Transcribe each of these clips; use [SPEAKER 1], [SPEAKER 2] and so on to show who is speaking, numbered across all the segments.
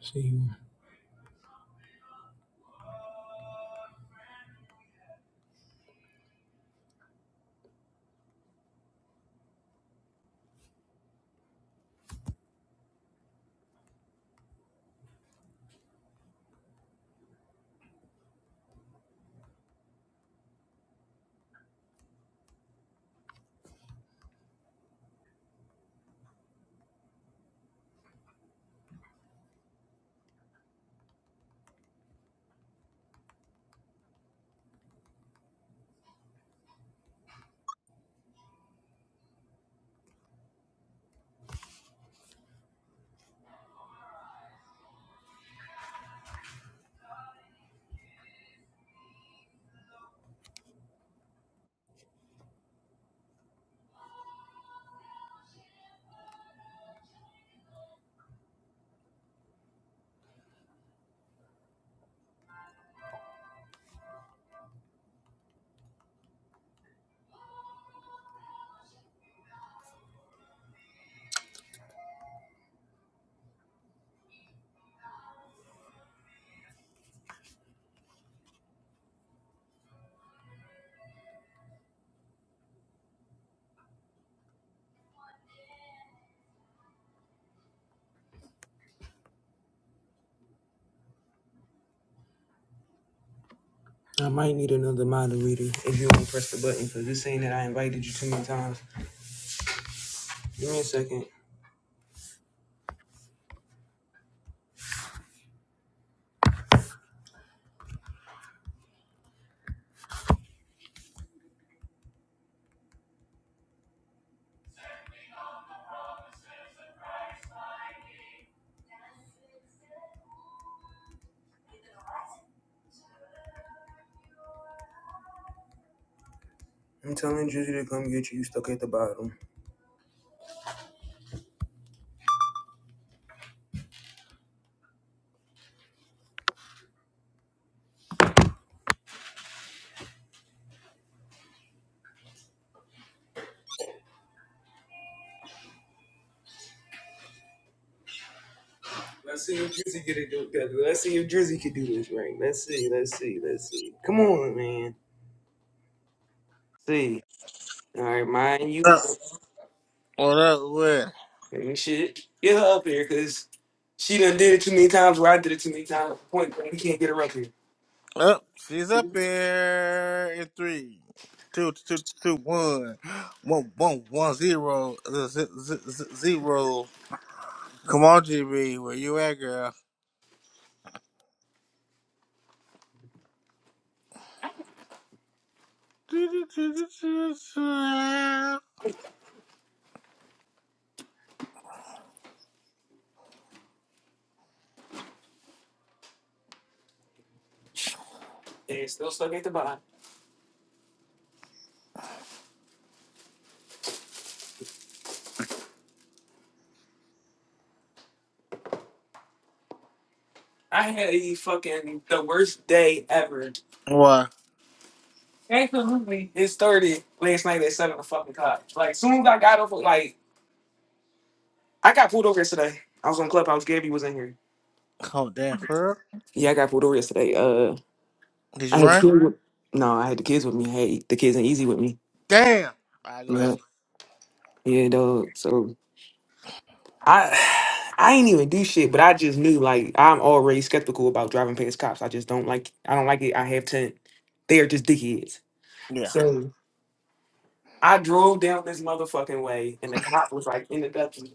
[SPEAKER 1] See, I might need another moderator if you don't press the button because it's saying that I invited you too many times. Give me a second. I'm telling Drizzy to come get you. You stuck at the bottom. Let's see if Drizzy get it together. Let's see if Drizzy can do this right. Let's see. Let's see. Let's see. Come on, man. See. All right, mind you.
[SPEAKER 2] up?
[SPEAKER 1] up.
[SPEAKER 2] What up? What?
[SPEAKER 1] Let me shit. Get her up here because she done did it too many times where I did it too many times. Point blank, we can't get her up here.
[SPEAKER 2] Up? She's up here in three, two, two, two, one, one, one, one, zero, z- z- z- z- zero. Come on, GB, where you at, girl?
[SPEAKER 1] And it's still stuck at the bottom. I had a fucking the worst day ever
[SPEAKER 2] What?
[SPEAKER 1] Absolutely. It started last night at seven o'clock. Like soon as I got off, like I got pulled over yesterday. I was on Clubhouse. Gabby was in here.
[SPEAKER 2] Oh, damn, for real?
[SPEAKER 1] Yeah, I got pulled over yesterday. Uh,
[SPEAKER 2] Did
[SPEAKER 1] I
[SPEAKER 2] you
[SPEAKER 1] had the
[SPEAKER 2] run?
[SPEAKER 1] kids. With, no, I had the kids with me. Hey, the kids ain't easy with me.
[SPEAKER 2] Damn. All right, go
[SPEAKER 1] Yeah,
[SPEAKER 2] ahead.
[SPEAKER 1] yeah, dog. So I. I ain't even do shit, but I just knew like I'm already skeptical about driving past cops. I just don't like I don't like it. I have ten. They are just dickheads.
[SPEAKER 2] Yeah.
[SPEAKER 1] So I drove down this motherfucking way and the cop was like in the dutchie.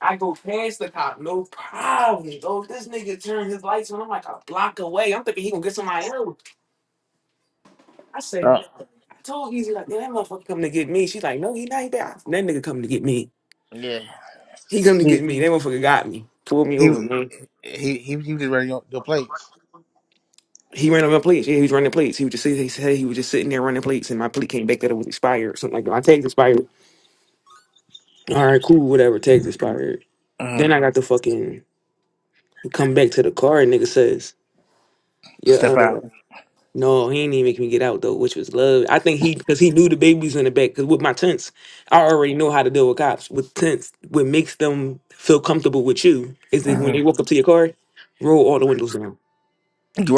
[SPEAKER 1] I go past the cop, no problem. Oh, this nigga turned his lights on. I'm like a block away. I'm thinking he gonna get somebody else. I say,
[SPEAKER 2] Oh,
[SPEAKER 1] I told Easy like, yeah, that motherfucker coming to get me. She's like, no, he not he there. I said, That nigga coming to get me.
[SPEAKER 2] yeah.
[SPEAKER 1] He coming to get
[SPEAKER 2] He
[SPEAKER 1] me. That motherfucker got me. Pulled me over,
[SPEAKER 2] he
[SPEAKER 1] man.
[SPEAKER 2] he he, he was ready your, your place.
[SPEAKER 1] He ran over plates. Yeah, he was running plates. He was just sitting, he said he was just sitting there running plates, and my plate came back that it was expired or something like that. My tag's expired. All right, cool, whatever. Tag's expired.
[SPEAKER 2] hmm
[SPEAKER 1] Then I got the fucking. come back to the car and nigga says, yeah.
[SPEAKER 2] Step
[SPEAKER 1] uh,
[SPEAKER 2] out.
[SPEAKER 1] No, he didn't even make me get out though, which was love. I think he because he knew the babies in the back. Because with my tents, I already know how to deal with cops. With tents, what makes them feel comfortable with you is that when
[SPEAKER 2] hmm
[SPEAKER 1] they walk up to your car, roll all the windows down.
[SPEAKER 2] You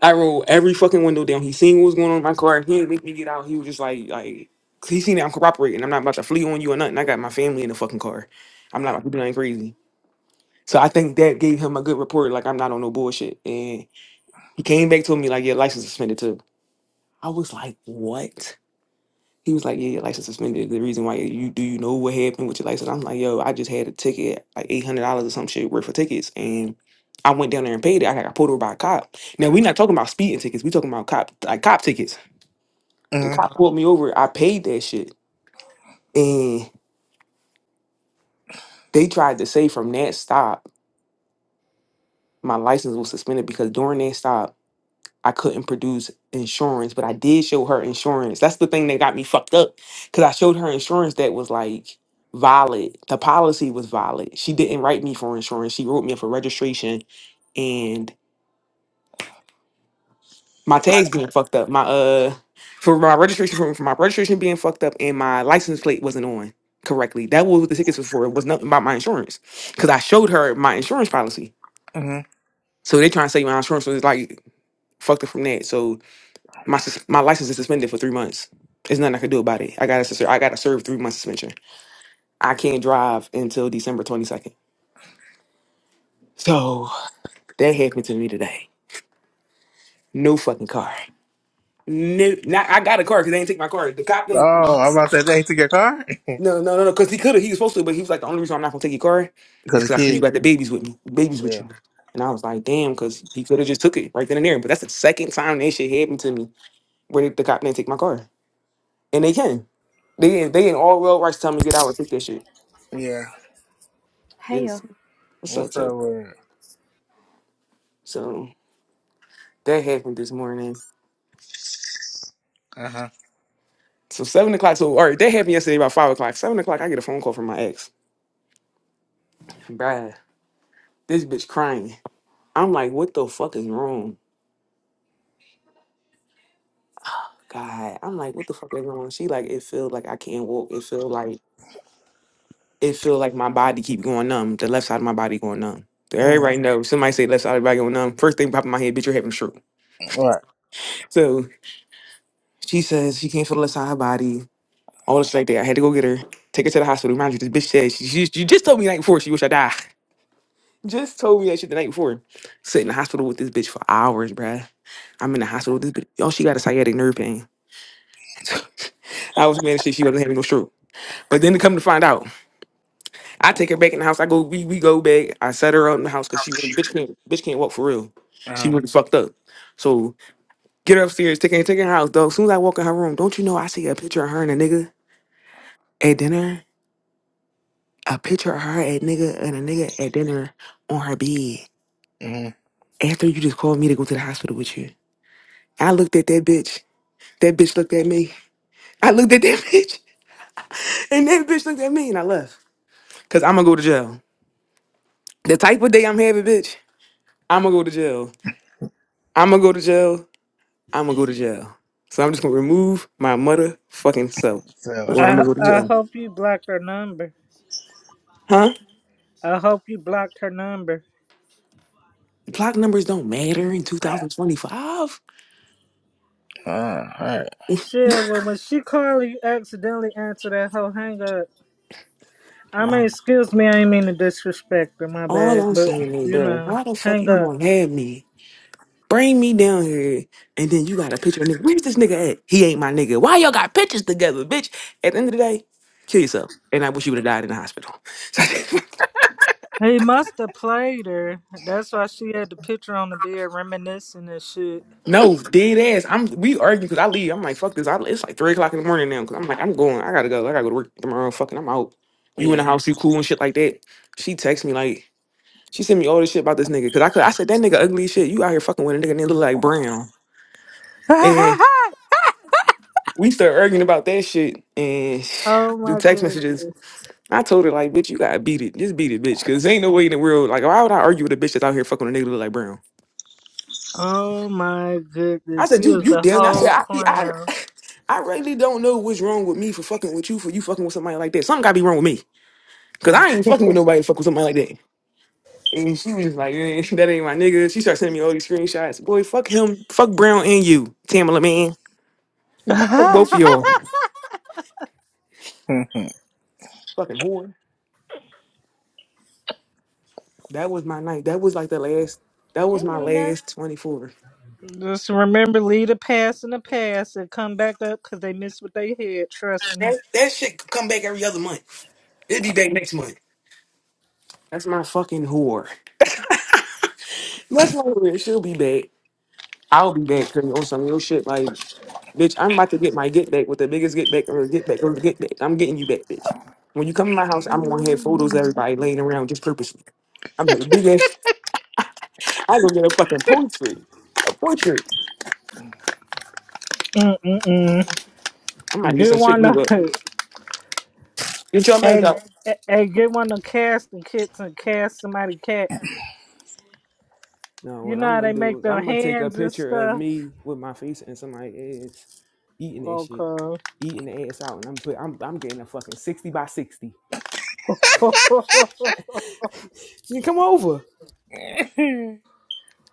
[SPEAKER 1] I rolled every fucking window down. He seen what was going on in my car. He didn't make me get out. He was just like, like 'cause he seen that I'm cooperating. I'm not about to flee on you or nothing. I got my family in the fucking car. I'm not about to do nothing crazy. So I think that gave him a good report. Like I'm not on no bullshit. And he came back to me like, yeah, license suspended too. I was like, what? He was like, "Yeah, your license suspended. The reason why you do you know what happened with your license?" I'm like, "Yo, I just had a ticket, like eight hundred dollars or some shit worth of tickets, and I went down there and paid it. I got pulled over by a cop. Now we're not talking about speeding tickets. we talking about cop like cop tickets. The
[SPEAKER 2] right.
[SPEAKER 1] cop Wow. pulled me over. I paid that shit, and they tried to say from that stop, my license was suspended because during that stop." I couldn't produce insurance, but I did show her insurance. That's the thing that got me fucked up because I showed her insurance that was like valid. The policy was valid. She didn't write me for insurance. She wrote me for registration and my tags being fucked up. My uh for my registration for, for my registration being fucked up and my license plate wasn't on correctly. That was what the tickets was for. It was nothing about my insurance because I showed her my insurance policy.
[SPEAKER 2] hmm
[SPEAKER 1] So they trying to say my insurance was like fucked up from that. So My sus- my license is suspended for three months. There's nothing I could do about it. I gotta sus- I gotta serve three months suspension. I can't drive until December 22nd. So that happened to me today. No fucking car. No, not, I got a car because they didn't take my car. The cop thing.
[SPEAKER 2] Oh, I'm about to say
[SPEAKER 1] No,
[SPEAKER 2] they took your car
[SPEAKER 1] no, no, no. Because he could have. He was supposed to, but he was like, the only reason I'm not gonna take your car is
[SPEAKER 2] because the
[SPEAKER 1] because I see you
[SPEAKER 2] kid.
[SPEAKER 1] got the babies with me, babies with
[SPEAKER 2] Yeah,
[SPEAKER 1] you. And I was like, damn, because he could have just took it right then and there. But that's the second time that shit happened to me where the, the cop didn't take my car, and they can. They didn't. They didn't all real rights tell me to get out and take that shit.
[SPEAKER 2] yeah.
[SPEAKER 3] Hey
[SPEAKER 1] Yes.
[SPEAKER 3] yo.
[SPEAKER 1] What's up,
[SPEAKER 2] What's up
[SPEAKER 1] Tuck?
[SPEAKER 2] with it?
[SPEAKER 1] So that happened this morning.
[SPEAKER 2] Uh huh.
[SPEAKER 1] So seven o'clock. So all right, that happened yesterday about five o'clock. Seven o'clock, I get a phone call from my ex. Bruh, this bitch crying. I'm like, what the fuck is wrong? God, I'm like, what the fuck is wrong? She like, it feel like I can't walk. It feel like it feel like my body keep going numb. The left side of my body going numb.
[SPEAKER 2] Mm.
[SPEAKER 1] Everybody knows. Somebody say left side of the body going numb. First thing popping my head, bitch, you're having a stroke.
[SPEAKER 2] What?
[SPEAKER 1] So she says she can't feel the left side of her body. All this like that. I had to go get her, take her to the hospital. Mind you, this bitch said she, she, she just told me the night before she wish I die. Just told me that shit the night before. Sit in the hospital with this bitch for hours, bruh. I'm in the hospital with this bitch. Yo, she got a sciatic nerve pain. I was mad as shit she wasn't having no stroke. But then to come to find out, I take her back in the house. I go, we, we go back. I set her up in the house because she really bitch can't bitch can't walk for real.
[SPEAKER 2] Uh
[SPEAKER 1] She
[SPEAKER 2] huh.
[SPEAKER 1] really fucked up. So get her upstairs, take her, take her in her house, dog. As soon as I walk in her room, don't you know I see a picture of her and a nigga at dinner? a picture of her at nigga and a nigga at dinner on her bed
[SPEAKER 2] hmm
[SPEAKER 1] after you just called me to go to the hospital with you. I looked at that bitch. That bitch looked at me. I looked at that bitch and that bitch looked at me and I left. Cause I'ma go to jail. The type of day I'm having, bitch, I'ma go to jail. I'ma go to jail. I'ma go to jail. So I'm just gonna remove my motherfucking self.
[SPEAKER 2] So,
[SPEAKER 1] Or
[SPEAKER 4] I
[SPEAKER 1] I'ma go to
[SPEAKER 4] I
[SPEAKER 1] jail.
[SPEAKER 4] hope you blocked her number.
[SPEAKER 1] Huh?
[SPEAKER 4] I hope you blocked her number.
[SPEAKER 1] Block numbers don't matter in 2025.
[SPEAKER 2] uh, all right.
[SPEAKER 4] Shit, well, when she called you accidentally answer that whole hang up. I mean, excuse me, I ain't mean to disrespect her, my
[SPEAKER 1] All
[SPEAKER 4] bad,
[SPEAKER 1] I'm
[SPEAKER 4] but
[SPEAKER 1] saying is,
[SPEAKER 4] you
[SPEAKER 1] bro,
[SPEAKER 4] know,
[SPEAKER 1] how the fuck
[SPEAKER 4] hang
[SPEAKER 1] you
[SPEAKER 4] up.
[SPEAKER 1] gonna have me Bring me down here. And then you got a picture of nigga. Where's this nigga at? He ain't my nigga. Why y'all got pictures together, bitch? At the end of the day, kill yourself. And I wish you would have died in the hospital.
[SPEAKER 4] He must have played her. That's why she had the picture on the bed reminiscing and shit.
[SPEAKER 1] no, dead ass. I'm we argue because I leave. I'm like, fuck this. I, it's like three o'clock in the morning now. Cause I'm like, I'm going. I gotta go. I gotta go to work tomorrow. Fucking I'm out. You in the
[SPEAKER 2] Yeah.
[SPEAKER 1] house, you cool and shit like that. She texts me like she sent me all this shit about this nigga. Cause I could I said that nigga ugly as shit. You out here fucking with a nigga and they look like brown. And
[SPEAKER 4] oh
[SPEAKER 1] we start arguing about that shit and through
[SPEAKER 4] my
[SPEAKER 1] text
[SPEAKER 4] goodness.
[SPEAKER 1] messages. I told her like, bitch, you gotta beat it. Just beat it, bitch. Cause ain't no way in the world. Like, why would I argue with a bitch that's out here fucking with a nigga that look like Brown?
[SPEAKER 4] Oh my
[SPEAKER 1] I
[SPEAKER 4] goodness.
[SPEAKER 1] said,
[SPEAKER 4] He
[SPEAKER 1] you,
[SPEAKER 4] is
[SPEAKER 1] you
[SPEAKER 4] a
[SPEAKER 1] damn. I
[SPEAKER 4] whole
[SPEAKER 1] said, I, be- I,
[SPEAKER 4] clown.
[SPEAKER 1] I really don't know what's wrong with me for fucking with you for you fucking with somebody like that. Something gotta be wrong with me. Cause I ain't fucking with nobody to fuck with somebody like that. And she was just like, eh, that ain't my nigga. She started sending me all these screenshots. Boy, fuck him. Fuck Brown and you, Tamala man. Fuck both of y'all.
[SPEAKER 2] Mhm.
[SPEAKER 1] Fucking whore. That was my night. That was like the last. That was
[SPEAKER 3] Hey
[SPEAKER 1] my
[SPEAKER 3] Nina.
[SPEAKER 1] last twenty four.
[SPEAKER 4] Just remember, leave the past in the past and come back up because they missed what they had. Trust me.
[SPEAKER 1] That that shit could come back every other month. It'd be back next month. That's my fucking whore. That's my whore. She'll be back. I'll be back because on some real shit. Like, bitch, I'm about to get my get back with the biggest get back or get back or get back. I'm getting you back, bitch. When you come to my house, I'm gonna have photos of everybody laying around just purposely. I'm gonna do that. I'm gonna get a fucking portrait. A portrait.
[SPEAKER 4] Mm-mm-mm.
[SPEAKER 1] I'm about to get
[SPEAKER 4] Get
[SPEAKER 1] some shit
[SPEAKER 4] one
[SPEAKER 1] glued
[SPEAKER 4] of
[SPEAKER 1] up.
[SPEAKER 4] hey,
[SPEAKER 1] Get your meds
[SPEAKER 4] hey,
[SPEAKER 1] out.
[SPEAKER 4] hey, get one of the casting kits and cast somebody cat.
[SPEAKER 1] No,
[SPEAKER 4] You
[SPEAKER 1] what
[SPEAKER 4] know
[SPEAKER 1] I'm
[SPEAKER 4] how they
[SPEAKER 1] gonna do
[SPEAKER 4] make
[SPEAKER 1] is
[SPEAKER 4] their
[SPEAKER 1] I'm gonna take a
[SPEAKER 4] hands and
[SPEAKER 1] picture of
[SPEAKER 4] stuff.
[SPEAKER 1] me with my face and somebody's ass eating that shit,
[SPEAKER 4] Okay.
[SPEAKER 1] eating the ass out, and I'm put I'm I'm getting a fucking sixty by sixty. She come over.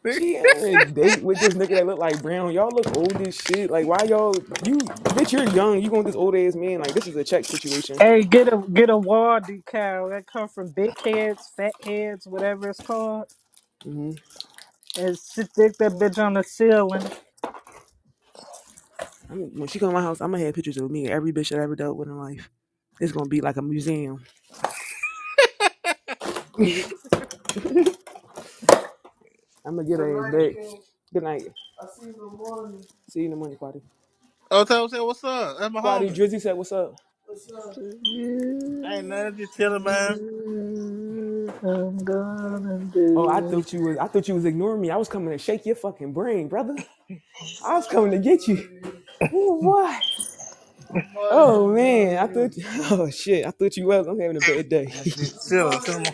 [SPEAKER 1] She on a date with this nigga that look like Brown. Y'all look old as shit. Like why y'all you bitch? You're young. You going with this old ass man? Like this is a check situation.
[SPEAKER 4] hey, get a get a wall decal that come from big heads, fat heads, whatever it's called,
[SPEAKER 1] hmm
[SPEAKER 4] and stick that bitch on the ceiling.
[SPEAKER 1] I'm, when she come to my house, I'm gonna have pictures of me and every bitch that I ever dealt with in life. It's gonna be like a museum. I'm gonna get her ass back. Good night. See you in the morning, Quadi.
[SPEAKER 2] oh, tell said, what's up? That's my
[SPEAKER 1] Quadi
[SPEAKER 2] homie.
[SPEAKER 1] Drizzy said, "What's up?"
[SPEAKER 4] to
[SPEAKER 2] I ain't
[SPEAKER 4] you.
[SPEAKER 2] nothing. Just chilling, man.
[SPEAKER 4] I'm gonna
[SPEAKER 1] Oh, I
[SPEAKER 4] do. it.
[SPEAKER 1] thought you was. I thought you was ignoring me. I was coming to shake your fucking brain, brother. I was coming to get you. Ooh, what? Oh man, I thought oh shit, I thought you was. I'm having a bad day.
[SPEAKER 2] I'm Just chilling. Tell him.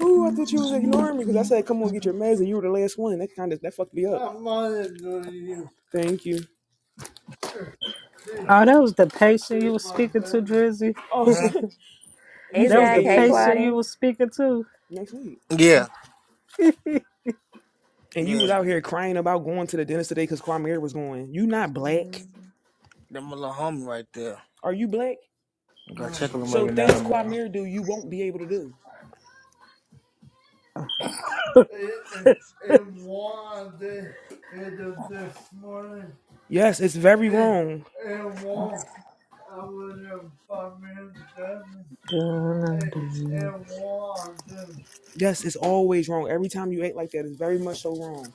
[SPEAKER 1] Ooh, I thought you was ignoring me because I said, "Come on, get your meds," and you were the last one. That kind of that fucked me up. I'm not ignoring you. Thank you.
[SPEAKER 4] Oh, that was the patient you was speaking to, Drizzy.
[SPEAKER 1] Oh, so
[SPEAKER 2] Mhm.
[SPEAKER 1] you
[SPEAKER 3] Hey
[SPEAKER 4] That
[SPEAKER 1] said
[SPEAKER 4] was the
[SPEAKER 3] Zach. Hey
[SPEAKER 1] annual dinner
[SPEAKER 4] patient you
[SPEAKER 3] Quadi.
[SPEAKER 4] was speaking to.
[SPEAKER 1] next week,
[SPEAKER 2] Yeah,
[SPEAKER 1] and you
[SPEAKER 2] yeah.
[SPEAKER 1] was out here crying about going to the dentist today because Kwame was going. You not black?
[SPEAKER 2] That my little homie right there.
[SPEAKER 1] Are you black?
[SPEAKER 2] I gotta check on him
[SPEAKER 1] So
[SPEAKER 2] every
[SPEAKER 1] things
[SPEAKER 2] now and then.
[SPEAKER 1] Kwame do, you won't be able to do. Yes, it's very wrong.
[SPEAKER 4] Gonna do.
[SPEAKER 1] Yes, it's always wrong. Every time you act like that, it's very much so wrong.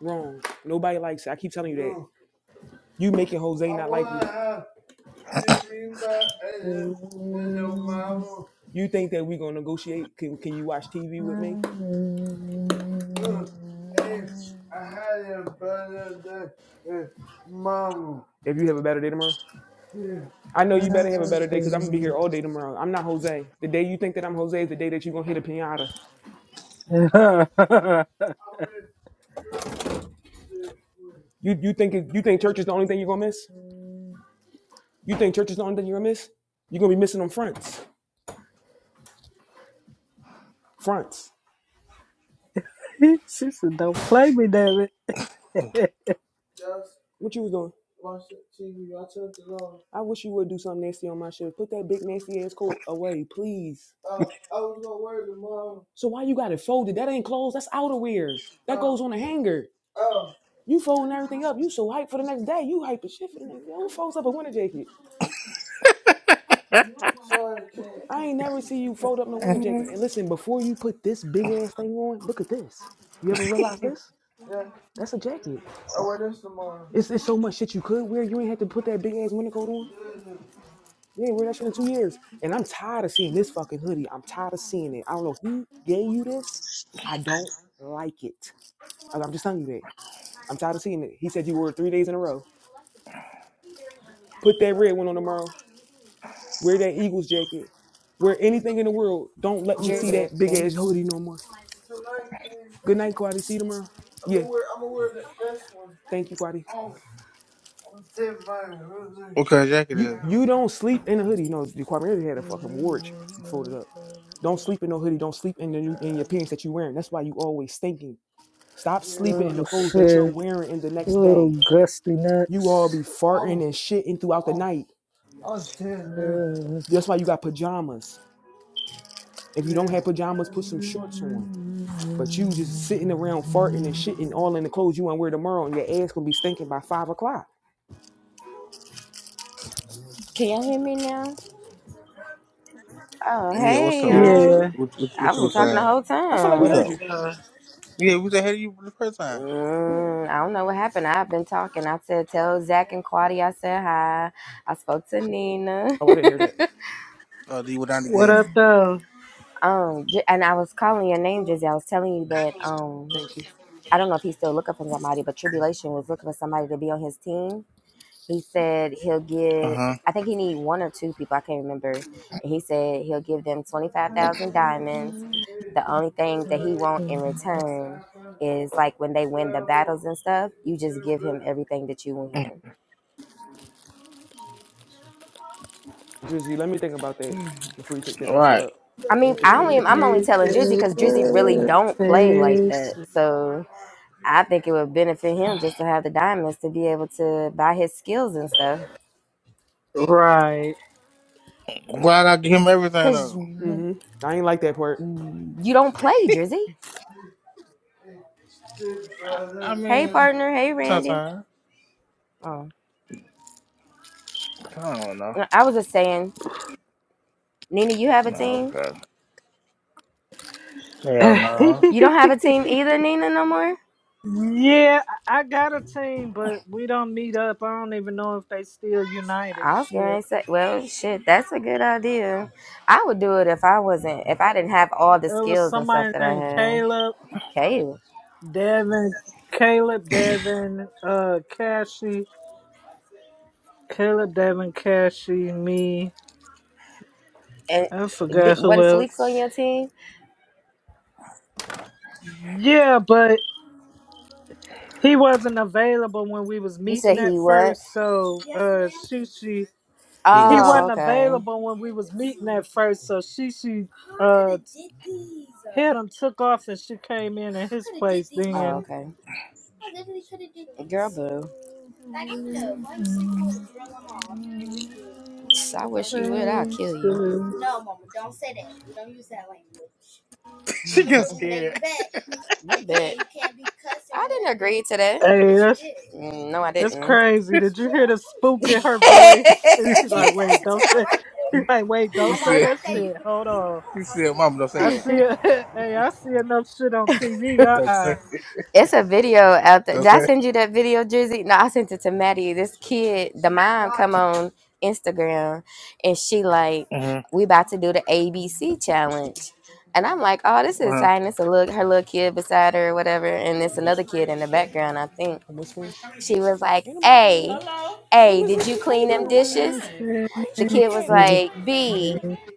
[SPEAKER 1] Wrong. Nobody likes it. I keep telling you that. You making Jose not like you. You think that we gonna negotiate? Can Can you watch TV with me if you have a better day tomorrow? I know you better have a better day because I'm gonna be here all day tomorrow. I'm not Jose. The day you think that I'm Jose is the day that you gonna hit a pinata.
[SPEAKER 4] it.
[SPEAKER 1] You You think it- you think church is the only thing you're gonna miss? You think church is the only thing you're gonna miss? You're gonna be missing them fronts. Fronts.
[SPEAKER 4] she said, "Don't play me, damn it."
[SPEAKER 1] What you was doing? I wish you would do something nasty on my shift. Put that big nasty ass coat away, please. So why you got it folded? That ain't clothes. That's outerwear. That Uh, goes on a hanger. You folding everything up. You so hype for the next day. You hype as shit for the next day. Who folds up a winter jacket? I ain't never see you fold up no winter jacket.
[SPEAKER 2] Mhm.
[SPEAKER 1] And listen, before you put this big ass thing on, look at this. You ever realize this? That's a jacket. It's, it's so much shit you could wear. You ain't had to put that big ass winter coat on. You ain't wear that shit in two years. And I'm tired of seeing this fucking hoodie. I'm tired of seeing it. I don't know who gave you this. I don't like it. I'm I'm just telling you that. I'm tired of seeing it. He said you wore it three days in a row. Put that red one on tomorrow. wear that Eagles jacket, wear anything in the world. Don't let me see
[SPEAKER 3] Jersey.
[SPEAKER 1] that big ass hoodie no more. Good night, Quadi. See you tomorrow. I'm yeah. Gonna wear, I'm gonna wear that. this one. Thank you, Quadi. Oh,
[SPEAKER 2] What kind of jacket
[SPEAKER 1] You
[SPEAKER 2] is?
[SPEAKER 1] now.
[SPEAKER 2] it?
[SPEAKER 1] you don't sleep in a hoodie. No, Kwame already had a fucking wart folded up. Don't sleep in no hoodie. Don't sleep in the in your pants that you're wearing. That's why you always stinking. Stop yeah. sleeping in the
[SPEAKER 4] Oh
[SPEAKER 1] clothes that you're
[SPEAKER 4] shit!
[SPEAKER 1] wearing in the next
[SPEAKER 4] Oh,
[SPEAKER 1] day.
[SPEAKER 4] gusty
[SPEAKER 1] You all be
[SPEAKER 4] nuts.
[SPEAKER 1] farting oh. and shitting throughout the oh. night.
[SPEAKER 4] Uh,
[SPEAKER 1] That's why you got pajamas. If you yeah. don't have pajamas, put some shorts on. But you just sitting around farting and shitting all in the clothes you want to wear tomorrow, and your ass gonna be stinking by five o'clock.
[SPEAKER 3] Can y'all hear me now? Oh
[SPEAKER 2] Yeah. What's
[SPEAKER 3] hey
[SPEAKER 2] up?
[SPEAKER 1] Yeah,
[SPEAKER 2] What you what,
[SPEAKER 1] what's
[SPEAKER 3] y'all.
[SPEAKER 1] up?
[SPEAKER 4] yeah.
[SPEAKER 2] what, what,
[SPEAKER 3] I've
[SPEAKER 2] what you
[SPEAKER 3] been
[SPEAKER 2] was
[SPEAKER 3] talking the
[SPEAKER 2] saying?
[SPEAKER 3] whole
[SPEAKER 1] I feel like we
[SPEAKER 4] What
[SPEAKER 2] What's
[SPEAKER 3] time.
[SPEAKER 4] up,
[SPEAKER 1] heard
[SPEAKER 2] up?
[SPEAKER 1] you.
[SPEAKER 4] though?
[SPEAKER 2] Yeah, we said, hey, you the first time.
[SPEAKER 3] Mm, I don't know what happened. I've been talking. I said tell Zach and Quadi I said hi. I spoke to Nina.
[SPEAKER 1] Oh, I didn't hear that.
[SPEAKER 2] Oh, then you went down
[SPEAKER 4] What
[SPEAKER 2] again.
[SPEAKER 4] up, though?
[SPEAKER 3] um J- and I was calling your name, Jersey. I was telling you that um
[SPEAKER 1] Thank you,
[SPEAKER 3] I don't know if he's still looking for somebody, but Tribulation was looking for somebody to be on his team. He said he'll
[SPEAKER 2] Uh
[SPEAKER 3] give.
[SPEAKER 2] huh.
[SPEAKER 3] I think he need one or two people. I can't remember. And he said he'll give them twenty five thousand diamonds. The only thing that he want in return is like when they win the battles and stuff, you just give him everything that you
[SPEAKER 1] Drizzy. Let me think about that
[SPEAKER 3] win.
[SPEAKER 1] before you take that offer
[SPEAKER 2] Right.
[SPEAKER 1] up.
[SPEAKER 3] I
[SPEAKER 1] Let
[SPEAKER 3] mean,
[SPEAKER 1] me think.
[SPEAKER 3] I
[SPEAKER 1] Let me
[SPEAKER 3] only
[SPEAKER 1] think
[SPEAKER 3] I'm
[SPEAKER 1] about
[SPEAKER 3] only
[SPEAKER 1] that.
[SPEAKER 4] Make
[SPEAKER 3] telling Drizzy because Drizzy really
[SPEAKER 4] your
[SPEAKER 3] don't play like
[SPEAKER 4] face
[SPEAKER 3] that. So I think it would benefit him just to have the diamonds to be able to buy his skills and stuff.
[SPEAKER 4] right.
[SPEAKER 2] Well, I got to give him everything,
[SPEAKER 3] Cause
[SPEAKER 2] though.
[SPEAKER 3] you
[SPEAKER 1] Mm-hmm. I ain't like that part.
[SPEAKER 3] you don't play Drizzy.
[SPEAKER 2] I, I
[SPEAKER 3] Hey
[SPEAKER 2] mean,
[SPEAKER 3] partner, hey Randy.
[SPEAKER 2] sometimes.
[SPEAKER 3] Oh,
[SPEAKER 2] I don't know.
[SPEAKER 3] No, I was just saying, Nina, you have a
[SPEAKER 2] No,
[SPEAKER 3] team.
[SPEAKER 2] okay. Hell no.
[SPEAKER 3] You don't have a team either, Nina, no more.
[SPEAKER 4] yeah, I I got a team, but we don't meet up. I don't even know if they still united.
[SPEAKER 3] I was
[SPEAKER 4] Shit.
[SPEAKER 3] gonna say, well, shit, that's a good idea. I would do it if I wasn't, if I didn't have all the
[SPEAKER 4] It was
[SPEAKER 3] skills and stuff
[SPEAKER 4] somebody
[SPEAKER 3] that I
[SPEAKER 4] named
[SPEAKER 3] have.
[SPEAKER 4] Caleb,
[SPEAKER 3] Okay,
[SPEAKER 4] Devin, Caleb, Devin, uh, Cassie, Caleb, Devin, Cassie, me.
[SPEAKER 3] and
[SPEAKER 4] I
[SPEAKER 3] di-
[SPEAKER 4] forgot who
[SPEAKER 3] wasn't Felix on
[SPEAKER 4] else.
[SPEAKER 3] your team?
[SPEAKER 4] Yeah, but he wasn't available when we was
[SPEAKER 3] You
[SPEAKER 4] meeting
[SPEAKER 3] said
[SPEAKER 4] at
[SPEAKER 3] he what?
[SPEAKER 4] first, so uh, Shushi
[SPEAKER 2] He
[SPEAKER 4] he
[SPEAKER 2] wasn't.
[SPEAKER 3] Oh,
[SPEAKER 4] wasn't
[SPEAKER 3] okay.
[SPEAKER 4] available when we was meeting at first, so she she uh had him took off and she came in at his place
[SPEAKER 3] Oh,
[SPEAKER 4] then.
[SPEAKER 3] okay. Girl, boo. I wish you would. I'll
[SPEAKER 4] Hey,
[SPEAKER 3] kill you.
[SPEAKER 2] She got scared.
[SPEAKER 3] What bet? I didn't agree to that.
[SPEAKER 4] that's
[SPEAKER 3] Mm, No, I
[SPEAKER 4] that's
[SPEAKER 3] didn't.
[SPEAKER 4] crazy. Did you hear the spook in her voice? And
[SPEAKER 2] She
[SPEAKER 3] You
[SPEAKER 4] she like,
[SPEAKER 2] said,
[SPEAKER 3] can't
[SPEAKER 4] wait,
[SPEAKER 3] cuss
[SPEAKER 4] don't
[SPEAKER 3] until my
[SPEAKER 4] say she
[SPEAKER 3] birthday.
[SPEAKER 4] like wait,
[SPEAKER 2] she
[SPEAKER 4] don't
[SPEAKER 3] On my
[SPEAKER 4] say
[SPEAKER 2] said,
[SPEAKER 4] that
[SPEAKER 3] birthday, you
[SPEAKER 2] she
[SPEAKER 4] shit.
[SPEAKER 3] could
[SPEAKER 4] Hold
[SPEAKER 3] you could
[SPEAKER 4] on.
[SPEAKER 3] cuss
[SPEAKER 2] said, Mom, don't say
[SPEAKER 3] all
[SPEAKER 4] I
[SPEAKER 2] that.
[SPEAKER 4] see
[SPEAKER 3] you want.
[SPEAKER 4] it. hey, I see enough shit on TV.
[SPEAKER 2] Don't say it.
[SPEAKER 3] It's a video out there. Did
[SPEAKER 2] Don't say
[SPEAKER 3] I
[SPEAKER 2] it.
[SPEAKER 3] send you that video, Drizzy? No, I sent it to Maddie. This kid, the mom, come on Instagram, and she like,
[SPEAKER 2] Mm-hmm.
[SPEAKER 3] we about to do the ABC challenge, and I'm like, oh, this is exciting. It's a look, her little kid beside her, or whatever, and it's another kid in the background. I think
[SPEAKER 1] I'm whispering.
[SPEAKER 3] she was like,
[SPEAKER 1] Ain't nobody coming to get
[SPEAKER 3] a,
[SPEAKER 1] me. Hello. Hey,
[SPEAKER 3] a.
[SPEAKER 1] Miss
[SPEAKER 3] did you
[SPEAKER 1] Lucy, how you
[SPEAKER 3] clean them
[SPEAKER 1] doing? Why?
[SPEAKER 3] dishes?
[SPEAKER 1] Fine. Why are you
[SPEAKER 3] the kid
[SPEAKER 1] screaming
[SPEAKER 3] was
[SPEAKER 1] at me? You
[SPEAKER 4] Uh
[SPEAKER 3] like,
[SPEAKER 1] ain't say nothing
[SPEAKER 4] uh
[SPEAKER 3] B,
[SPEAKER 1] to me.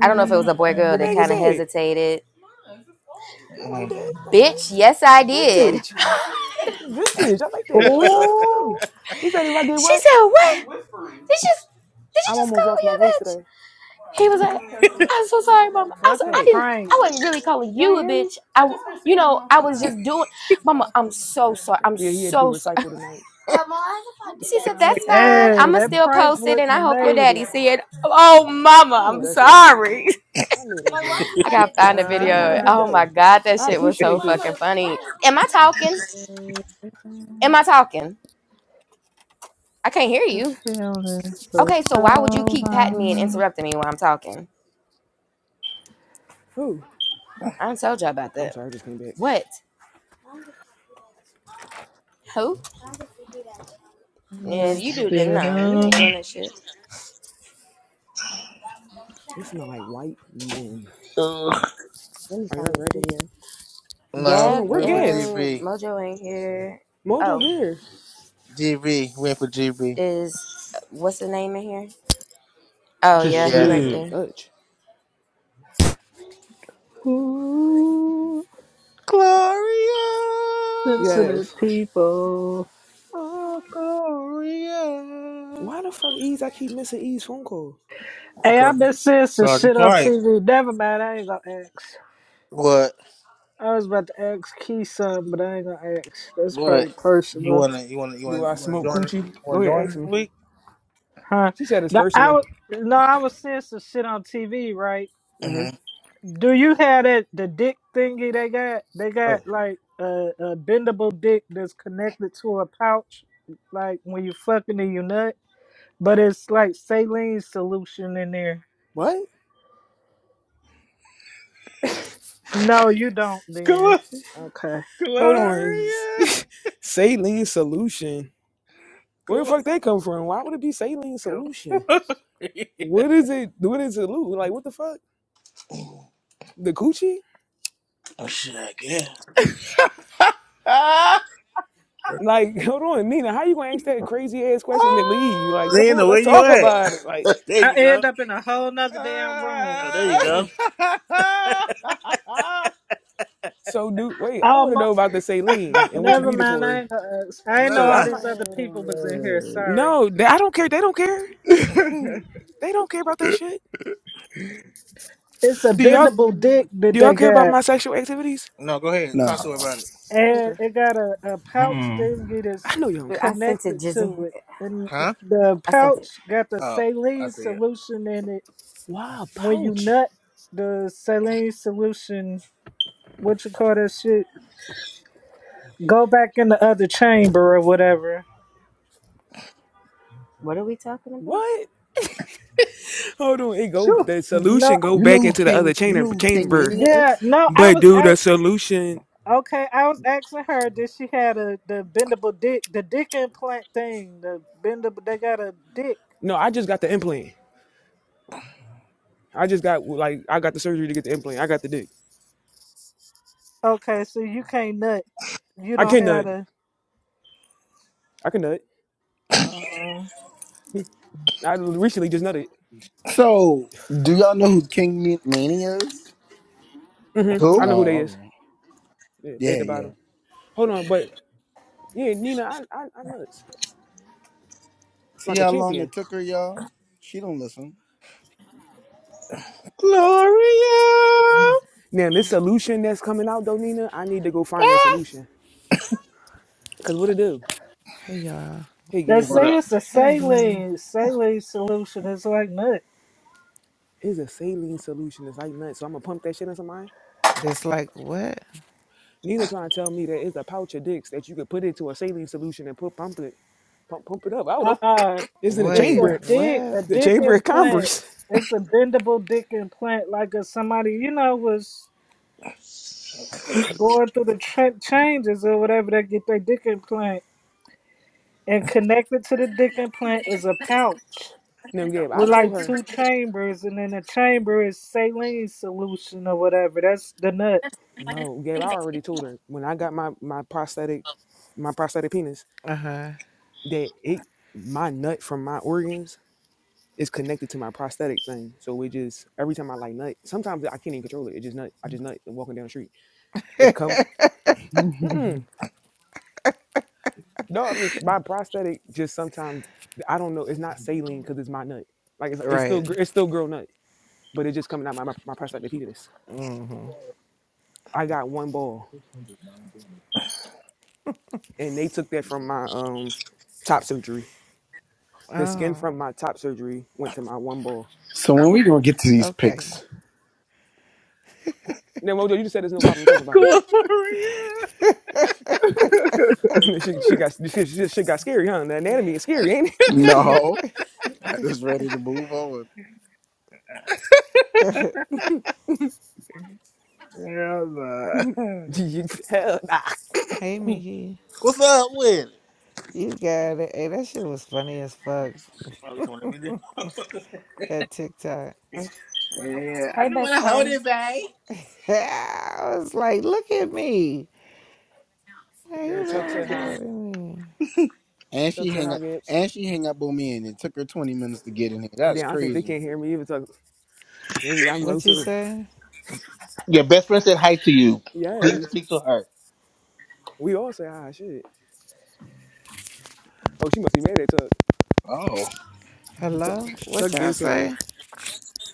[SPEAKER 3] I don't know if it was
[SPEAKER 1] Come
[SPEAKER 3] a
[SPEAKER 1] on,
[SPEAKER 3] boy or
[SPEAKER 1] though.
[SPEAKER 3] girl
[SPEAKER 1] Who
[SPEAKER 3] that
[SPEAKER 1] bag is
[SPEAKER 3] kind of
[SPEAKER 1] that?
[SPEAKER 3] hesitated.
[SPEAKER 1] I like
[SPEAKER 2] Uh-huh.
[SPEAKER 1] that. That's
[SPEAKER 3] Bitch, yes, I
[SPEAKER 1] nice.
[SPEAKER 3] did.
[SPEAKER 1] Vintage. Vintage. I like that. I
[SPEAKER 2] Mm-hmm.
[SPEAKER 1] like the Uggs too.
[SPEAKER 4] Oh,
[SPEAKER 1] You said if I did
[SPEAKER 3] She
[SPEAKER 1] what?
[SPEAKER 3] said, What? Did you, did
[SPEAKER 1] I
[SPEAKER 3] you just
[SPEAKER 1] almost
[SPEAKER 3] call me
[SPEAKER 1] lost my voice
[SPEAKER 3] a bitch?
[SPEAKER 1] today.
[SPEAKER 3] He was like, I'm so sorry, mama. I,
[SPEAKER 4] fuck
[SPEAKER 3] was,
[SPEAKER 4] a
[SPEAKER 3] I
[SPEAKER 1] Zach,
[SPEAKER 3] didn't,
[SPEAKER 4] prank.
[SPEAKER 3] I wasn't really calling
[SPEAKER 1] y'all ain't
[SPEAKER 3] you a
[SPEAKER 1] hear me?
[SPEAKER 3] bitch. I, you know, I was just doing, mama, I'm so sorry. I'm
[SPEAKER 1] Yeah, he had to do
[SPEAKER 3] so sorry.
[SPEAKER 1] recycle tonight.
[SPEAKER 3] Mama, She said,
[SPEAKER 4] Uh,
[SPEAKER 3] That's
[SPEAKER 1] What y'all
[SPEAKER 3] fine. I'm
[SPEAKER 4] hey,
[SPEAKER 1] watching?
[SPEAKER 3] going to
[SPEAKER 4] that
[SPEAKER 3] still
[SPEAKER 4] prank
[SPEAKER 3] post it and
[SPEAKER 4] wouldn't
[SPEAKER 3] I
[SPEAKER 4] have
[SPEAKER 3] hope your
[SPEAKER 4] made
[SPEAKER 3] daddy
[SPEAKER 4] it.
[SPEAKER 3] see it. Oh, mama,
[SPEAKER 1] I know
[SPEAKER 3] I'm
[SPEAKER 1] that's right.
[SPEAKER 3] sorry.
[SPEAKER 1] I know that's right.
[SPEAKER 3] I gotta find the
[SPEAKER 4] Uh
[SPEAKER 1] Y'all have a
[SPEAKER 3] video.
[SPEAKER 4] huh.
[SPEAKER 1] good
[SPEAKER 3] Oh my
[SPEAKER 1] day.
[SPEAKER 3] god, that
[SPEAKER 1] I
[SPEAKER 3] shit was so
[SPEAKER 1] appreciate this.
[SPEAKER 3] fucking funny. Am I talking?
[SPEAKER 4] The
[SPEAKER 3] Am I talking? I can't hear you.
[SPEAKER 4] feeling for
[SPEAKER 3] Okay, so why would you
[SPEAKER 4] so
[SPEAKER 3] keep patting me and
[SPEAKER 4] long.
[SPEAKER 3] interrupting me while I'm talking?
[SPEAKER 1] Who?
[SPEAKER 3] I done told you about
[SPEAKER 1] I'm
[SPEAKER 3] that.
[SPEAKER 1] sorry, I just came back.
[SPEAKER 3] What? Who?
[SPEAKER 1] It
[SPEAKER 3] Yeah, you
[SPEAKER 4] Let's
[SPEAKER 3] do
[SPEAKER 4] get
[SPEAKER 3] that.
[SPEAKER 1] stink.
[SPEAKER 4] it
[SPEAKER 3] No, you
[SPEAKER 4] on.
[SPEAKER 3] ain't doing that shit.
[SPEAKER 1] It smell like white men.
[SPEAKER 2] Ugh.
[SPEAKER 3] Let me
[SPEAKER 1] Are y'all
[SPEAKER 3] find this
[SPEAKER 1] ready?
[SPEAKER 3] video.
[SPEAKER 1] Hold
[SPEAKER 2] no,
[SPEAKER 1] on,
[SPEAKER 3] Gab
[SPEAKER 1] we're
[SPEAKER 2] wait for
[SPEAKER 1] Gads?
[SPEAKER 3] and
[SPEAKER 2] GB.
[SPEAKER 3] Mojo ain't here.
[SPEAKER 1] Mojo
[SPEAKER 3] Oh,
[SPEAKER 1] here.
[SPEAKER 2] GB. Wait for GB.
[SPEAKER 3] is what's the name in here?
[SPEAKER 1] I'm
[SPEAKER 3] Oh
[SPEAKER 1] about
[SPEAKER 5] She
[SPEAKER 1] to go
[SPEAKER 3] yeah, he
[SPEAKER 1] smoke me a
[SPEAKER 2] Yes.
[SPEAKER 3] right
[SPEAKER 1] little
[SPEAKER 5] slid.
[SPEAKER 3] there.
[SPEAKER 1] Dutch.
[SPEAKER 4] Ooh,
[SPEAKER 2] Gloria!
[SPEAKER 4] sensitive
[SPEAKER 1] Yes.
[SPEAKER 4] people.
[SPEAKER 2] Oh, Gloria.
[SPEAKER 1] Why the fuck Ease? I keep missing Ease phone calls.
[SPEAKER 2] To
[SPEAKER 4] Hey, I've
[SPEAKER 2] God,
[SPEAKER 4] been seeing some
[SPEAKER 2] God
[SPEAKER 4] shit on
[SPEAKER 2] right.
[SPEAKER 4] TV. Never mind, I ain't gonna ask.
[SPEAKER 2] What?
[SPEAKER 4] I was about to ask Key something, but I ain't gonna ask. That's probably
[SPEAKER 2] What? You
[SPEAKER 4] personal.
[SPEAKER 2] wanna? You wanna? You
[SPEAKER 1] Do
[SPEAKER 2] wanna?
[SPEAKER 1] I
[SPEAKER 2] You wanna
[SPEAKER 1] smoke
[SPEAKER 2] join?
[SPEAKER 1] coochie? Go
[SPEAKER 2] Wanna
[SPEAKER 1] ahead,
[SPEAKER 2] join
[SPEAKER 1] ask
[SPEAKER 2] this
[SPEAKER 1] me.
[SPEAKER 2] week?
[SPEAKER 4] Huh?
[SPEAKER 1] She said it's
[SPEAKER 4] The, I
[SPEAKER 1] personal.
[SPEAKER 4] was, no, I was seeing some shit on TV, right?
[SPEAKER 1] Mm-hmm.
[SPEAKER 2] Mm-hmm.
[SPEAKER 4] Do you have that the dick thingy they got? They
[SPEAKER 1] Uh,
[SPEAKER 4] got like a, a bendable dick that's connected to a pouch, like when you fucking and you nut, but it's like saline solution in there.
[SPEAKER 1] what?
[SPEAKER 4] No, you don't. Then
[SPEAKER 2] Gl-
[SPEAKER 4] okay,
[SPEAKER 1] Hold on.
[SPEAKER 2] Gloria.
[SPEAKER 1] saline solution. Where the
[SPEAKER 2] Gl-
[SPEAKER 1] fuck they come from? Why would it be saline solution?
[SPEAKER 2] Gloria.
[SPEAKER 1] What is it? What is it, Lou? Like what the fuck? The coochie?
[SPEAKER 2] Oh shit! I guess.
[SPEAKER 6] Ah,
[SPEAKER 1] Like hold on, Nina. How you gonna ask that crazy ass question and leave? Like come on,
[SPEAKER 2] Lena, where
[SPEAKER 1] let's
[SPEAKER 2] you
[SPEAKER 1] talk
[SPEAKER 2] at?
[SPEAKER 1] about it. Like
[SPEAKER 2] there
[SPEAKER 4] I
[SPEAKER 2] you go.
[SPEAKER 4] end up in a whole nother damn room.
[SPEAKER 2] Oh, there you
[SPEAKER 1] hold
[SPEAKER 2] go.
[SPEAKER 1] on.
[SPEAKER 6] ah, ah.
[SPEAKER 1] So dude, wait. I
[SPEAKER 4] Oh
[SPEAKER 1] want to
[SPEAKER 4] my,
[SPEAKER 1] know about the saline and what you
[SPEAKER 4] never
[SPEAKER 1] need it
[SPEAKER 4] mind. I
[SPEAKER 1] for.
[SPEAKER 4] ain't, gonna ask. I ain't know
[SPEAKER 1] Cause I
[SPEAKER 4] all
[SPEAKER 2] Nah.
[SPEAKER 4] these
[SPEAKER 1] might.
[SPEAKER 4] other
[SPEAKER 6] Oh,
[SPEAKER 4] people was in here.
[SPEAKER 6] man.
[SPEAKER 4] Sorry.
[SPEAKER 1] No, they- I don't care. They don't care.
[SPEAKER 2] No,
[SPEAKER 1] They don't care about that shit.
[SPEAKER 4] It's a
[SPEAKER 1] Do y'all
[SPEAKER 4] bendable dick that
[SPEAKER 1] do y'all
[SPEAKER 4] they
[SPEAKER 1] care about
[SPEAKER 4] got.
[SPEAKER 1] my sexual activities?
[SPEAKER 2] go ahead. Talk to her
[SPEAKER 6] no.
[SPEAKER 2] about it.
[SPEAKER 4] and
[SPEAKER 1] Okay.
[SPEAKER 4] it got a, a pouch
[SPEAKER 5] Mm-mm.
[SPEAKER 4] thingy
[SPEAKER 1] I
[SPEAKER 4] that's
[SPEAKER 1] know y'all do
[SPEAKER 3] I sent it,
[SPEAKER 4] connected
[SPEAKER 3] Jizzy.
[SPEAKER 4] to it. And
[SPEAKER 2] Huh?
[SPEAKER 4] the
[SPEAKER 3] I sent it.
[SPEAKER 4] pouch got the
[SPEAKER 2] Oh, I
[SPEAKER 4] saline
[SPEAKER 2] see it.
[SPEAKER 4] solution in it.
[SPEAKER 1] Wow,
[SPEAKER 4] When you
[SPEAKER 1] pouch?
[SPEAKER 4] nut, the saline solution, what you call that shit, go back in the other chamber or whatever.
[SPEAKER 3] What are we talking about?
[SPEAKER 1] What? Hold on, it go
[SPEAKER 2] Who?
[SPEAKER 1] the
[SPEAKER 4] No,
[SPEAKER 1] solution go
[SPEAKER 6] You know
[SPEAKER 1] back
[SPEAKER 6] who
[SPEAKER 1] into the other
[SPEAKER 6] King you
[SPEAKER 1] chamber
[SPEAKER 6] know who King
[SPEAKER 1] chamber.
[SPEAKER 6] Mania
[SPEAKER 4] yeah,
[SPEAKER 6] is?
[SPEAKER 4] no, I
[SPEAKER 1] But
[SPEAKER 4] was
[SPEAKER 1] dude, the
[SPEAKER 4] out.
[SPEAKER 1] solution
[SPEAKER 4] Okay, I was asking her that she had a the bendable dick, the dick implant thing, the bendable. They got a dick.
[SPEAKER 1] No, I just got the implant. I just got like I got the surgery to get the implant. I got the dick.
[SPEAKER 4] Okay, so you can't nut. You
[SPEAKER 1] I
[SPEAKER 4] don't
[SPEAKER 1] can
[SPEAKER 4] have
[SPEAKER 1] nut.
[SPEAKER 4] a.
[SPEAKER 1] I can nut.
[SPEAKER 4] uh,
[SPEAKER 1] I recently just nutted.
[SPEAKER 6] So do y'all know who King Ma- Mania is?
[SPEAKER 1] hmm I
[SPEAKER 2] Who?
[SPEAKER 1] know who
[SPEAKER 6] Oh,
[SPEAKER 1] they
[SPEAKER 6] all
[SPEAKER 1] is.
[SPEAKER 6] right.
[SPEAKER 1] Yeah, they at
[SPEAKER 6] Yeah,
[SPEAKER 1] the
[SPEAKER 6] yeah.
[SPEAKER 1] bottom. Hold on, but yeah, Nina, I I, I nuts.
[SPEAKER 6] See
[SPEAKER 1] Like a
[SPEAKER 6] how long it
[SPEAKER 1] champion.
[SPEAKER 6] took her, y'all? She don't listen.
[SPEAKER 1] Now this solution that's coming out though, Nina, I need to go find that
[SPEAKER 6] Ah!
[SPEAKER 1] solution. Cause what it do?
[SPEAKER 7] Hey y'all.
[SPEAKER 1] Hey
[SPEAKER 4] They
[SPEAKER 1] guys, hold
[SPEAKER 2] Gloria.
[SPEAKER 1] on.
[SPEAKER 4] say it's a
[SPEAKER 7] Hello.
[SPEAKER 4] saline saline solution. It's like nut.
[SPEAKER 1] It's a saline solution. It's like nuts. So I'm gonna pump that shit in somebody.
[SPEAKER 7] That's like what?
[SPEAKER 1] Nina trying to tell me that it's a pouch of dicks that you could put into a saline solution and put pump it, pump pump it up. I don't
[SPEAKER 4] Uh
[SPEAKER 1] know.
[SPEAKER 4] uh
[SPEAKER 1] It's in a
[SPEAKER 4] It's
[SPEAKER 7] Wait,
[SPEAKER 4] a
[SPEAKER 1] chamber,
[SPEAKER 4] dick,
[SPEAKER 7] what?
[SPEAKER 4] a
[SPEAKER 1] the
[SPEAKER 4] dick
[SPEAKER 1] chamber of
[SPEAKER 4] implant.
[SPEAKER 1] commerce.
[SPEAKER 4] It's a bendable dick implant. Like if somebody, you know, was going through the tra- changes or whatever, they get their dick implant. And connected to the dick implant is a pouch
[SPEAKER 1] Now, Gabe, I
[SPEAKER 4] with
[SPEAKER 1] told
[SPEAKER 4] like
[SPEAKER 1] her
[SPEAKER 4] two chambers, and then the chamber is saline solution or whatever. That's the nut.
[SPEAKER 1] no. Gabe, I already told her when I got my my prosthetic, my prosthetic penis
[SPEAKER 7] Uh huh.
[SPEAKER 1] that it my nut from my organs is connected to my prosthetic thing. So it just every time I like nut, sometimes I can't even control it. It just nut. I just nut and walking down the street it comes Mm-mm. No, I'm just my prosthetic. Just sometimes I don't know. It's not saline because it's my nut. Like if, it's still
[SPEAKER 7] Right.
[SPEAKER 1] gr- it's still girl nut, but it's just coming out my my, my prosthetic penis.
[SPEAKER 7] Mm hmm.
[SPEAKER 1] I got one ball, and they took that from my um top surgery. The skin
[SPEAKER 7] Oh,
[SPEAKER 1] from my top surgery went to my one ball.
[SPEAKER 6] So when we gonna get to these
[SPEAKER 7] okay.
[SPEAKER 6] picks?
[SPEAKER 1] Now Mojo, you just said there's no problem talking about it.
[SPEAKER 2] Gloria.
[SPEAKER 1] she she got she, she, she got scary, huh? The anatomy is scary, ain't
[SPEAKER 6] No. I just ready to move on.
[SPEAKER 2] Yeah, man.
[SPEAKER 1] it? Hell nah.
[SPEAKER 7] Hey, Mickey.
[SPEAKER 2] What's up with it?
[SPEAKER 7] You got it. Hey, that shit was funny as fuck.
[SPEAKER 2] Oh, you told me that.
[SPEAKER 7] That TikTok.
[SPEAKER 2] yeah, I
[SPEAKER 3] Hey,
[SPEAKER 2] don't want
[SPEAKER 3] best
[SPEAKER 2] to hold
[SPEAKER 3] friend.
[SPEAKER 2] it, babe.
[SPEAKER 7] I was like, look at me. Hey,
[SPEAKER 1] Yeah,
[SPEAKER 7] who been
[SPEAKER 1] Tuck said hi.
[SPEAKER 7] recording me?
[SPEAKER 6] And
[SPEAKER 1] Tuck
[SPEAKER 6] she
[SPEAKER 1] said
[SPEAKER 6] hang
[SPEAKER 1] hi,
[SPEAKER 6] up
[SPEAKER 1] Gibbs.
[SPEAKER 6] and she hang up on me and it took her 20 minutes to get in here. That's
[SPEAKER 1] Damn, I think they
[SPEAKER 6] crazy.
[SPEAKER 1] can't hear me even. Tuck, maybe I'm low
[SPEAKER 7] What you
[SPEAKER 1] too.
[SPEAKER 7] say?
[SPEAKER 2] Your best friend said hi to you. Please
[SPEAKER 1] Yes.
[SPEAKER 2] speak to her.
[SPEAKER 1] We all say ah shit. Oh, she must be mad at Tuck.
[SPEAKER 2] Oh.
[SPEAKER 1] Tuck,
[SPEAKER 7] Hello? What
[SPEAKER 1] Tuck
[SPEAKER 7] y'all
[SPEAKER 1] this. Uh,
[SPEAKER 7] say?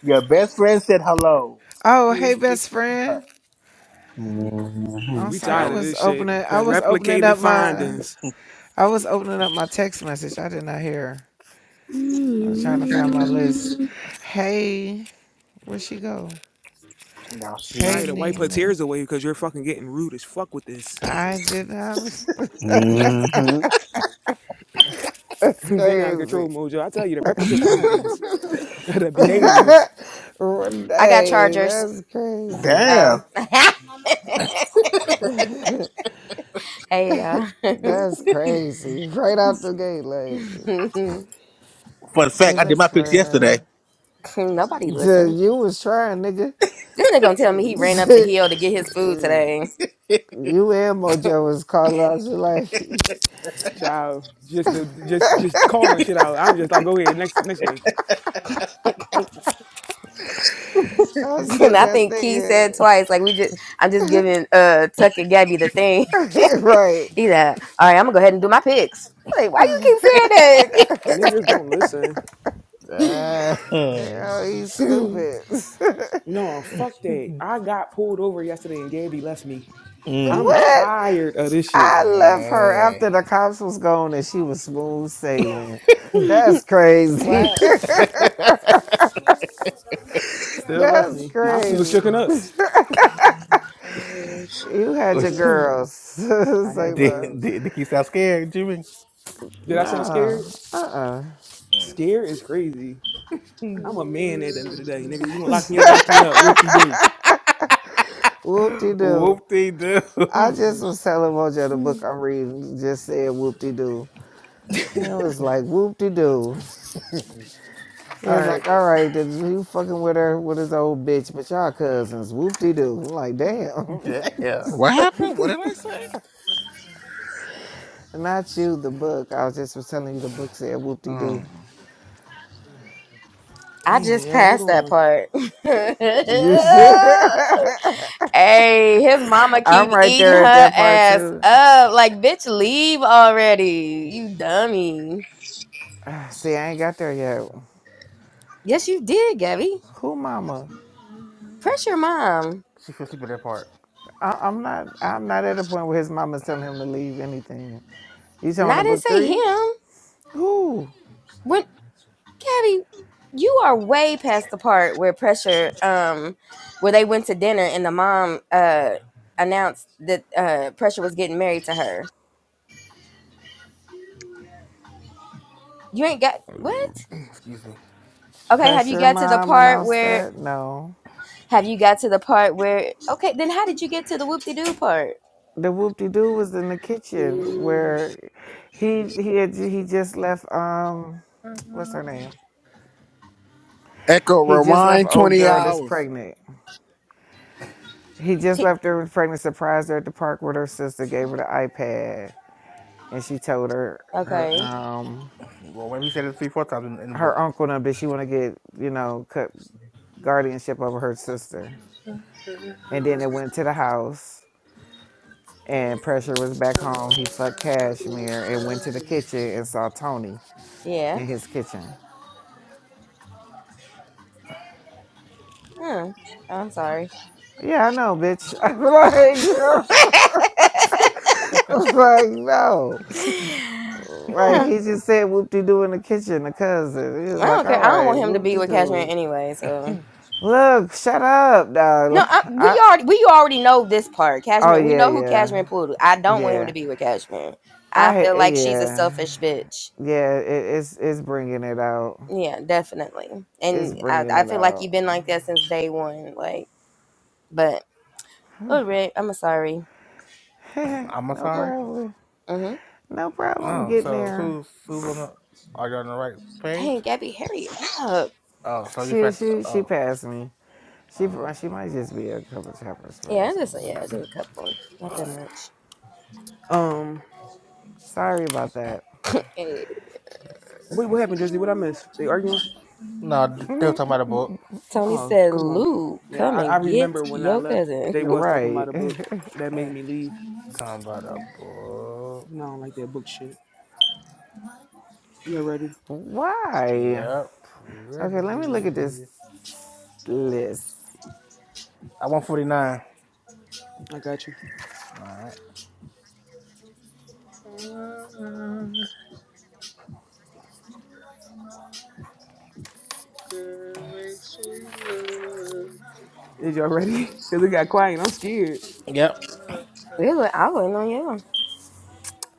[SPEAKER 2] Your best friend said hello.
[SPEAKER 7] Oh, hey,
[SPEAKER 2] Please speak
[SPEAKER 7] best
[SPEAKER 2] to her.
[SPEAKER 7] friend.
[SPEAKER 6] hmm
[SPEAKER 7] I'm
[SPEAKER 1] we
[SPEAKER 7] sorry. I
[SPEAKER 1] tired of
[SPEAKER 7] was
[SPEAKER 1] this shit.
[SPEAKER 7] opening. I
[SPEAKER 1] That
[SPEAKER 7] was opening
[SPEAKER 1] replicated
[SPEAKER 7] up my.
[SPEAKER 1] findings.
[SPEAKER 7] I was opening up my text message. I did not hear. I was trying to find my list. Hey, where she go?
[SPEAKER 2] Now
[SPEAKER 7] Hey,
[SPEAKER 1] Try
[SPEAKER 2] she's
[SPEAKER 1] to wipe her
[SPEAKER 7] Nina.
[SPEAKER 1] tears away because you're fucking getting rude as fuck with this.
[SPEAKER 7] I did not.
[SPEAKER 6] hmm
[SPEAKER 7] That's
[SPEAKER 1] getting out of
[SPEAKER 7] crazy.
[SPEAKER 1] control, Mojo. I tell you, the replicate findings, the behaviors,
[SPEAKER 3] I got
[SPEAKER 7] Renee,
[SPEAKER 3] chargers.
[SPEAKER 7] that's crazy.
[SPEAKER 2] damn.
[SPEAKER 3] Um, hey, uh,
[SPEAKER 7] That's crazy. Right out the gate, like,
[SPEAKER 2] Fun
[SPEAKER 7] hey,
[SPEAKER 2] fact, I did my
[SPEAKER 7] best
[SPEAKER 2] pics yesterday.
[SPEAKER 7] friend.
[SPEAKER 3] nobody
[SPEAKER 7] Duh,
[SPEAKER 3] listened.
[SPEAKER 7] You was trying, nigga.
[SPEAKER 3] This nigga gonna tell me he ran up the hill to
[SPEAKER 7] you
[SPEAKER 3] get his food today,
[SPEAKER 7] and Mojo was calling out. She like,
[SPEAKER 1] child. Just the just just calling shit out. I'm just like, go ahead, next next game.
[SPEAKER 7] I was
[SPEAKER 3] and
[SPEAKER 7] sitting
[SPEAKER 3] I
[SPEAKER 7] there
[SPEAKER 3] think Key said
[SPEAKER 7] thinking,
[SPEAKER 3] twice, like we just, I'm just giving uh Tuck and Gabby the thing.
[SPEAKER 7] right.
[SPEAKER 3] He like, all right, I'm gonna go ahead and do my picks. Like, why you
[SPEAKER 1] Niggas don't listen.
[SPEAKER 3] keep saying
[SPEAKER 2] Dang.
[SPEAKER 7] Oh, he's
[SPEAKER 3] that?
[SPEAKER 7] stupid.
[SPEAKER 1] No, fuck that. I got pulled over yesterday and Gabby left me.
[SPEAKER 2] Mm.
[SPEAKER 1] I'm
[SPEAKER 3] Damn,
[SPEAKER 7] what?
[SPEAKER 1] tired of this shit.
[SPEAKER 7] I left her after
[SPEAKER 2] Dang.
[SPEAKER 7] the cops was gone and she was smooth sailing. That's crazy.
[SPEAKER 3] what?
[SPEAKER 1] Still left
[SPEAKER 7] That's
[SPEAKER 1] me. I'm still
[SPEAKER 7] crazy.
[SPEAKER 1] shooken up.
[SPEAKER 7] You had your girls. Say
[SPEAKER 1] I had the
[SPEAKER 2] did,
[SPEAKER 7] that.
[SPEAKER 1] girls.
[SPEAKER 2] did Nikki sound scared, Jimmy?
[SPEAKER 1] Did I sound
[SPEAKER 7] Nah.
[SPEAKER 1] scared?
[SPEAKER 7] Uh-uh.
[SPEAKER 2] Mm.
[SPEAKER 1] Scared is crazy. I'm a man at the end of the day, nigga. You gonna lock me up, lock me up. Whoop de doo.
[SPEAKER 7] Whoop-de-doo.
[SPEAKER 2] Whoop they do.
[SPEAKER 7] I
[SPEAKER 1] All
[SPEAKER 7] just was telling Mojo the book I'm reading just said whoop-de-doo. And it was like whoop-de-doo. It's like,
[SPEAKER 1] right.
[SPEAKER 7] all right, then you fucking with her with his old bitch, but y'all cousins, whoop-de-doo. I'm like, damn.
[SPEAKER 2] yeah.
[SPEAKER 6] what happened? What did I say?
[SPEAKER 7] Not you, the book. I was just was telling you the book said whoop-de-doo.
[SPEAKER 6] Oh.
[SPEAKER 3] I
[SPEAKER 1] Damn,
[SPEAKER 3] just
[SPEAKER 1] yo, hold
[SPEAKER 3] passed that
[SPEAKER 1] on.
[SPEAKER 3] part.
[SPEAKER 7] You should.
[SPEAKER 3] hey, his mama
[SPEAKER 7] I'm
[SPEAKER 3] keep
[SPEAKER 7] right
[SPEAKER 3] eating
[SPEAKER 7] there at
[SPEAKER 3] her
[SPEAKER 7] that part
[SPEAKER 3] ass
[SPEAKER 7] too.
[SPEAKER 3] up. Like, bitch, leave already, you dummy.
[SPEAKER 7] See, I ain't got there yet.
[SPEAKER 3] Yes, you did, Gabby.
[SPEAKER 7] Who, mama?
[SPEAKER 3] Press your mom.
[SPEAKER 2] She fell asleep at that part.
[SPEAKER 7] I, I'm not. I'm not at a point where his mama's telling him to leave anything. You
[SPEAKER 3] And
[SPEAKER 7] talking
[SPEAKER 3] I
[SPEAKER 7] about the
[SPEAKER 3] didn't
[SPEAKER 7] book
[SPEAKER 3] say
[SPEAKER 7] three?
[SPEAKER 3] him.
[SPEAKER 7] Who?
[SPEAKER 3] When Gabby, you are way past the part where pressure, um, where they went to dinner and the mom uh announced that uh pressure was getting married to her. You ain't got what?
[SPEAKER 2] Excuse me.
[SPEAKER 3] Okay, have you
[SPEAKER 7] Pressure
[SPEAKER 3] got to the
[SPEAKER 7] mom
[SPEAKER 3] part
[SPEAKER 7] announced
[SPEAKER 3] where
[SPEAKER 7] that. No,
[SPEAKER 3] have you got to the part where okay, then how did you get to the whoop de doo part?
[SPEAKER 7] the whoop de doo was in the kitchen where he he had he just left. Um, what's her name?
[SPEAKER 6] Echo
[SPEAKER 7] He just left
[SPEAKER 6] rewind
[SPEAKER 7] old
[SPEAKER 6] 20
[SPEAKER 7] girl that's
[SPEAKER 6] hours.
[SPEAKER 7] pregnant. He just
[SPEAKER 3] He,
[SPEAKER 7] left her pregnant, surprised her at the park with her sister, gave her the iPad. and she told her
[SPEAKER 3] okay.
[SPEAKER 7] her um
[SPEAKER 2] Well, maybe he said it three, four times in, in the
[SPEAKER 7] her
[SPEAKER 2] book.
[SPEAKER 7] uncle and them that she want to get you know cut guardianship over her sister and then it went to the house and pressure was back home he fucked cashmere and went to the kitchen and saw tony
[SPEAKER 3] Yeah.
[SPEAKER 7] in his kitchen
[SPEAKER 3] Hmm. I'm sorry.
[SPEAKER 7] yeah i know bitch i'm like no I'm like no like
[SPEAKER 3] yeah.
[SPEAKER 7] he just said whoop-de-doo in the kitchen the cousin he was
[SPEAKER 3] I
[SPEAKER 7] like
[SPEAKER 3] don't
[SPEAKER 7] all
[SPEAKER 3] care. I don't
[SPEAKER 7] right
[SPEAKER 3] want him to be with Cashmere
[SPEAKER 7] whoop-de-doo
[SPEAKER 3] anyway. So
[SPEAKER 7] look shut up
[SPEAKER 3] no,
[SPEAKER 7] dog
[SPEAKER 3] I,
[SPEAKER 7] i
[SPEAKER 3] we already we already know this part.
[SPEAKER 7] oh
[SPEAKER 3] Cashmere, we
[SPEAKER 7] yeah
[SPEAKER 3] know who
[SPEAKER 7] yeah
[SPEAKER 3] Cashmere pulled. I don't want him
[SPEAKER 7] yeah
[SPEAKER 3] to be with Cashmere.
[SPEAKER 7] I
[SPEAKER 3] I feel
[SPEAKER 7] ha-
[SPEAKER 3] like she's a
[SPEAKER 7] yeah
[SPEAKER 3] selfish bitch.
[SPEAKER 7] yeah it, it's it's bringing it out.
[SPEAKER 3] Yeah, definitely.
[SPEAKER 7] It's
[SPEAKER 3] And I,
[SPEAKER 7] bringing
[SPEAKER 3] I
[SPEAKER 7] it
[SPEAKER 3] feel like
[SPEAKER 7] out.
[SPEAKER 3] you've been like that since day one. Like, but oh, Rick, I'm sorry.
[SPEAKER 2] I'm
[SPEAKER 7] no
[SPEAKER 2] sorry.
[SPEAKER 7] problem.
[SPEAKER 3] Mm-hmm.
[SPEAKER 7] No problem. I'm
[SPEAKER 2] No.
[SPEAKER 7] getting
[SPEAKER 2] So
[SPEAKER 7] there.
[SPEAKER 2] who's who's on the? Are you on the right page?
[SPEAKER 3] Dang, Gabby, hurry up.
[SPEAKER 2] Oh, so you
[SPEAKER 7] She
[SPEAKER 2] first.
[SPEAKER 7] she she
[SPEAKER 2] Oh.
[SPEAKER 7] passed me. She
[SPEAKER 2] oh.
[SPEAKER 7] pro- she might just be a couple chapters
[SPEAKER 3] Yeah,
[SPEAKER 7] past me.
[SPEAKER 3] just yeah, just a couple, not that much.
[SPEAKER 1] Um,
[SPEAKER 7] Sorry about that.
[SPEAKER 3] Eh,
[SPEAKER 1] what
[SPEAKER 2] okay.
[SPEAKER 1] what happened, Jersey? What I missed? They arguing?
[SPEAKER 2] No, they were talking about a book.
[SPEAKER 3] Tony
[SPEAKER 1] Oh,
[SPEAKER 3] said,
[SPEAKER 1] come on.
[SPEAKER 3] "Lou,
[SPEAKER 1] Yeah,
[SPEAKER 3] come
[SPEAKER 1] I, I
[SPEAKER 3] and get
[SPEAKER 1] remember when I
[SPEAKER 3] your
[SPEAKER 1] left.
[SPEAKER 3] cousin."
[SPEAKER 1] They was talking
[SPEAKER 7] Right.
[SPEAKER 1] about a book that made
[SPEAKER 2] Mm,
[SPEAKER 1] me leave.
[SPEAKER 2] Talking about a book.
[SPEAKER 1] You know, I don't like that book shit. You all ready?
[SPEAKER 7] Why?
[SPEAKER 2] Yep. We
[SPEAKER 7] Okay, let me look at this
[SPEAKER 2] ready.
[SPEAKER 7] list.
[SPEAKER 2] I want forty nine.
[SPEAKER 1] I got you.
[SPEAKER 2] All right.
[SPEAKER 4] Mm, girl, makes me
[SPEAKER 1] Is y'all ready? Cause it
[SPEAKER 4] love.
[SPEAKER 1] got quiet. I'm scared.
[SPEAKER 2] Yep.
[SPEAKER 3] Really, I wouldn't on you.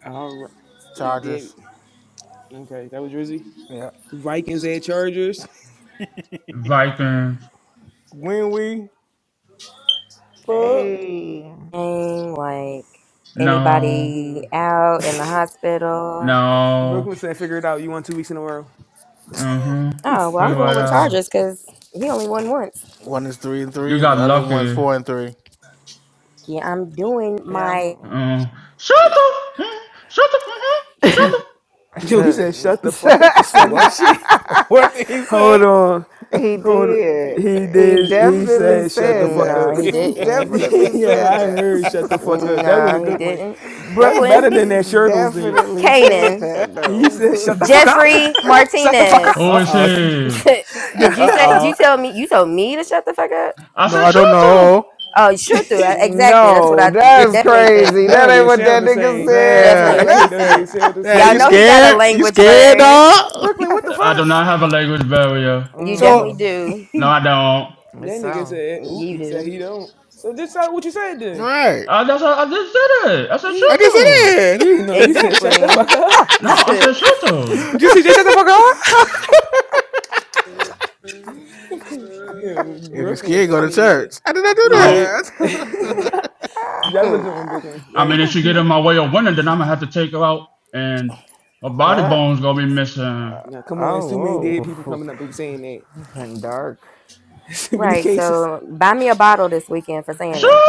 [SPEAKER 1] All right. It's Gabby.
[SPEAKER 2] Chargers.
[SPEAKER 1] Okay, that was Drizzy.
[SPEAKER 2] Yep.
[SPEAKER 1] Vikings at Chargers.
[SPEAKER 5] Vikings.
[SPEAKER 2] When we? Fuck.
[SPEAKER 7] Hey.
[SPEAKER 3] And like
[SPEAKER 5] No.
[SPEAKER 3] anybody
[SPEAKER 1] Mm.
[SPEAKER 3] out in the hospital.
[SPEAKER 5] No.
[SPEAKER 1] Brooklyn said, "Figure it out. You won two weeks in a row."
[SPEAKER 5] Mm-hmm.
[SPEAKER 3] Oh well, I'm
[SPEAKER 5] Figure
[SPEAKER 3] going
[SPEAKER 5] it
[SPEAKER 3] with
[SPEAKER 5] out.
[SPEAKER 3] Chargers because he only won once.
[SPEAKER 2] One is three and three,
[SPEAKER 5] You
[SPEAKER 2] and
[SPEAKER 5] got
[SPEAKER 2] the other one's
[SPEAKER 5] lucky.
[SPEAKER 2] four and three.
[SPEAKER 3] Yeah, I'm doing
[SPEAKER 7] Yeah.
[SPEAKER 3] my.
[SPEAKER 7] I'm-
[SPEAKER 5] Mm. Shut up. Mm. Shut up. Mm-hmm. Shut
[SPEAKER 1] So,
[SPEAKER 5] up.
[SPEAKER 1] yo, he said, "Shut the fuck up." It's funny as
[SPEAKER 2] What?
[SPEAKER 1] shit.
[SPEAKER 2] What did he
[SPEAKER 1] Hold
[SPEAKER 2] say?
[SPEAKER 1] on,
[SPEAKER 7] He
[SPEAKER 1] hold. On.
[SPEAKER 7] did.
[SPEAKER 1] He
[SPEAKER 7] He
[SPEAKER 1] did. He
[SPEAKER 7] definitely
[SPEAKER 1] said, "Shut the
[SPEAKER 7] said
[SPEAKER 1] fuck
[SPEAKER 7] that.
[SPEAKER 1] up."
[SPEAKER 3] No, he
[SPEAKER 7] He
[SPEAKER 2] uh
[SPEAKER 3] didn't.
[SPEAKER 7] definitely
[SPEAKER 1] yeah,
[SPEAKER 7] said
[SPEAKER 1] I
[SPEAKER 7] that.
[SPEAKER 1] heard. Shut the fuck up. That was a
[SPEAKER 3] No, he
[SPEAKER 1] good one.
[SPEAKER 3] didn't.
[SPEAKER 1] That's better
[SPEAKER 3] Brooklyn,
[SPEAKER 1] than
[SPEAKER 7] He
[SPEAKER 1] that Shirtles did.
[SPEAKER 7] definitely said
[SPEAKER 3] Kanan,
[SPEAKER 7] that
[SPEAKER 1] He said,
[SPEAKER 7] though.
[SPEAKER 1] "Shut the fuck up."
[SPEAKER 3] Jeffrey
[SPEAKER 1] Shut the fuck up.
[SPEAKER 3] Martinez.
[SPEAKER 5] Who is
[SPEAKER 2] oh.
[SPEAKER 5] he?
[SPEAKER 2] Uh
[SPEAKER 1] Yeah.
[SPEAKER 3] Did you say? Do
[SPEAKER 2] oh.
[SPEAKER 3] you tell me? You told me to shut the fuck up.
[SPEAKER 5] I
[SPEAKER 2] No,
[SPEAKER 5] said
[SPEAKER 2] I don't
[SPEAKER 5] shut
[SPEAKER 2] know.
[SPEAKER 5] up.
[SPEAKER 3] Oh, you sure do.
[SPEAKER 1] that
[SPEAKER 3] I- Exactly. That's what
[SPEAKER 7] no,
[SPEAKER 3] I
[SPEAKER 2] oh.
[SPEAKER 7] that's
[SPEAKER 3] definitely said.
[SPEAKER 7] crazy. That
[SPEAKER 1] don't
[SPEAKER 7] ain't
[SPEAKER 1] even
[SPEAKER 7] what
[SPEAKER 1] sound
[SPEAKER 7] that
[SPEAKER 1] the
[SPEAKER 7] nigga
[SPEAKER 1] same.
[SPEAKER 3] Definitely
[SPEAKER 2] There,
[SPEAKER 1] That
[SPEAKER 7] said.
[SPEAKER 3] what
[SPEAKER 1] shit
[SPEAKER 3] he
[SPEAKER 1] don't even
[SPEAKER 3] said.
[SPEAKER 1] sound the
[SPEAKER 2] there.
[SPEAKER 3] Y'all
[SPEAKER 2] You
[SPEAKER 3] know
[SPEAKER 1] same.
[SPEAKER 3] he got a
[SPEAKER 2] scared? You
[SPEAKER 3] language
[SPEAKER 2] scared,
[SPEAKER 3] bird.
[SPEAKER 2] dog?
[SPEAKER 1] Brooklyn, what the
[SPEAKER 5] I
[SPEAKER 1] fuck?
[SPEAKER 5] do not have a language barrier.
[SPEAKER 3] You
[SPEAKER 2] So
[SPEAKER 3] definitely do.
[SPEAKER 5] No, I don't.
[SPEAKER 7] It's
[SPEAKER 1] That nigga
[SPEAKER 7] so.
[SPEAKER 1] said, ooh,
[SPEAKER 3] You
[SPEAKER 1] he said
[SPEAKER 3] do.
[SPEAKER 1] he don't. So this is what you said then.
[SPEAKER 2] right.
[SPEAKER 5] I, just, I just did it. I said
[SPEAKER 1] You,
[SPEAKER 2] I just
[SPEAKER 5] shut up.
[SPEAKER 2] said
[SPEAKER 1] you know, you
[SPEAKER 2] it.
[SPEAKER 1] said shut the
[SPEAKER 3] Exactly.
[SPEAKER 1] fuck up.
[SPEAKER 5] No, I said shut up.
[SPEAKER 1] Did you see Jay shut the fuck up? Yeah,
[SPEAKER 2] if you
[SPEAKER 1] Brooklyn,
[SPEAKER 2] scared, go to
[SPEAKER 1] funny as shit.
[SPEAKER 2] church. I did not do
[SPEAKER 5] I
[SPEAKER 1] Yeah.
[SPEAKER 5] don't,
[SPEAKER 2] that.
[SPEAKER 1] that was a good one, Brooklyn. Yeah,
[SPEAKER 5] I mean,
[SPEAKER 1] ain't-
[SPEAKER 5] if she get in my way of winning, then I'm gonna have to take her out, and her body
[SPEAKER 7] Uh,
[SPEAKER 5] bones gonna be missing.
[SPEAKER 1] nah, come on, it's too many dead
[SPEAKER 7] oh,
[SPEAKER 1] people
[SPEAKER 7] whoa.
[SPEAKER 1] coming up and saying that.
[SPEAKER 7] And dark.
[SPEAKER 1] It's too many
[SPEAKER 3] right.
[SPEAKER 1] cases.
[SPEAKER 3] So buy me a bottle this weekend for saying
[SPEAKER 5] Shooter.
[SPEAKER 3] that.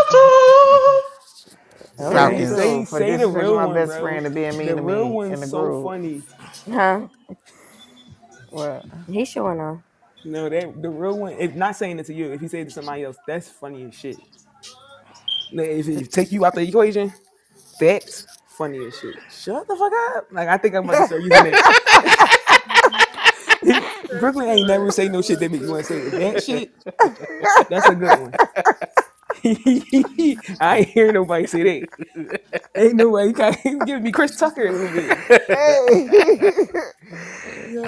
[SPEAKER 3] All
[SPEAKER 7] Shit,
[SPEAKER 1] Go
[SPEAKER 7] me
[SPEAKER 3] right.
[SPEAKER 1] ahead,
[SPEAKER 2] Falcons.
[SPEAKER 1] say
[SPEAKER 7] too. For
[SPEAKER 1] say the
[SPEAKER 7] disrespecting
[SPEAKER 1] real
[SPEAKER 7] my
[SPEAKER 1] one,
[SPEAKER 7] best
[SPEAKER 1] bro.
[SPEAKER 7] friend and being
[SPEAKER 1] The
[SPEAKER 7] mean to
[SPEAKER 1] real
[SPEAKER 7] me in
[SPEAKER 1] one's
[SPEAKER 7] the
[SPEAKER 1] so
[SPEAKER 7] group.
[SPEAKER 1] funny.
[SPEAKER 3] Huh?
[SPEAKER 7] What?
[SPEAKER 3] He's showing off.
[SPEAKER 1] No, that the real one. If not saying it to you, if you say it to somebody else, that's funny as shit. Now, If it take you out the equation, that's funny as shit. Shut the fuck up. Like I think I'm about to start using that. Brooklyn ain't never say no shit that make you want to say it. That shit
[SPEAKER 2] we
[SPEAKER 1] That's a good one. I ain't hear nobody say that. Ain't nobody you kind of giving me Chris Tucker a little bit.
[SPEAKER 7] Hey!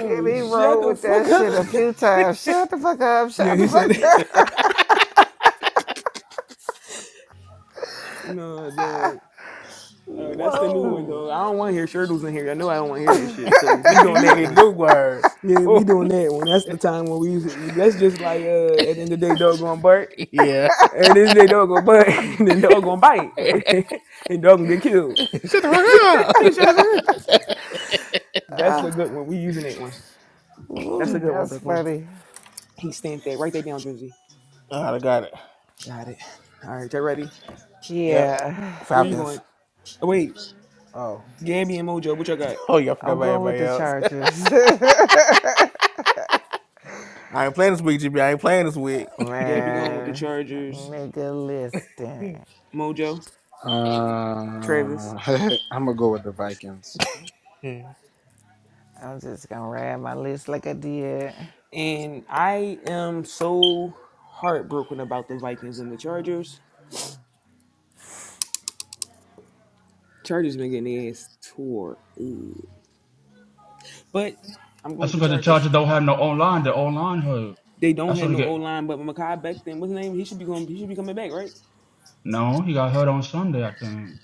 [SPEAKER 7] And he
[SPEAKER 1] shut
[SPEAKER 7] rolled
[SPEAKER 1] the
[SPEAKER 7] with
[SPEAKER 1] fuck
[SPEAKER 7] that
[SPEAKER 1] up.
[SPEAKER 7] shit a few times. Shut the fuck up.
[SPEAKER 1] yeah,
[SPEAKER 7] Shut the
[SPEAKER 1] he said
[SPEAKER 7] fuck
[SPEAKER 1] it.
[SPEAKER 7] up.
[SPEAKER 1] No, the uh, that's the new one
[SPEAKER 7] Whoa.
[SPEAKER 1] though. I don't want to hear Shirtles in here. I know I don't want to hear that shit. So we
[SPEAKER 2] want to
[SPEAKER 1] doing that
[SPEAKER 2] hear the
[SPEAKER 1] one.
[SPEAKER 2] new word.
[SPEAKER 1] Yeah, we
[SPEAKER 2] Oh,
[SPEAKER 1] doing that one. That's the time when we. That's just like uh, at the end of the day, dog gonna bark.
[SPEAKER 2] yeah.
[SPEAKER 1] At the end of the day, dog gonna bark. and then dog gonna bite.
[SPEAKER 2] Shut
[SPEAKER 1] and dog gonna get killed.
[SPEAKER 2] the
[SPEAKER 1] Shut
[SPEAKER 2] fuck up.
[SPEAKER 1] the fuck up. That's a good one. We using that one. That's a
[SPEAKER 7] Ooh,
[SPEAKER 1] good one,
[SPEAKER 7] that's
[SPEAKER 1] Brooklyn.
[SPEAKER 7] funny.
[SPEAKER 1] He stamped that. Write that down, Juicy.
[SPEAKER 2] oh, I got it.
[SPEAKER 1] Got it. All right, y'all ready?
[SPEAKER 2] Yep.
[SPEAKER 7] Yeah.
[SPEAKER 1] Where you
[SPEAKER 2] Falcons.
[SPEAKER 1] going? Oh, wait,
[SPEAKER 2] Oh.
[SPEAKER 1] Gabby and Mojo. What y'all got?
[SPEAKER 2] Oh, y'all forgot
[SPEAKER 7] I'm
[SPEAKER 2] about
[SPEAKER 7] going with
[SPEAKER 2] everybody
[SPEAKER 7] the
[SPEAKER 2] else.
[SPEAKER 7] Chargers.
[SPEAKER 2] I ain't playing this week, GB. I ain't playing this week.
[SPEAKER 1] Gabby going with the
[SPEAKER 7] Man,
[SPEAKER 1] Chargers.
[SPEAKER 7] nigga, listen.
[SPEAKER 1] Mojo,
[SPEAKER 6] Uh
[SPEAKER 1] Travis,
[SPEAKER 6] I'm gonna go with the Vikings.
[SPEAKER 7] I'm just gonna ride my list like I did
[SPEAKER 1] and I am so heartbroken about the Vikings and the Chargers. Chargers been getting their ass tore, up. but I'm going
[SPEAKER 5] That's
[SPEAKER 1] with the
[SPEAKER 5] because the
[SPEAKER 1] Chargers.
[SPEAKER 5] Chargers don't have no online. The online hurt.
[SPEAKER 1] They don't
[SPEAKER 5] That's what
[SPEAKER 1] have
[SPEAKER 5] they
[SPEAKER 1] no O
[SPEAKER 5] get.
[SPEAKER 1] line, but Makai Becton, what's his name? He should be going. He should be coming back, right?
[SPEAKER 5] No, he got hurt on Sunday, I think.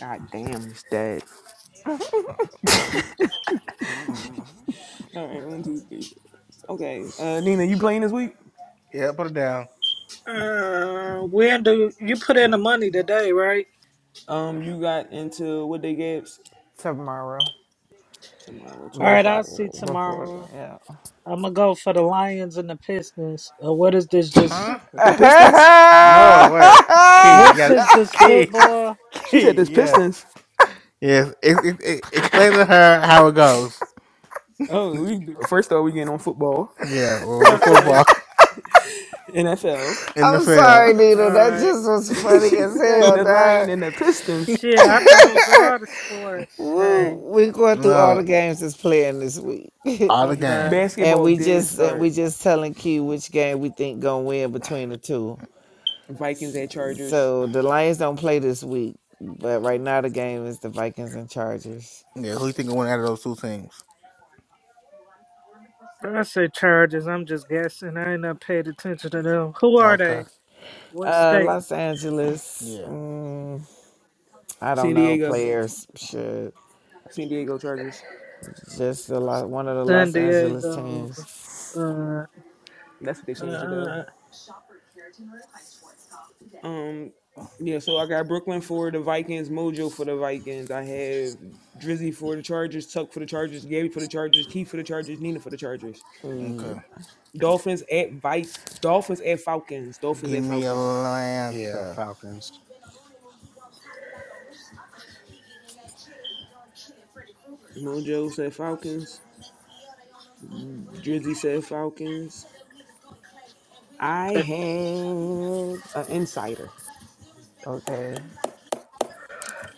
[SPEAKER 1] God damn, he's dead. All right, one, two, three. Okay, uh, Nina, you playing this week?
[SPEAKER 2] yeah, put it down.
[SPEAKER 4] Uh, when do you put in the money today, right?
[SPEAKER 1] Um, you got into what they gave us
[SPEAKER 7] tomorrow.
[SPEAKER 1] tomorrow,
[SPEAKER 4] All
[SPEAKER 1] twelve
[SPEAKER 4] right, I'll
[SPEAKER 1] o'clock.
[SPEAKER 4] see
[SPEAKER 7] Before, before,
[SPEAKER 4] tomorrow.
[SPEAKER 7] yeah.
[SPEAKER 4] I'm gonna go for the Lions and the Pistons. Uh, what is this? Just
[SPEAKER 2] Huh?
[SPEAKER 1] The Pistons.
[SPEAKER 2] No, wait. Key, you
[SPEAKER 4] what's
[SPEAKER 2] got
[SPEAKER 4] this?
[SPEAKER 2] it.
[SPEAKER 4] Just
[SPEAKER 2] Key.
[SPEAKER 4] football?
[SPEAKER 1] She said
[SPEAKER 2] Key,
[SPEAKER 1] this
[SPEAKER 2] yeah.
[SPEAKER 1] Pistons.
[SPEAKER 2] Yes. It, it, it, explain to her how it goes.
[SPEAKER 1] Oh, we first off we getting on football,
[SPEAKER 2] Yeah, well, we're football,
[SPEAKER 4] Okay.
[SPEAKER 1] NFL.
[SPEAKER 7] I'm sorry,
[SPEAKER 2] NFL.
[SPEAKER 4] All
[SPEAKER 7] Nina. That
[SPEAKER 4] right.
[SPEAKER 7] just was
[SPEAKER 1] she
[SPEAKER 7] funny as
[SPEAKER 1] said
[SPEAKER 7] hell,
[SPEAKER 1] the Lion
[SPEAKER 7] dog.
[SPEAKER 1] and the Pistons.
[SPEAKER 4] Shit, I thought it was all the sports.
[SPEAKER 7] Woo,
[SPEAKER 4] Hey.
[SPEAKER 7] we're going through all
[SPEAKER 2] no,
[SPEAKER 7] the games that's playing this week,
[SPEAKER 2] all the
[SPEAKER 1] The f-
[SPEAKER 4] Okay.
[SPEAKER 2] games.
[SPEAKER 7] and
[SPEAKER 1] basketball
[SPEAKER 7] we
[SPEAKER 1] did
[SPEAKER 7] just and
[SPEAKER 1] start.
[SPEAKER 7] we just telling Q which game we think gonna win between the two.
[SPEAKER 1] Vikings at Chargers.
[SPEAKER 7] So the Lions don't play this week, but right now the game is the Vikings and Chargers.
[SPEAKER 2] Yeah, who you think will win out of those two teams?
[SPEAKER 4] I say Chargers. I'm just guessing. I ain't not paid attention to them. Who are
[SPEAKER 2] Okay.
[SPEAKER 4] they? What
[SPEAKER 7] Uh,
[SPEAKER 4] state?
[SPEAKER 7] Los Angeles,
[SPEAKER 2] Yeah.
[SPEAKER 7] mm, I don't
[SPEAKER 1] San
[SPEAKER 7] know
[SPEAKER 1] Diego.
[SPEAKER 7] players should
[SPEAKER 1] San Diego Chargers.
[SPEAKER 7] just the Lo- one of the
[SPEAKER 4] San
[SPEAKER 7] Los Angeles
[SPEAKER 4] Diego.
[SPEAKER 7] teams.
[SPEAKER 4] Uh, uh,
[SPEAKER 1] That's what they
[SPEAKER 4] uh,
[SPEAKER 1] changed it though.
[SPEAKER 4] uh,
[SPEAKER 1] Um, yeah. So I got Brooklyn for the Vikings, Mojo for the Vikings. I have Drizzy for the Chargers, Tuck for the Chargers, Gabby for the Chargers, Keith for the Chargers, Nina for the Chargers.
[SPEAKER 2] Okay.
[SPEAKER 7] Mm,
[SPEAKER 1] Dolphins at Vi- Dolphins at Falcons. Dolphins
[SPEAKER 2] Give
[SPEAKER 1] at
[SPEAKER 2] me
[SPEAKER 1] Falcons.
[SPEAKER 6] Yeah,
[SPEAKER 2] Atlanta.
[SPEAKER 6] Falcons.
[SPEAKER 1] Mojo said Falcons. Drizzy said Falcons. I have an insider.
[SPEAKER 7] Okay,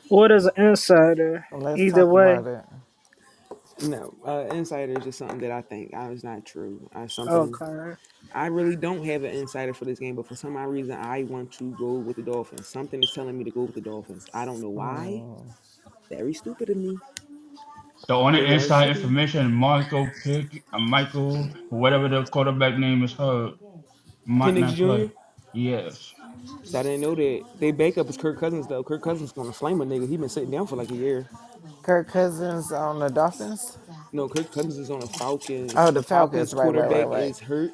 [SPEAKER 4] what is an insider?
[SPEAKER 7] let's
[SPEAKER 4] Either
[SPEAKER 7] talk
[SPEAKER 4] way.
[SPEAKER 7] about it.
[SPEAKER 1] No, uh, insider is just something that I think I was not true. I something
[SPEAKER 4] Okay.
[SPEAKER 1] I really don't have an insider for this game, but for some odd reason I want to go with the Dolphins. Something is telling me to go with the Dolphins. I don't know why. Very stupid of me.
[SPEAKER 5] The only
[SPEAKER 1] They are
[SPEAKER 5] inside
[SPEAKER 1] shitty.
[SPEAKER 5] information, Michael Pick, uh, Michael, whatever the quarterback name is, hurt might
[SPEAKER 1] Penix
[SPEAKER 5] not play.
[SPEAKER 1] Jr.
[SPEAKER 5] Yes,
[SPEAKER 1] So I didn't know that they backup is Kirk Cousins though. Kirk Cousins gonna flame a nigga. He been sitting down for like a year.
[SPEAKER 7] Kirk Cousins on the Dolphins.
[SPEAKER 1] No, Kirk Cousins is on the Falcons.
[SPEAKER 7] Oh,
[SPEAKER 1] The
[SPEAKER 7] the Falcons.
[SPEAKER 1] Falcons
[SPEAKER 7] Right, right, right,
[SPEAKER 1] quarterback
[SPEAKER 7] right.
[SPEAKER 1] is hurt,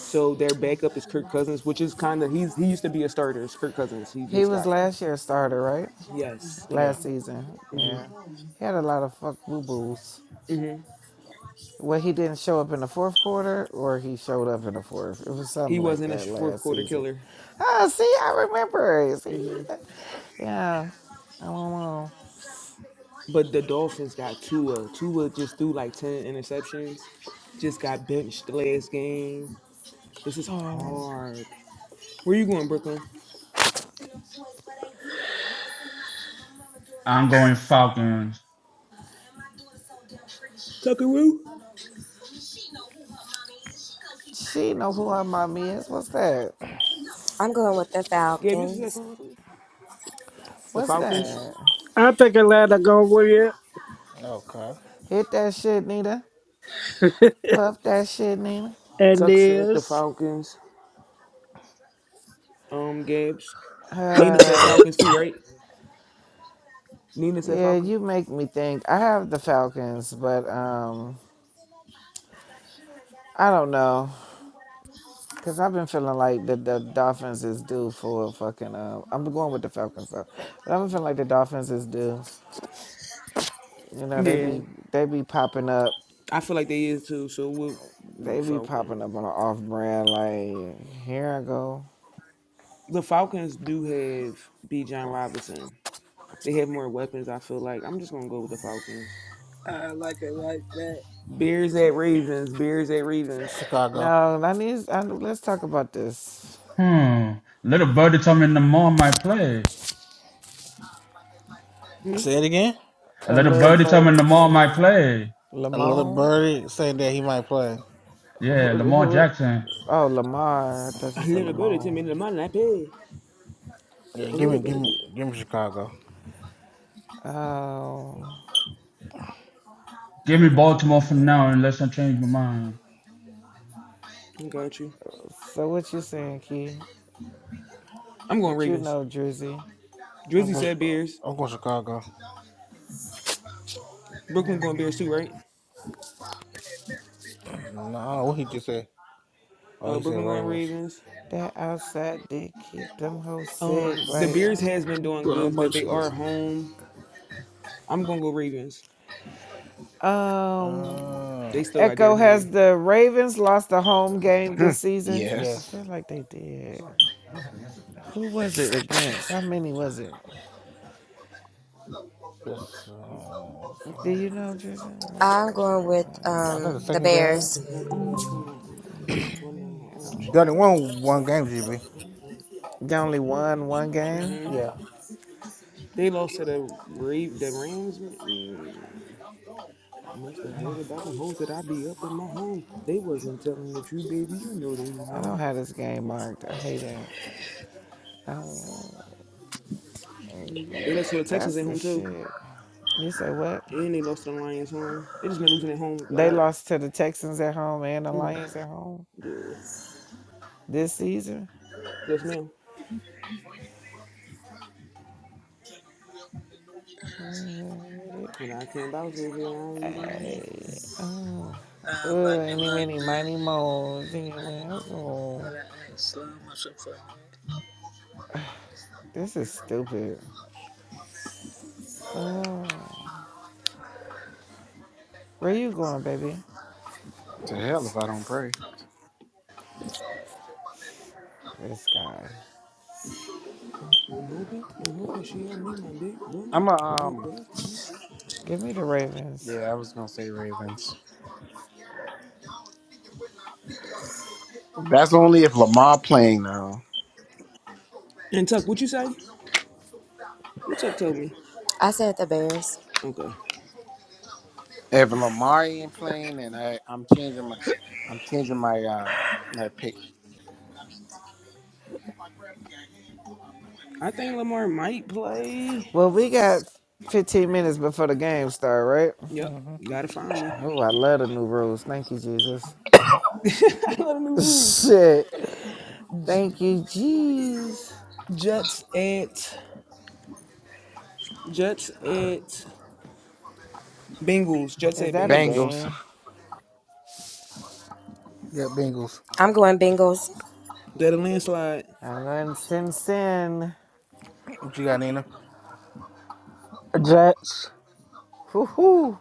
[SPEAKER 1] so their backup is Kirk Cousins, which is kind of he's he used to be a starter. It's Kirk Cousins. He
[SPEAKER 7] He
[SPEAKER 1] just got
[SPEAKER 7] was last year's starter,
[SPEAKER 2] Giants
[SPEAKER 7] right?
[SPEAKER 2] rookie Jackson
[SPEAKER 1] yes.
[SPEAKER 2] darted yeah.
[SPEAKER 7] Last
[SPEAKER 2] to
[SPEAKER 7] season.
[SPEAKER 2] embrace
[SPEAKER 1] hmm
[SPEAKER 2] Billy
[SPEAKER 7] Yeah.
[SPEAKER 2] Roll in
[SPEAKER 7] He had a
[SPEAKER 2] Philly.
[SPEAKER 7] lot of fuck boo boos.
[SPEAKER 1] hmm
[SPEAKER 7] Well, he didn't show up in the fourth quarter, or he showed up in the fourth. It was
[SPEAKER 1] He
[SPEAKER 7] something like
[SPEAKER 1] wasn't a
[SPEAKER 7] that
[SPEAKER 1] fourth
[SPEAKER 7] last
[SPEAKER 1] quarter
[SPEAKER 7] season.
[SPEAKER 1] killer.
[SPEAKER 7] Oh, see, I remember. See,
[SPEAKER 1] hmm
[SPEAKER 7] that- yeah. I don't know.
[SPEAKER 1] But the Dolphins got Tua. Tua just threw like ten interceptions. Just got benched the last game. This is
[SPEAKER 7] Hmm.
[SPEAKER 1] hard. Where you going, Brooklyn?
[SPEAKER 5] I'm going Falcons.
[SPEAKER 1] Tucker Woo.
[SPEAKER 7] She know who her mommy is. What's that?
[SPEAKER 3] I'm going with the
[SPEAKER 1] Gabe, you said
[SPEAKER 3] Falcons.
[SPEAKER 1] something. The
[SPEAKER 7] What's
[SPEAKER 1] Falcons.
[SPEAKER 7] that?
[SPEAKER 4] I think Atlanta gonna win
[SPEAKER 2] Okay.
[SPEAKER 7] Hit that shit, Nina. Puff that shit, Nina.
[SPEAKER 4] and
[SPEAKER 1] Tuck said the
[SPEAKER 4] this.
[SPEAKER 1] Falcons. Um, Gabs. Nina said
[SPEAKER 7] Uh,
[SPEAKER 1] Falcons too, right? Nina said
[SPEAKER 7] yeah,
[SPEAKER 1] Falcons.
[SPEAKER 7] you make me think. I have the Falcons, but um, I don't know. Cause I've been feeling like the, the Dolphins is due for a fucking. Uh, I'm going with the Falcons though, but I've been feeling like the Dolphins is due. You know they
[SPEAKER 1] Yeah,
[SPEAKER 7] be they be popping up,
[SPEAKER 1] I feel like they is too. So we'll we
[SPEAKER 7] they be popping
[SPEAKER 1] Falcons.
[SPEAKER 7] up on an off brand. Like here I go.
[SPEAKER 1] The Falcons do have B. John Robinson. They have more weapons. I feel like I'm just gonna go with the Falcons.
[SPEAKER 4] I like it like that.
[SPEAKER 1] Bears at Ravens. Bears at Ravens.
[SPEAKER 2] Chicago.
[SPEAKER 7] No, I need. I, let's talk about this.
[SPEAKER 5] Hmm. Little birdie told me Lamar might play.
[SPEAKER 1] Hmm?
[SPEAKER 2] Say it again.
[SPEAKER 5] A
[SPEAKER 7] A
[SPEAKER 5] little
[SPEAKER 7] little
[SPEAKER 5] birdie told me
[SPEAKER 7] birdie
[SPEAKER 5] Lamar might
[SPEAKER 7] to
[SPEAKER 5] play.
[SPEAKER 2] A little
[SPEAKER 7] Lamone.
[SPEAKER 2] birdie saying that he might play.
[SPEAKER 5] Yeah,
[SPEAKER 7] Who,
[SPEAKER 5] Lamar
[SPEAKER 7] who?
[SPEAKER 5] Jackson.
[SPEAKER 7] Oh, Lamar. I thought you
[SPEAKER 1] A
[SPEAKER 7] said
[SPEAKER 1] little better to me
[SPEAKER 7] Lamone.
[SPEAKER 1] than my pay.
[SPEAKER 2] Yeah,
[SPEAKER 1] A
[SPEAKER 2] give
[SPEAKER 1] little
[SPEAKER 2] me, give
[SPEAKER 1] better to
[SPEAKER 2] me,
[SPEAKER 1] me.
[SPEAKER 2] give me Chicago.
[SPEAKER 7] Oh,
[SPEAKER 5] Give
[SPEAKER 7] let
[SPEAKER 5] me
[SPEAKER 7] me go to the
[SPEAKER 5] Baltimore
[SPEAKER 7] next
[SPEAKER 5] for now
[SPEAKER 7] game.
[SPEAKER 5] unless I change my mind.
[SPEAKER 1] I got you.
[SPEAKER 7] So what you saying, Key?
[SPEAKER 1] I'm going
[SPEAKER 7] What you
[SPEAKER 1] Ravens.
[SPEAKER 7] know, Drizzy?
[SPEAKER 2] I'm
[SPEAKER 1] Drizzy
[SPEAKER 2] going.
[SPEAKER 1] said Bears.
[SPEAKER 2] I'm going Chicago.
[SPEAKER 1] Brooklyn
[SPEAKER 7] Mm-hmm.
[SPEAKER 1] going Bears too, right?
[SPEAKER 2] No, I don't know what he just said. Oh,
[SPEAKER 1] Uh,
[SPEAKER 2] he said
[SPEAKER 1] Brooklyn going
[SPEAKER 2] Ravens.
[SPEAKER 1] Ravens.
[SPEAKER 7] That outside did keep them hoes sick.
[SPEAKER 1] Um, the
[SPEAKER 7] Like,
[SPEAKER 1] Bears has been doing
[SPEAKER 7] um,
[SPEAKER 1] good, but they are home. I'm gonna go Ravens.
[SPEAKER 7] um,
[SPEAKER 2] Uh,
[SPEAKER 1] They still got
[SPEAKER 7] Echo
[SPEAKER 1] Derrick
[SPEAKER 7] has
[SPEAKER 1] Henry.
[SPEAKER 7] the Ravens lost a home game
[SPEAKER 6] Hmm.
[SPEAKER 7] this season. I
[SPEAKER 6] yes.
[SPEAKER 2] yes.
[SPEAKER 7] feel like they did. Who was it against? How many was it?
[SPEAKER 2] This, uh,
[SPEAKER 7] Do you know, Jason? Most of
[SPEAKER 3] I'm
[SPEAKER 7] us-
[SPEAKER 3] going
[SPEAKER 7] I
[SPEAKER 3] with
[SPEAKER 2] I think
[SPEAKER 3] um
[SPEAKER 2] the
[SPEAKER 3] the
[SPEAKER 2] second
[SPEAKER 1] Mm,
[SPEAKER 2] game.
[SPEAKER 3] Bears.
[SPEAKER 7] don't know.
[SPEAKER 2] Done it won one game, GB.
[SPEAKER 1] like,
[SPEAKER 7] They only won one game.
[SPEAKER 1] Mhm.
[SPEAKER 2] Yeah.
[SPEAKER 1] They lost to the Ra- the Rams. Mm, I must have heard about them hoes that I be up in my home. They wasn't telling the truth, baby. You know they was
[SPEAKER 7] I don't
[SPEAKER 1] wrong.
[SPEAKER 7] have this game marked. I hate it. Oh,
[SPEAKER 1] Mhm. They lost to the Texans
[SPEAKER 7] that's
[SPEAKER 1] at
[SPEAKER 7] the
[SPEAKER 1] home too,
[SPEAKER 7] shit. You say what?
[SPEAKER 1] and they lost to the Lions home. They just been losing at home a
[SPEAKER 7] They
[SPEAKER 1] lot.
[SPEAKER 7] lost to the Texans at home and the
[SPEAKER 1] mm Mhm.
[SPEAKER 7] Lions at home
[SPEAKER 1] Yeah.
[SPEAKER 7] this season.
[SPEAKER 1] Yes, ma'am.
[SPEAKER 7] Hey,
[SPEAKER 1] When I can't bounce with you, I ain't using mine.
[SPEAKER 7] oh, ugh, any, many, miny, moles in your asshole. This is stupid. Oh, where you going, baby?
[SPEAKER 6] To hell if I don't pray.
[SPEAKER 7] This guy.
[SPEAKER 1] I'm hoping and hoping she don't leave my dick boogie
[SPEAKER 6] I'm a
[SPEAKER 1] and
[SPEAKER 6] um
[SPEAKER 1] bust, man.
[SPEAKER 7] Give me the Ravens.
[SPEAKER 6] yeah, I was gonna say Ravens. That's only if Lamar playing now.
[SPEAKER 1] And Tuck, what you say? What Tuck told me?
[SPEAKER 3] I said the Bears.
[SPEAKER 1] Okay.
[SPEAKER 6] If Lamar ain't playing and I, I'm changing my I'm changing my uh my pick.
[SPEAKER 1] I think Lamar might play.
[SPEAKER 7] Well, we got 15 minutes before the game start, right?
[SPEAKER 1] Yep.
[SPEAKER 2] Mm-hmm.
[SPEAKER 1] Gotta find me.
[SPEAKER 7] Oh, I love the new rules. Thank you, Jesus.
[SPEAKER 1] I love the new rules.
[SPEAKER 7] Shit. Thank you, jeez.
[SPEAKER 1] Jets at Jets at Bengals. Jets
[SPEAKER 7] Is
[SPEAKER 1] at
[SPEAKER 7] that a
[SPEAKER 1] Bengals.
[SPEAKER 6] Bengals.
[SPEAKER 7] game?
[SPEAKER 2] Yeah, Bengals.
[SPEAKER 3] I'm going Bengals.
[SPEAKER 1] That a landslide.
[SPEAKER 7] I'm going to sin sin.
[SPEAKER 2] What you got, Nina?
[SPEAKER 4] Jets.
[SPEAKER 7] Hoo hoo.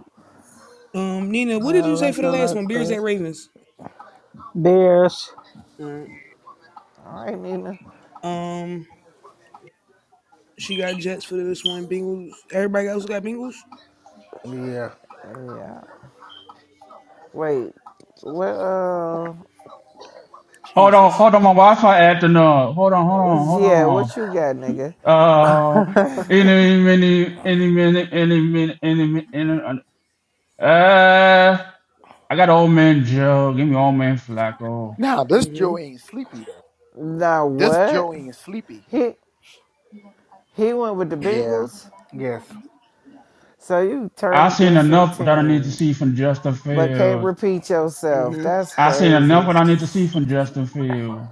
[SPEAKER 1] Um, Nina, what did
[SPEAKER 4] I
[SPEAKER 1] you say
[SPEAKER 4] like
[SPEAKER 1] for
[SPEAKER 4] it
[SPEAKER 1] the last
[SPEAKER 4] like
[SPEAKER 1] one? Bears at
[SPEAKER 4] that.
[SPEAKER 1] Ravens.
[SPEAKER 4] Bears.
[SPEAKER 1] All right.
[SPEAKER 7] All right, Nina.
[SPEAKER 1] Um, she got Jets for this one. Bengals. Everybody else got Bengals.
[SPEAKER 2] Yeah.
[SPEAKER 7] Yeah. Wait, what? Uh,
[SPEAKER 5] Hold on,
[SPEAKER 1] Jesus.
[SPEAKER 5] hold on, my Wi-Fi acting up. Hold on, hold on, hold
[SPEAKER 7] yeah, what you got, nigga?
[SPEAKER 5] on. Uh, any minute, any minute, any minute, any minute, any minute. Uh, I got old man Joe. Give me old man Flacco.
[SPEAKER 6] Now this Joe
[SPEAKER 1] Mm-hmm.
[SPEAKER 6] ain't sleepy though.
[SPEAKER 7] Nah,
[SPEAKER 6] This
[SPEAKER 7] what?
[SPEAKER 6] Joe ain't sleepy.
[SPEAKER 7] He he went with the
[SPEAKER 6] Yeah,
[SPEAKER 7] Bengals,
[SPEAKER 2] Yes.
[SPEAKER 7] so you
[SPEAKER 5] I
[SPEAKER 7] turn
[SPEAKER 5] seen
[SPEAKER 7] against your
[SPEAKER 5] enough that I need to
[SPEAKER 7] team,
[SPEAKER 5] see from Justin
[SPEAKER 7] but can't
[SPEAKER 5] Fields.
[SPEAKER 7] repeat yourself.
[SPEAKER 1] Mm-hmm.
[SPEAKER 7] That's
[SPEAKER 5] I seen enough
[SPEAKER 7] crazy.
[SPEAKER 5] what I need to see from Justin Fields.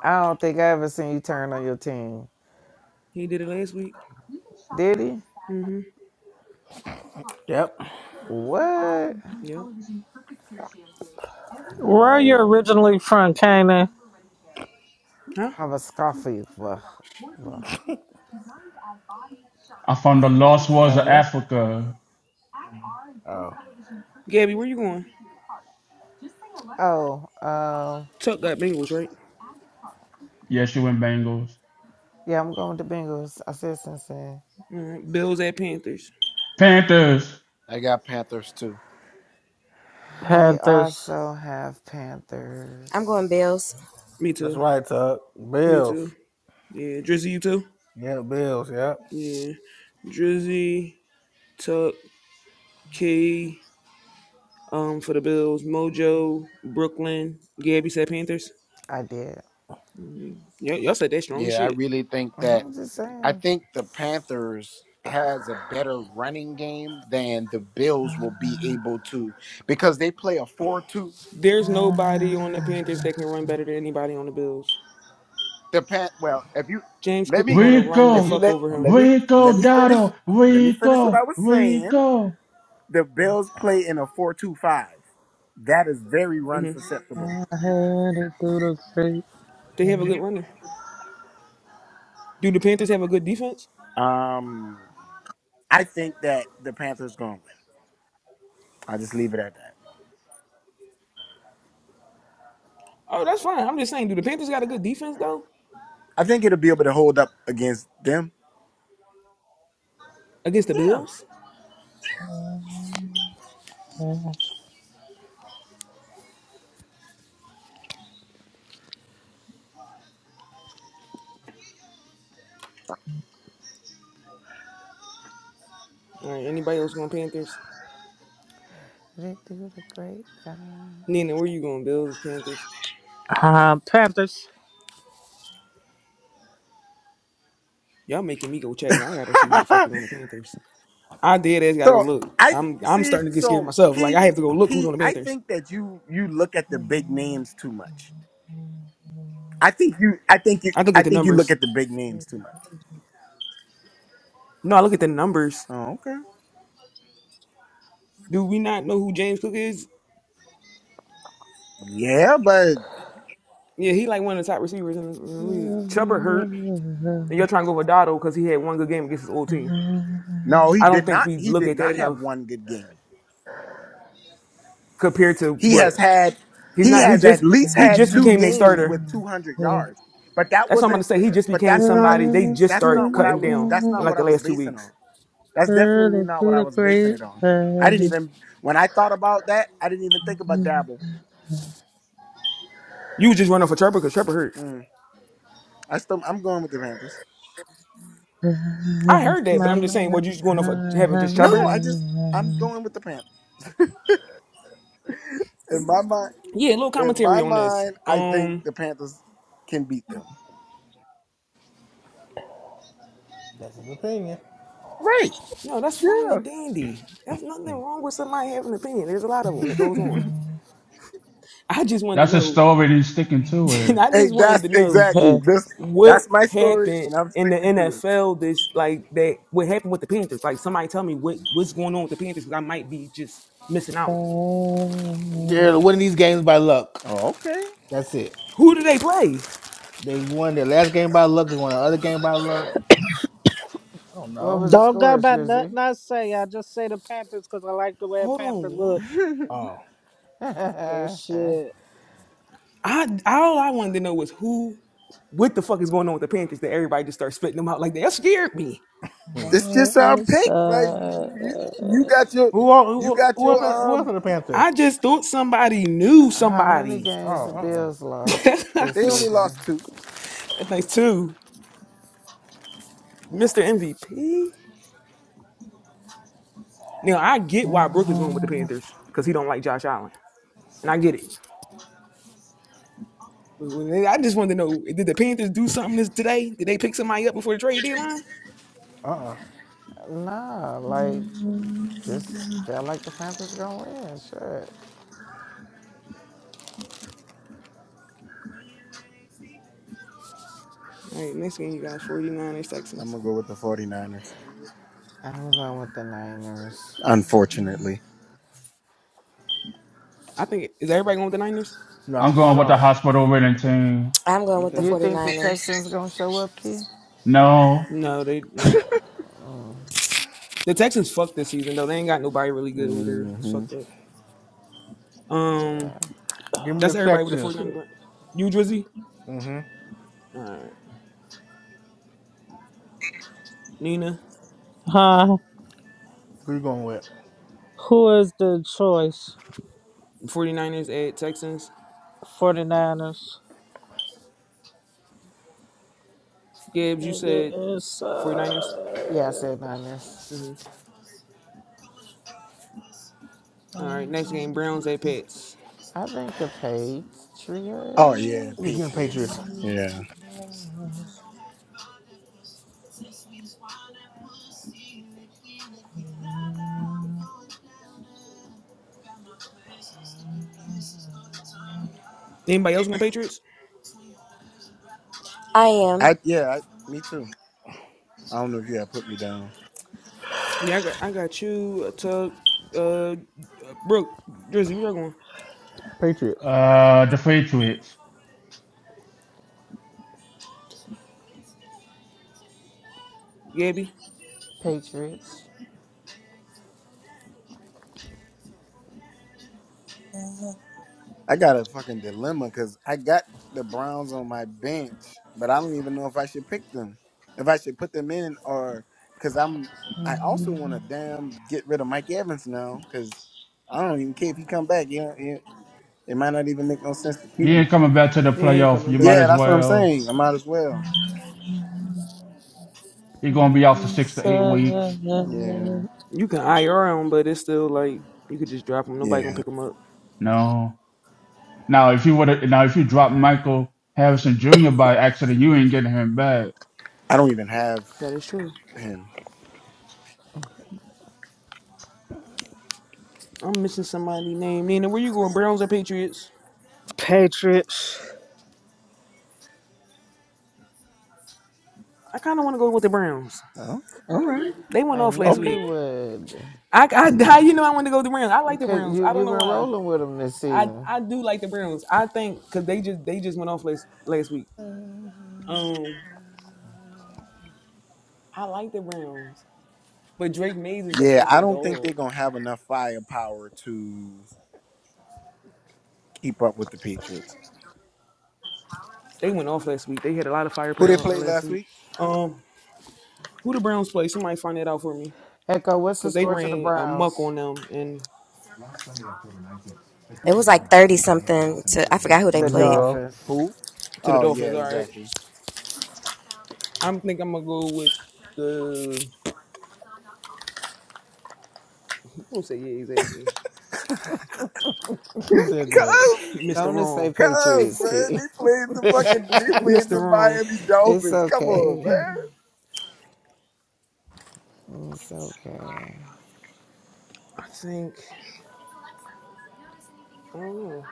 [SPEAKER 7] I don't think I ever seen you turn on your team.
[SPEAKER 1] He did it last week.
[SPEAKER 7] Did he?
[SPEAKER 1] Mm-hmm.
[SPEAKER 2] Yep.
[SPEAKER 7] What?
[SPEAKER 1] Yep.
[SPEAKER 7] All
[SPEAKER 4] Where are you
[SPEAKER 7] right.
[SPEAKER 4] originally from, Kanan?
[SPEAKER 1] Huh?
[SPEAKER 7] Have a scoffy. Well, well.
[SPEAKER 5] I'm from the Lost Wars of
[SPEAKER 2] Kane there?
[SPEAKER 5] Africa.
[SPEAKER 2] Oh.
[SPEAKER 1] Gabby, where you going?
[SPEAKER 7] Oh, um,
[SPEAKER 1] Tuck got Bengals, right?
[SPEAKER 5] Yes, you and Bengals.
[SPEAKER 7] yeah, I'm going with the Bengals. I said Cincinnati.
[SPEAKER 1] All right. Bills at Panthers.
[SPEAKER 5] Panthers.
[SPEAKER 6] I got Panthers too.
[SPEAKER 7] I
[SPEAKER 4] Panthers.
[SPEAKER 7] also have
[SPEAKER 3] I'm going
[SPEAKER 7] Panthers.
[SPEAKER 3] Bills.
[SPEAKER 1] Me
[SPEAKER 2] That's
[SPEAKER 1] too.
[SPEAKER 2] right, Tug.
[SPEAKER 1] Me too.
[SPEAKER 2] Bills.
[SPEAKER 1] Yeah. Drizzy, you too?
[SPEAKER 2] Yeah, Bills, yep.
[SPEAKER 1] Yeah. Drizzy, Tuck, K, um, for the Bills, Mojo, Brooklyn. Gabby said Panthers.
[SPEAKER 7] I did.
[SPEAKER 1] Mm-hmm. Yeah, y'all said that strong as
[SPEAKER 6] Yeah, I
[SPEAKER 1] shit.
[SPEAKER 6] really think
[SPEAKER 7] Mm-hmm,
[SPEAKER 6] that
[SPEAKER 7] I'm just
[SPEAKER 6] I
[SPEAKER 7] saying.
[SPEAKER 6] think the Panthers has a better running game than the Bills will be able to because they play a 4-2
[SPEAKER 1] There's nobody on the
[SPEAKER 4] I
[SPEAKER 1] Panthers that can run better than anybody on the Bills.
[SPEAKER 6] Depend. Well, if you
[SPEAKER 1] James
[SPEAKER 6] let
[SPEAKER 1] Cook is
[SPEAKER 6] me,
[SPEAKER 1] going to run the
[SPEAKER 6] if you
[SPEAKER 5] Rico.
[SPEAKER 1] fuck
[SPEAKER 6] let
[SPEAKER 1] over
[SPEAKER 6] let
[SPEAKER 1] him.
[SPEAKER 6] me
[SPEAKER 5] Rico
[SPEAKER 6] let me finish.
[SPEAKER 5] Dotto.
[SPEAKER 6] Let me finish what
[SPEAKER 5] Rico.
[SPEAKER 6] I was saying.
[SPEAKER 5] Rico.
[SPEAKER 6] The Bills play in a four-two-five. That is very run
[SPEAKER 1] Mm-hmm.
[SPEAKER 6] susceptible.
[SPEAKER 4] headed through the creek.
[SPEAKER 1] They have a good runner. Do the Panthers have a good defense?
[SPEAKER 6] Um, I think that the Panthers going to win. I'll just leave it at that.
[SPEAKER 1] Oh, that's fine. I'm just saying, do the Panthers got a good defense though
[SPEAKER 6] I think it'll be able to hold up against them.
[SPEAKER 1] against the
[SPEAKER 6] Yeah.
[SPEAKER 1] Bills? All right, anybody else going Panthers?
[SPEAKER 7] Read through the grapevine.
[SPEAKER 1] Nina, where you going? Bills, Panthers.
[SPEAKER 4] Uh, Panthers.
[SPEAKER 1] Y'all making me go check. I gotta see who the fuck is on the Panthers. I did. ass gotta
[SPEAKER 6] so
[SPEAKER 1] go look.
[SPEAKER 6] I th-
[SPEAKER 1] I'm I'm
[SPEAKER 6] see.
[SPEAKER 1] starting to get scared
[SPEAKER 6] So
[SPEAKER 1] myself. Like
[SPEAKER 6] key
[SPEAKER 1] I have to go look who's
[SPEAKER 6] key.
[SPEAKER 1] on the
[SPEAKER 6] I
[SPEAKER 1] Panthers.
[SPEAKER 6] think that you you look at the big names too much. I think you. I think you.
[SPEAKER 1] I look
[SPEAKER 6] I
[SPEAKER 1] at the
[SPEAKER 6] think you look
[SPEAKER 1] numbers.
[SPEAKER 6] at the big names too much.
[SPEAKER 1] No, I look at the numbers.
[SPEAKER 6] Oh, okay.
[SPEAKER 1] Do we not know who James Cook is?
[SPEAKER 6] Yeah, but
[SPEAKER 1] Yeah, he like one of the top receivers in in the league. Chuba hurt, and y'all trying to go for Dotto because he had one good game against his old team.
[SPEAKER 6] no, he
[SPEAKER 1] I don't
[SPEAKER 6] did
[SPEAKER 1] think
[SPEAKER 6] not.
[SPEAKER 1] we
[SPEAKER 6] He
[SPEAKER 1] look
[SPEAKER 6] did
[SPEAKER 1] at that
[SPEAKER 6] not have
[SPEAKER 1] enough
[SPEAKER 6] one good game.
[SPEAKER 1] compared to
[SPEAKER 6] He
[SPEAKER 1] what
[SPEAKER 6] has had.
[SPEAKER 1] He's
[SPEAKER 6] He
[SPEAKER 1] not. He
[SPEAKER 6] has at
[SPEAKER 1] just
[SPEAKER 6] least
[SPEAKER 1] he
[SPEAKER 6] had
[SPEAKER 1] just
[SPEAKER 6] two
[SPEAKER 1] became their
[SPEAKER 6] games
[SPEAKER 1] starter.
[SPEAKER 6] with 200 yards. But that
[SPEAKER 1] That's what I'm about
[SPEAKER 6] wasn't.
[SPEAKER 1] to say. He just
[SPEAKER 6] But
[SPEAKER 1] became
[SPEAKER 6] that's not.
[SPEAKER 1] somebody. They just
[SPEAKER 6] That's
[SPEAKER 1] start
[SPEAKER 6] not what I
[SPEAKER 1] cutting
[SPEAKER 6] was.
[SPEAKER 1] down
[SPEAKER 6] That's
[SPEAKER 1] in
[SPEAKER 6] not
[SPEAKER 1] like
[SPEAKER 6] what I
[SPEAKER 1] the
[SPEAKER 6] was
[SPEAKER 1] last two
[SPEAKER 6] basing
[SPEAKER 1] weeks.
[SPEAKER 6] on. That's definitely not what I was basing it on. I didn't even. When I thought about that, I didn't even think about Dabble.
[SPEAKER 1] You was just running for Trevor because Trevor hurt.
[SPEAKER 6] Mm, I still. I'm going with the Panthers.
[SPEAKER 1] I heard that, but I'm just saying, what you just going off for having just
[SPEAKER 6] No,
[SPEAKER 1] Trevor?
[SPEAKER 6] I just. I'm going with the Panthers. In my mind.
[SPEAKER 1] Yeah, a little
[SPEAKER 6] In
[SPEAKER 1] commentary
[SPEAKER 6] my
[SPEAKER 1] on this.
[SPEAKER 6] mind, I think
[SPEAKER 1] Um,
[SPEAKER 6] the Panthers can beat them.
[SPEAKER 2] That's his opinion.
[SPEAKER 6] Right.
[SPEAKER 1] no, that's fine and
[SPEAKER 6] Yeah.
[SPEAKER 1] dandy. There's nothing wrong with somebody having an opinion. There's a lot of them that goes on. I just wanted to
[SPEAKER 5] That's a
[SPEAKER 1] know.
[SPEAKER 5] story that he's sticking to it.
[SPEAKER 1] I
[SPEAKER 6] Hey,
[SPEAKER 1] just wanted
[SPEAKER 6] that's
[SPEAKER 1] to know
[SPEAKER 6] exactly this.
[SPEAKER 1] what
[SPEAKER 6] That's my story,
[SPEAKER 1] happened
[SPEAKER 6] and I'm
[SPEAKER 1] in the
[SPEAKER 6] sticking to it.
[SPEAKER 1] NFL this like that what happened with the Panthers? Like somebody tell me what what's going on with the Panthers because I might be just missing out.
[SPEAKER 4] Don't
[SPEAKER 2] They're winning these games by luck.
[SPEAKER 6] Oh, okay.
[SPEAKER 2] That's it.
[SPEAKER 1] Who do they play?
[SPEAKER 2] They won their last game by luck. They won the other game by luck. I don't
[SPEAKER 7] What
[SPEAKER 2] know.
[SPEAKER 7] was the
[SPEAKER 4] go
[SPEAKER 7] scores,
[SPEAKER 4] by
[SPEAKER 7] Jersey?
[SPEAKER 4] nothing I say. I just say the Panthers because I like the way a
[SPEAKER 1] Hold
[SPEAKER 4] Panther
[SPEAKER 1] on, what?
[SPEAKER 4] look.
[SPEAKER 2] Oh.
[SPEAKER 4] So
[SPEAKER 7] How
[SPEAKER 4] shit.
[SPEAKER 1] I all I wanted to know was who what the fuck is going on with the Panthers that everybody just starts spitting them out like that. That scared me.
[SPEAKER 2] Hmm.
[SPEAKER 6] It's just our
[SPEAKER 4] It's,
[SPEAKER 6] pick. Like you, you
[SPEAKER 4] uh,
[SPEAKER 6] got your,
[SPEAKER 2] Who, all?
[SPEAKER 6] you
[SPEAKER 2] who
[SPEAKER 6] got
[SPEAKER 2] who else
[SPEAKER 6] your.
[SPEAKER 2] who else are
[SPEAKER 6] Um,
[SPEAKER 2] the Panthers?
[SPEAKER 1] I just thought somebody knew
[SPEAKER 7] many
[SPEAKER 1] somebody.
[SPEAKER 2] Oh,
[SPEAKER 7] games the
[SPEAKER 2] uh
[SPEAKER 7] Bills lost
[SPEAKER 1] That's
[SPEAKER 7] this
[SPEAKER 6] they only
[SPEAKER 1] nice
[SPEAKER 7] season?
[SPEAKER 6] lost two.
[SPEAKER 1] too. Mr. MVP. Now I get why Brooke is going with the Panthers because he don't like Josh Allen. And I get it. I just wanted to know, did the Panthers do something this today? Did they pick somebody up before the trade deadline?
[SPEAKER 2] uh-uh. uh. uh,
[SPEAKER 7] Nah, like just felt like the Panthers gonna win. Shit.
[SPEAKER 1] All right, next game you got Forty Niners
[SPEAKER 6] I'm
[SPEAKER 1] Texans.
[SPEAKER 6] gonna go with the 49ers.
[SPEAKER 7] I'm going with the Niners.
[SPEAKER 6] Unfortunately.
[SPEAKER 1] I think is everybody going with the Niners?
[SPEAKER 2] No,
[SPEAKER 5] I'm going
[SPEAKER 2] hold
[SPEAKER 5] with the
[SPEAKER 2] on.
[SPEAKER 5] hospital winning team.
[SPEAKER 3] I'm going with the
[SPEAKER 1] Okay.
[SPEAKER 7] You think the
[SPEAKER 3] 49ers.
[SPEAKER 7] Texans gonna show up, Key?
[SPEAKER 5] No,
[SPEAKER 1] No, they no. The Texans fucked this season though. They ain't got nobody really good over there. It's
[SPEAKER 6] hmm
[SPEAKER 1] fucked up. Um
[SPEAKER 7] Yeah.
[SPEAKER 2] Give me
[SPEAKER 1] that's
[SPEAKER 2] the
[SPEAKER 1] everybody with the Forty
[SPEAKER 2] Texans.
[SPEAKER 1] Niners. right? You Drizzy?
[SPEAKER 2] Mm-hmm.
[SPEAKER 1] All right. Nina,
[SPEAKER 4] Huh?
[SPEAKER 2] Who you going with?
[SPEAKER 4] Who is the choice?
[SPEAKER 1] Forty Niners at Texans.
[SPEAKER 4] 49ers.
[SPEAKER 1] Gibbs, you
[SPEAKER 4] Nigga
[SPEAKER 1] said
[SPEAKER 4] inside.
[SPEAKER 1] 49ers?
[SPEAKER 7] Yeah, I said Niners.
[SPEAKER 1] Mhm. All right, next game Browns at Pets.
[SPEAKER 7] I think the
[SPEAKER 6] Oh yeah,
[SPEAKER 2] Yeah, give me the
[SPEAKER 7] Patriots.
[SPEAKER 2] Patriots.
[SPEAKER 6] Patriots. Yeah.
[SPEAKER 1] Anybody else want Patriots?
[SPEAKER 3] I
[SPEAKER 6] I
[SPEAKER 3] am.
[SPEAKER 6] yeah. I, me too. I don't know if you had put me down.
[SPEAKER 1] Yeah, I got I got you, Tug, uh, Brooke, Drizzy, where y'all going?
[SPEAKER 2] Patriots.
[SPEAKER 5] uh, the Patriots.
[SPEAKER 1] Gabby?
[SPEAKER 7] Patriots.
[SPEAKER 6] I got a fucking dilemma because I got the Browns on my bench, but I don't even know if I should pick them, if I should put them in, or because I'm. I also want to damn get rid of Mike Evans now because I don't even care if he come back. You know, it, it might not even make no sense to keep
[SPEAKER 5] He
[SPEAKER 6] him.
[SPEAKER 5] ain't coming back to the
[SPEAKER 1] He ain't
[SPEAKER 5] playoff.
[SPEAKER 1] coming
[SPEAKER 5] You might
[SPEAKER 1] back.
[SPEAKER 6] Yeah,
[SPEAKER 5] as
[SPEAKER 6] that's what I'm
[SPEAKER 5] well.
[SPEAKER 6] saying. I might as well.
[SPEAKER 5] He gonna be out for six to eight weeks.
[SPEAKER 6] Yeah,
[SPEAKER 1] You can IR him, but it's still like you could just drop him. Nobody gonna
[SPEAKER 6] yeah.
[SPEAKER 1] pick him up.
[SPEAKER 5] No. Now if you would now if you drop Michael Harrison Jr. by accident, you ain't getting him back.
[SPEAKER 6] I don't even have
[SPEAKER 1] That is true.
[SPEAKER 6] him.
[SPEAKER 1] I'm missing somebody named Nina. Where you going? Browns or Patriots?
[SPEAKER 4] Patriots.
[SPEAKER 1] I kind of want to go with the Browns.
[SPEAKER 6] Oh, all right,
[SPEAKER 1] They went
[SPEAKER 7] I
[SPEAKER 1] off
[SPEAKER 7] knew
[SPEAKER 1] last
[SPEAKER 6] okay.
[SPEAKER 7] you
[SPEAKER 1] week.
[SPEAKER 7] would.
[SPEAKER 1] I, I, how you know I want to go with the Browns. I like the
[SPEAKER 7] Cause
[SPEAKER 1] Browns.
[SPEAKER 7] you
[SPEAKER 1] I don't
[SPEAKER 7] you've
[SPEAKER 1] know
[SPEAKER 7] been
[SPEAKER 1] why.
[SPEAKER 7] rolling with them this
[SPEAKER 1] I,
[SPEAKER 7] season.
[SPEAKER 1] I do like the Browns. I think because they just they just went off last last week. Um, I like the Browns. But Drake Mays is a
[SPEAKER 6] Yeah, I
[SPEAKER 1] fucking
[SPEAKER 6] don't think they're
[SPEAKER 1] dog.
[SPEAKER 6] gonna have enough firepower to keep up with the Patriots.
[SPEAKER 1] They went off last week. They had a lot of
[SPEAKER 6] Who they
[SPEAKER 1] firepower up
[SPEAKER 6] played
[SPEAKER 1] last
[SPEAKER 6] last
[SPEAKER 1] week.
[SPEAKER 6] week?
[SPEAKER 1] Um, who the Browns play? Somebody find that out for me,
[SPEAKER 7] Echo, what's the
[SPEAKER 1] cause they
[SPEAKER 7] score to the
[SPEAKER 1] ran a muck
[SPEAKER 7] Browns?
[SPEAKER 1] on them and
[SPEAKER 3] It was like 30 something to I forgot who they
[SPEAKER 7] The
[SPEAKER 3] played.
[SPEAKER 2] Zero.
[SPEAKER 7] Dolphins.
[SPEAKER 6] Who?
[SPEAKER 1] to the
[SPEAKER 6] Oh yeah,
[SPEAKER 1] Dolphins. All right,
[SPEAKER 6] exactly.
[SPEAKER 1] I'm think I'm gonna go with the. I'm gonna say yeah, exactly.
[SPEAKER 2] Who said that?
[SPEAKER 6] Cause,
[SPEAKER 1] Mr.
[SPEAKER 7] Going to
[SPEAKER 1] Wrong,
[SPEAKER 7] say
[SPEAKER 6] cause,
[SPEAKER 7] Patriots,
[SPEAKER 6] man,
[SPEAKER 7] Keith.
[SPEAKER 6] they played the fucking, they played
[SPEAKER 1] Mr.
[SPEAKER 6] the
[SPEAKER 1] Wrong.
[SPEAKER 6] Miami
[SPEAKER 7] It's
[SPEAKER 6] Dolphins. Come on,
[SPEAKER 7] okay.
[SPEAKER 6] man.
[SPEAKER 7] It's okay.
[SPEAKER 1] I think I don't know.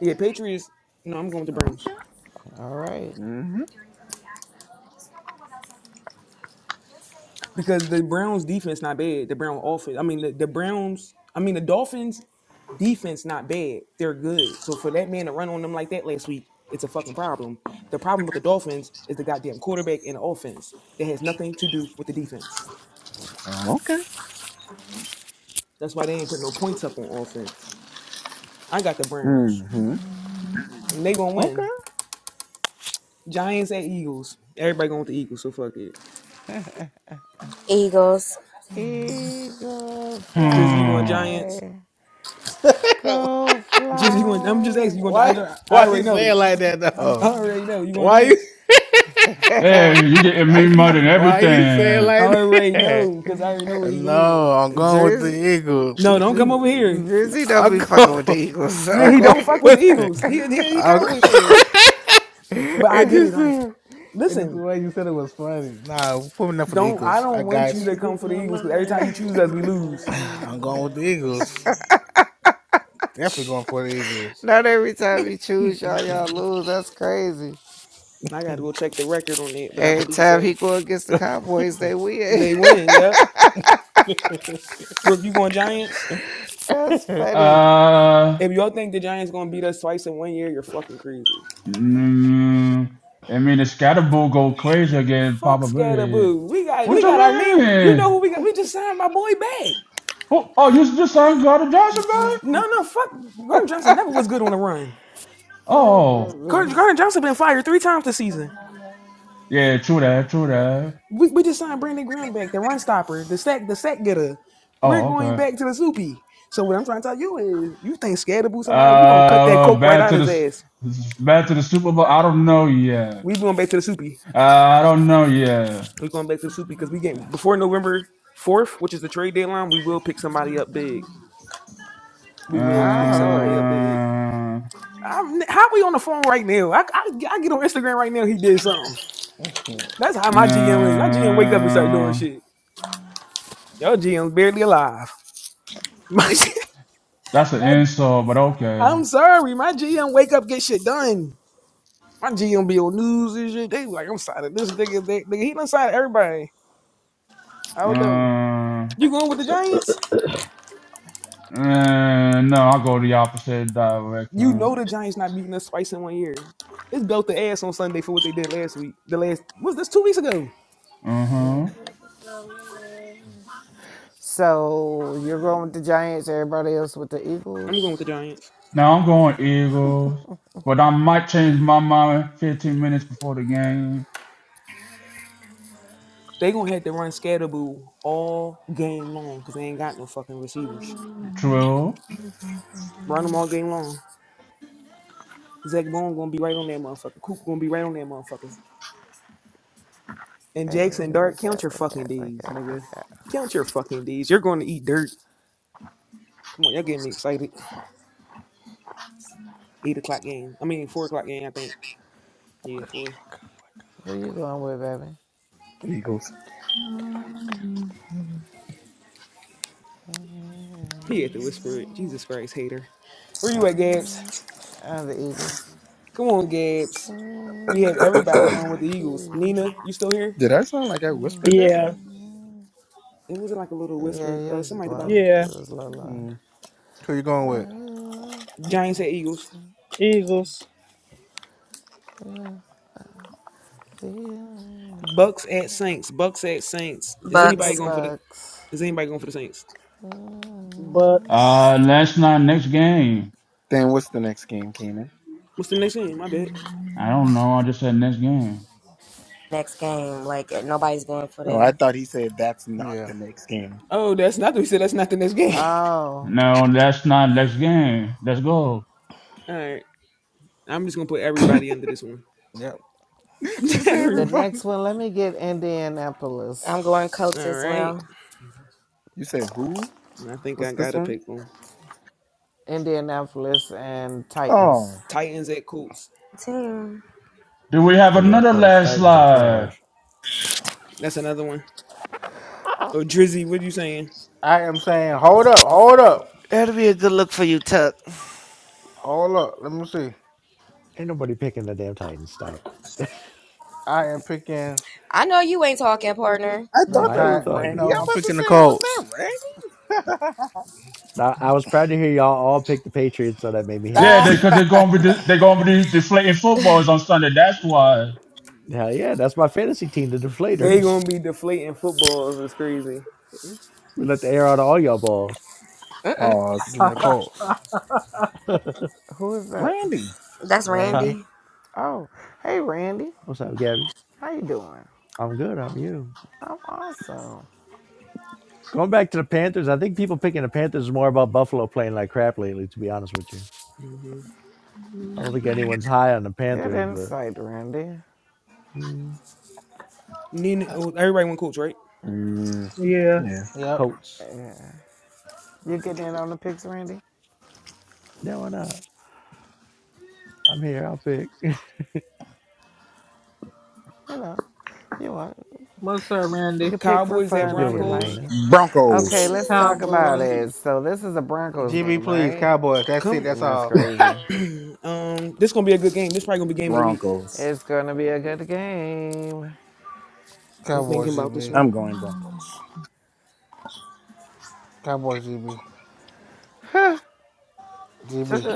[SPEAKER 1] Yeah, Patriots. No, I'm going with the Browns.
[SPEAKER 6] Okay.
[SPEAKER 7] All right.
[SPEAKER 6] Mm-hmm.
[SPEAKER 1] because the Browns defense not bad. The Brown offense. I mean the, the Browns. I mean the Dolphins defense not bad. They're good. So for that man to run on them like that last week, it's a fucking problem. The problem with the Dolphins is the goddamn quarterback and the offense. That has nothing to do with the defense.
[SPEAKER 6] Oh, okay.
[SPEAKER 1] That's why they ain't put no points up on offense. I got the Browns.
[SPEAKER 6] Mm-hmm.
[SPEAKER 1] And they gonna win.
[SPEAKER 6] Okay.
[SPEAKER 1] Giants at Eagles. Everybody going with the Eagles, so fuck it.
[SPEAKER 3] Eagles,
[SPEAKER 7] Eagle
[SPEAKER 1] Jersey, you going
[SPEAKER 5] Hmm.
[SPEAKER 1] Giants?
[SPEAKER 7] fly. Go
[SPEAKER 1] Jersey, you going? I'm just asking. You
[SPEAKER 7] fly.
[SPEAKER 1] going?
[SPEAKER 2] why
[SPEAKER 1] I, I
[SPEAKER 2] why
[SPEAKER 1] already
[SPEAKER 2] you
[SPEAKER 1] know.
[SPEAKER 2] saying like that
[SPEAKER 1] I
[SPEAKER 2] though?
[SPEAKER 1] already know. You going
[SPEAKER 2] Why you
[SPEAKER 1] Giants?
[SPEAKER 7] Uh,
[SPEAKER 5] Hey, you getting me more than
[SPEAKER 2] why you saying
[SPEAKER 5] everything.
[SPEAKER 1] I
[SPEAKER 2] like
[SPEAKER 1] already
[SPEAKER 2] that?
[SPEAKER 1] know because I already know where he
[SPEAKER 2] No,
[SPEAKER 1] going.
[SPEAKER 2] I'm going with
[SPEAKER 7] Drizzy,
[SPEAKER 2] the Eagles.
[SPEAKER 1] No, don't come
[SPEAKER 2] I'm
[SPEAKER 1] over here.
[SPEAKER 7] Drizzy don't be fucking with the
[SPEAKER 2] going
[SPEAKER 7] Eagles.
[SPEAKER 1] Yeah,
[SPEAKER 2] I'm
[SPEAKER 1] he
[SPEAKER 2] going
[SPEAKER 1] don't fuck with the
[SPEAKER 2] with it.
[SPEAKER 1] Eagles. He he, he
[SPEAKER 2] I'm go-
[SPEAKER 1] Cowboys fan. But I
[SPEAKER 2] it
[SPEAKER 1] get it.
[SPEAKER 2] just
[SPEAKER 1] Like,
[SPEAKER 2] uh, it just the
[SPEAKER 1] listen,
[SPEAKER 2] way you said it was funny. Nah, put me up for the
[SPEAKER 1] don't I
[SPEAKER 2] Eagles. I
[SPEAKER 1] don't want
[SPEAKER 2] got
[SPEAKER 1] you
[SPEAKER 2] you.
[SPEAKER 1] to come for the Eagles because every time you choose us, we lose.
[SPEAKER 2] I'm going with the Eagles. Definitely going for the Eagles.
[SPEAKER 7] Not every time you choose
[SPEAKER 2] Who
[SPEAKER 7] y'all, y'all lose. That's crazy.
[SPEAKER 1] I gotta go check the record on it, but I
[SPEAKER 7] Every
[SPEAKER 1] believe
[SPEAKER 7] time he
[SPEAKER 1] so.
[SPEAKER 7] go against the Cowboys, they win.
[SPEAKER 1] They win. Yep. Brooke, you going Giants?
[SPEAKER 7] That's funny.
[SPEAKER 5] Uh
[SPEAKER 1] If y'all think the Giants gonna beat us twice in one year, you're fucking crazy.
[SPEAKER 5] Mm, I mean, the scatter go crazy again,
[SPEAKER 1] Fuck
[SPEAKER 5] Papa Bear.
[SPEAKER 1] Scatterboo. We got
[SPEAKER 5] What
[SPEAKER 1] we
[SPEAKER 5] you
[SPEAKER 1] got our man. You know
[SPEAKER 5] mean?
[SPEAKER 1] who we got? We just signed my boy back.
[SPEAKER 5] Oh, oh, you just signed Carter Johnson, man?
[SPEAKER 1] No, no, fuck. Gordon Johnson never was good on the run.
[SPEAKER 7] Oh
[SPEAKER 5] Oh,
[SPEAKER 1] Gardner,
[SPEAKER 7] goodness.
[SPEAKER 1] Gardner Johnson been fired three times this season.
[SPEAKER 5] yeah, true that, true that.
[SPEAKER 1] We, we just signed Brandon Graham back, the run stopper, the sack, the sack getter. We're
[SPEAKER 5] Oh,
[SPEAKER 1] going
[SPEAKER 5] okay.
[SPEAKER 1] back to the soupy. So what I'm trying to tell you is, you think Scadaboo somebody? We're gonna cut that
[SPEAKER 5] Uh,
[SPEAKER 1] coke right
[SPEAKER 5] back
[SPEAKER 1] out of
[SPEAKER 5] to the
[SPEAKER 1] his
[SPEAKER 5] s-
[SPEAKER 1] ass.
[SPEAKER 5] s- back to the Super Bowl. I don't know yet.
[SPEAKER 1] We going back to the soupy.
[SPEAKER 5] Uh, I don't know yet.
[SPEAKER 1] We going back to the soupy because we get before November fourth, which is the trade deadline. We will pick somebody up big. We will
[SPEAKER 7] I
[SPEAKER 1] pick somebody up
[SPEAKER 7] hope.
[SPEAKER 1] big.
[SPEAKER 5] Uh,
[SPEAKER 1] I'm, how we on the phone right now? I, I, I get on Instagram right now. He did something. That's how my GM is. My GM wake up and start doing
[SPEAKER 5] uh,
[SPEAKER 1] shit. Your GM's barely alive. My G M.
[SPEAKER 5] that's an
[SPEAKER 1] My,
[SPEAKER 5] insult, but okay.
[SPEAKER 1] I'm sorry, my GM wake up, get shit done. My GM be on news and shit. They be like, I'm signing this nigga. They, nigga he done signed everybody. I don't know.
[SPEAKER 5] Uh,
[SPEAKER 1] You going with the Giants?
[SPEAKER 5] Uh, no, I'll go the opposite
[SPEAKER 1] You
[SPEAKER 5] direction.
[SPEAKER 1] know the Giants not beating us twice in one year. It's belt the ass on Sunday for what they did last week. The last was this two weeks ago.
[SPEAKER 5] Mm-hmm.
[SPEAKER 7] So you're going with the Giants. Everybody else with the
[SPEAKER 1] I'm going with the
[SPEAKER 7] Eagles.
[SPEAKER 1] Giants.
[SPEAKER 5] Now I'm going Eagles, but I might change my mind 15 minutes before the game.
[SPEAKER 1] They gonna have to run Scatterboo all game long because they ain't got no fucking receivers.
[SPEAKER 5] True.
[SPEAKER 1] Run them all game long. Zach Bone gonna be right on that motherfucker. Coop gonna be right on that motherfucker. And
[SPEAKER 7] Hey,
[SPEAKER 1] Jackson Dart,
[SPEAKER 7] wake up,
[SPEAKER 1] count your
[SPEAKER 7] wake
[SPEAKER 1] fucking
[SPEAKER 7] up, wake
[SPEAKER 1] D's,
[SPEAKER 7] up, wake
[SPEAKER 1] nigga.
[SPEAKER 7] up.
[SPEAKER 1] Count your fucking D's. You're going to eat dirt. Come on, y'all getting me excited. Eight o'clock game. I mean, four o'clock game. I think. Yeah, four.
[SPEAKER 7] Who you going with, baby?
[SPEAKER 1] He had to whisper it. Jesus Christ, hater. Where you at, Gabs?
[SPEAKER 7] Mm, uh, the Eagles.
[SPEAKER 1] Come on, Gabs.
[SPEAKER 7] Hey,
[SPEAKER 1] We have everybody going with the Eagles.
[SPEAKER 7] Baby.
[SPEAKER 1] Nina, you still here?
[SPEAKER 6] Did I sound like I whispered that?
[SPEAKER 4] Yeah.
[SPEAKER 7] Mm.
[SPEAKER 1] It wasn't like a little
[SPEAKER 7] Yeah,
[SPEAKER 1] whisper.
[SPEAKER 7] it
[SPEAKER 1] Uh,
[SPEAKER 7] was
[SPEAKER 1] somebody at the bottom.
[SPEAKER 7] low.
[SPEAKER 4] Yeah.
[SPEAKER 7] It was low, low.
[SPEAKER 6] Mm.
[SPEAKER 2] you going
[SPEAKER 7] Give
[SPEAKER 2] with?
[SPEAKER 1] Giants at Eagles.
[SPEAKER 4] Eagles.
[SPEAKER 1] Bucks at Saints. Bucks at Saints. Is
[SPEAKER 7] me the
[SPEAKER 1] anybody
[SPEAKER 3] Bucks.
[SPEAKER 1] going for the?
[SPEAKER 7] bucks.
[SPEAKER 1] Is anybody going for the Saints?
[SPEAKER 4] Bucks.
[SPEAKER 5] Uh, that's not next game.
[SPEAKER 6] Then what's the next game, Keenan?
[SPEAKER 1] What's the next game? My bad.
[SPEAKER 5] I don't know. I just said next game.
[SPEAKER 8] 1053 damage.
[SPEAKER 3] Next game like
[SPEAKER 8] He's
[SPEAKER 3] nobody's going
[SPEAKER 8] finished.
[SPEAKER 3] for
[SPEAKER 6] Oh, I
[SPEAKER 3] the
[SPEAKER 6] thought he
[SPEAKER 8] I
[SPEAKER 6] said
[SPEAKER 8] found and
[SPEAKER 6] that's
[SPEAKER 8] got the
[SPEAKER 6] not
[SPEAKER 2] Yeah.
[SPEAKER 6] the
[SPEAKER 8] evade silver
[SPEAKER 6] next game.
[SPEAKER 8] arrows in it.
[SPEAKER 1] Oh, that's not the. We said that's not the next game.
[SPEAKER 7] Oh,
[SPEAKER 5] No, that's not next game. Let's go.
[SPEAKER 1] All right. I'm just gonna put everybody under this one.
[SPEAKER 2] Yep.
[SPEAKER 8] I cast
[SPEAKER 6] Just
[SPEAKER 8] Thunder
[SPEAKER 7] the
[SPEAKER 1] Everyone.
[SPEAKER 6] everybody.
[SPEAKER 7] next one. Let me get Indianapolis,
[SPEAKER 3] I'm going Colts
[SPEAKER 1] All
[SPEAKER 3] as
[SPEAKER 1] right.
[SPEAKER 3] well.
[SPEAKER 6] You said who?
[SPEAKER 1] I think I
[SPEAKER 6] What's this
[SPEAKER 1] gotta
[SPEAKER 6] one?
[SPEAKER 1] pick one.
[SPEAKER 7] Indianapolis, and
[SPEAKER 6] Oh,
[SPEAKER 7] Titans.
[SPEAKER 1] Titans at Colts.
[SPEAKER 3] Team.
[SPEAKER 5] Do we have
[SPEAKER 8] Oh yeah,
[SPEAKER 5] another
[SPEAKER 8] Colts
[SPEAKER 5] last
[SPEAKER 8] Titans are
[SPEAKER 5] slide?
[SPEAKER 8] trash.
[SPEAKER 1] That's another one. Oh, Drizzy, what you saying?
[SPEAKER 2] I am saying, hold up, hold up,
[SPEAKER 7] That'll be a good look for you, Tuck.
[SPEAKER 2] hold up. Let me see.
[SPEAKER 8] Ain't nobody picking the damn Titans. Stop it.
[SPEAKER 2] I am picking
[SPEAKER 3] I know you ain't talking, partner.
[SPEAKER 6] I
[SPEAKER 2] the
[SPEAKER 6] thought
[SPEAKER 8] I
[SPEAKER 6] that
[SPEAKER 8] am
[SPEAKER 2] tie.
[SPEAKER 6] was Randy.
[SPEAKER 2] No,
[SPEAKER 6] I'm
[SPEAKER 2] I'm
[SPEAKER 8] talking.
[SPEAKER 6] about to
[SPEAKER 2] picking the
[SPEAKER 6] say, was
[SPEAKER 2] Colts.
[SPEAKER 6] that Randy?
[SPEAKER 8] I, I was proud to hear y'all all pick the Patriots, so that made me
[SPEAKER 5] Yeah,
[SPEAKER 6] Ah,
[SPEAKER 8] happy.
[SPEAKER 5] they, they they're gonna be de- they're gonna be deflating footballs on Sunday. That's why.
[SPEAKER 8] Hell yeah, that's my fantasy team, the
[SPEAKER 1] They
[SPEAKER 8] Deflators.
[SPEAKER 1] gonna be deflating footballs. It's crazy.
[SPEAKER 8] we let the air out of all y'all balls.
[SPEAKER 3] Mm-mm.
[SPEAKER 6] Pause.
[SPEAKER 2] Give me the Colts.
[SPEAKER 7] Who is that?
[SPEAKER 6] Randy.
[SPEAKER 3] That's
[SPEAKER 8] Huh?
[SPEAKER 2] Randy.
[SPEAKER 3] Randy.
[SPEAKER 7] Oh, hey Randy,
[SPEAKER 8] What's up, Gabby?
[SPEAKER 7] how you doing?
[SPEAKER 8] I'm good. How are you?
[SPEAKER 7] I'm awesome.
[SPEAKER 8] Going back to the Panthers, I think people picking the Panthers is more about Buffalo playing like crap lately. To be honest with you.
[SPEAKER 1] hmm
[SPEAKER 8] I don't think anyone's high on the
[SPEAKER 7] Good
[SPEAKER 8] Panthers, but
[SPEAKER 7] insight, Randy.
[SPEAKER 8] mm,
[SPEAKER 1] Nina,
[SPEAKER 8] I,
[SPEAKER 1] oh, everybody went Colts, right?
[SPEAKER 6] Mm,
[SPEAKER 4] Yeah.
[SPEAKER 6] yeah.
[SPEAKER 2] Yep.
[SPEAKER 8] Coats.
[SPEAKER 7] Yeah, you getting in on the picks, Randy?
[SPEAKER 8] Yeah, why not? I'm here. I'll pick.
[SPEAKER 7] You know, you want
[SPEAKER 4] What's up,
[SPEAKER 7] you
[SPEAKER 4] Randy?
[SPEAKER 7] can pick for
[SPEAKER 1] Cowboys at
[SPEAKER 8] What's
[SPEAKER 7] fun
[SPEAKER 8] good
[SPEAKER 7] if you
[SPEAKER 8] with it,
[SPEAKER 1] Broncos.
[SPEAKER 7] like.
[SPEAKER 8] Nina?
[SPEAKER 7] Okay,
[SPEAKER 6] Broncos.
[SPEAKER 7] let's talk about
[SPEAKER 4] Cowboys.
[SPEAKER 7] it. So this is a Broncos
[SPEAKER 2] GB,
[SPEAKER 7] game,
[SPEAKER 2] please.
[SPEAKER 7] right?
[SPEAKER 2] Cowboys. That's it.
[SPEAKER 1] Come,
[SPEAKER 2] That's
[SPEAKER 7] That's
[SPEAKER 2] all.
[SPEAKER 7] crazy.
[SPEAKER 1] um, this gonna be a good game. This probably gonna be game of the week.
[SPEAKER 6] Broncos.
[SPEAKER 7] It's gonna be a good game.
[SPEAKER 1] I'm thinking
[SPEAKER 2] Cowboys,
[SPEAKER 1] about this
[SPEAKER 2] GB.
[SPEAKER 1] one.
[SPEAKER 6] I'm going Broncos.
[SPEAKER 2] Cowboys, GB. GB.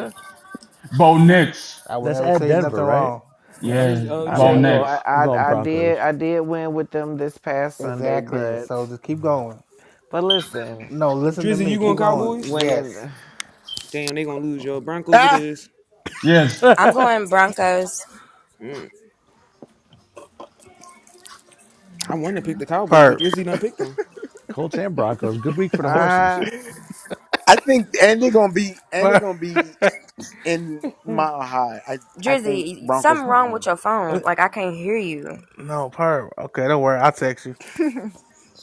[SPEAKER 5] Bo Nix.
[SPEAKER 2] I will
[SPEAKER 8] That's
[SPEAKER 2] never
[SPEAKER 8] at
[SPEAKER 2] tell you
[SPEAKER 8] Denver,
[SPEAKER 2] nothing
[SPEAKER 8] right?
[SPEAKER 2] wrong. Yep.
[SPEAKER 5] Yeah,
[SPEAKER 1] Drizzy, oh, you
[SPEAKER 7] I
[SPEAKER 5] Bo
[SPEAKER 8] Yeah,
[SPEAKER 1] said
[SPEAKER 8] I'm
[SPEAKER 7] mean,
[SPEAKER 1] Bo
[SPEAKER 8] going.
[SPEAKER 7] I,
[SPEAKER 5] Nix.
[SPEAKER 8] I'm going
[SPEAKER 7] I I did
[SPEAKER 8] Broncos.
[SPEAKER 7] I did win with them this past Sunday,
[SPEAKER 2] Exactly.
[SPEAKER 7] but
[SPEAKER 2] So just keep going.
[SPEAKER 7] but listen,
[SPEAKER 2] No, listen to
[SPEAKER 1] Drizzy, you
[SPEAKER 2] me.
[SPEAKER 1] going
[SPEAKER 2] Keep
[SPEAKER 7] w- w-
[SPEAKER 2] going.
[SPEAKER 1] Cowboys?
[SPEAKER 7] when it,
[SPEAKER 2] Yes.
[SPEAKER 1] Damn, they gonna lose, y'all. Broncos it
[SPEAKER 6] Ah,
[SPEAKER 1] is.
[SPEAKER 5] Yes.
[SPEAKER 3] I'm going Broncos.
[SPEAKER 1] Mm. I want to pick the Cowboys, but
[SPEAKER 2] Perp.
[SPEAKER 1] Drizzy done picked them.
[SPEAKER 8] Colts and Broncos. Good week for the horses.
[SPEAKER 7] I
[SPEAKER 6] I think and they're gonna be and they're
[SPEAKER 2] Perp.
[SPEAKER 6] gonna be in mile high. I I think
[SPEAKER 3] Drizzy,
[SPEAKER 6] Broncos
[SPEAKER 3] something
[SPEAKER 6] gonna
[SPEAKER 3] wrong
[SPEAKER 6] win.
[SPEAKER 3] with your phone. Like, I can't hear you.
[SPEAKER 2] no, perp. Okay, don't worry. I'll text you.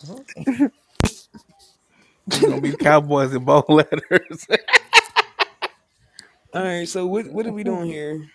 [SPEAKER 7] oh
[SPEAKER 2] It's going to be Cowboys in both letters.
[SPEAKER 1] All right, so what what are we doing here?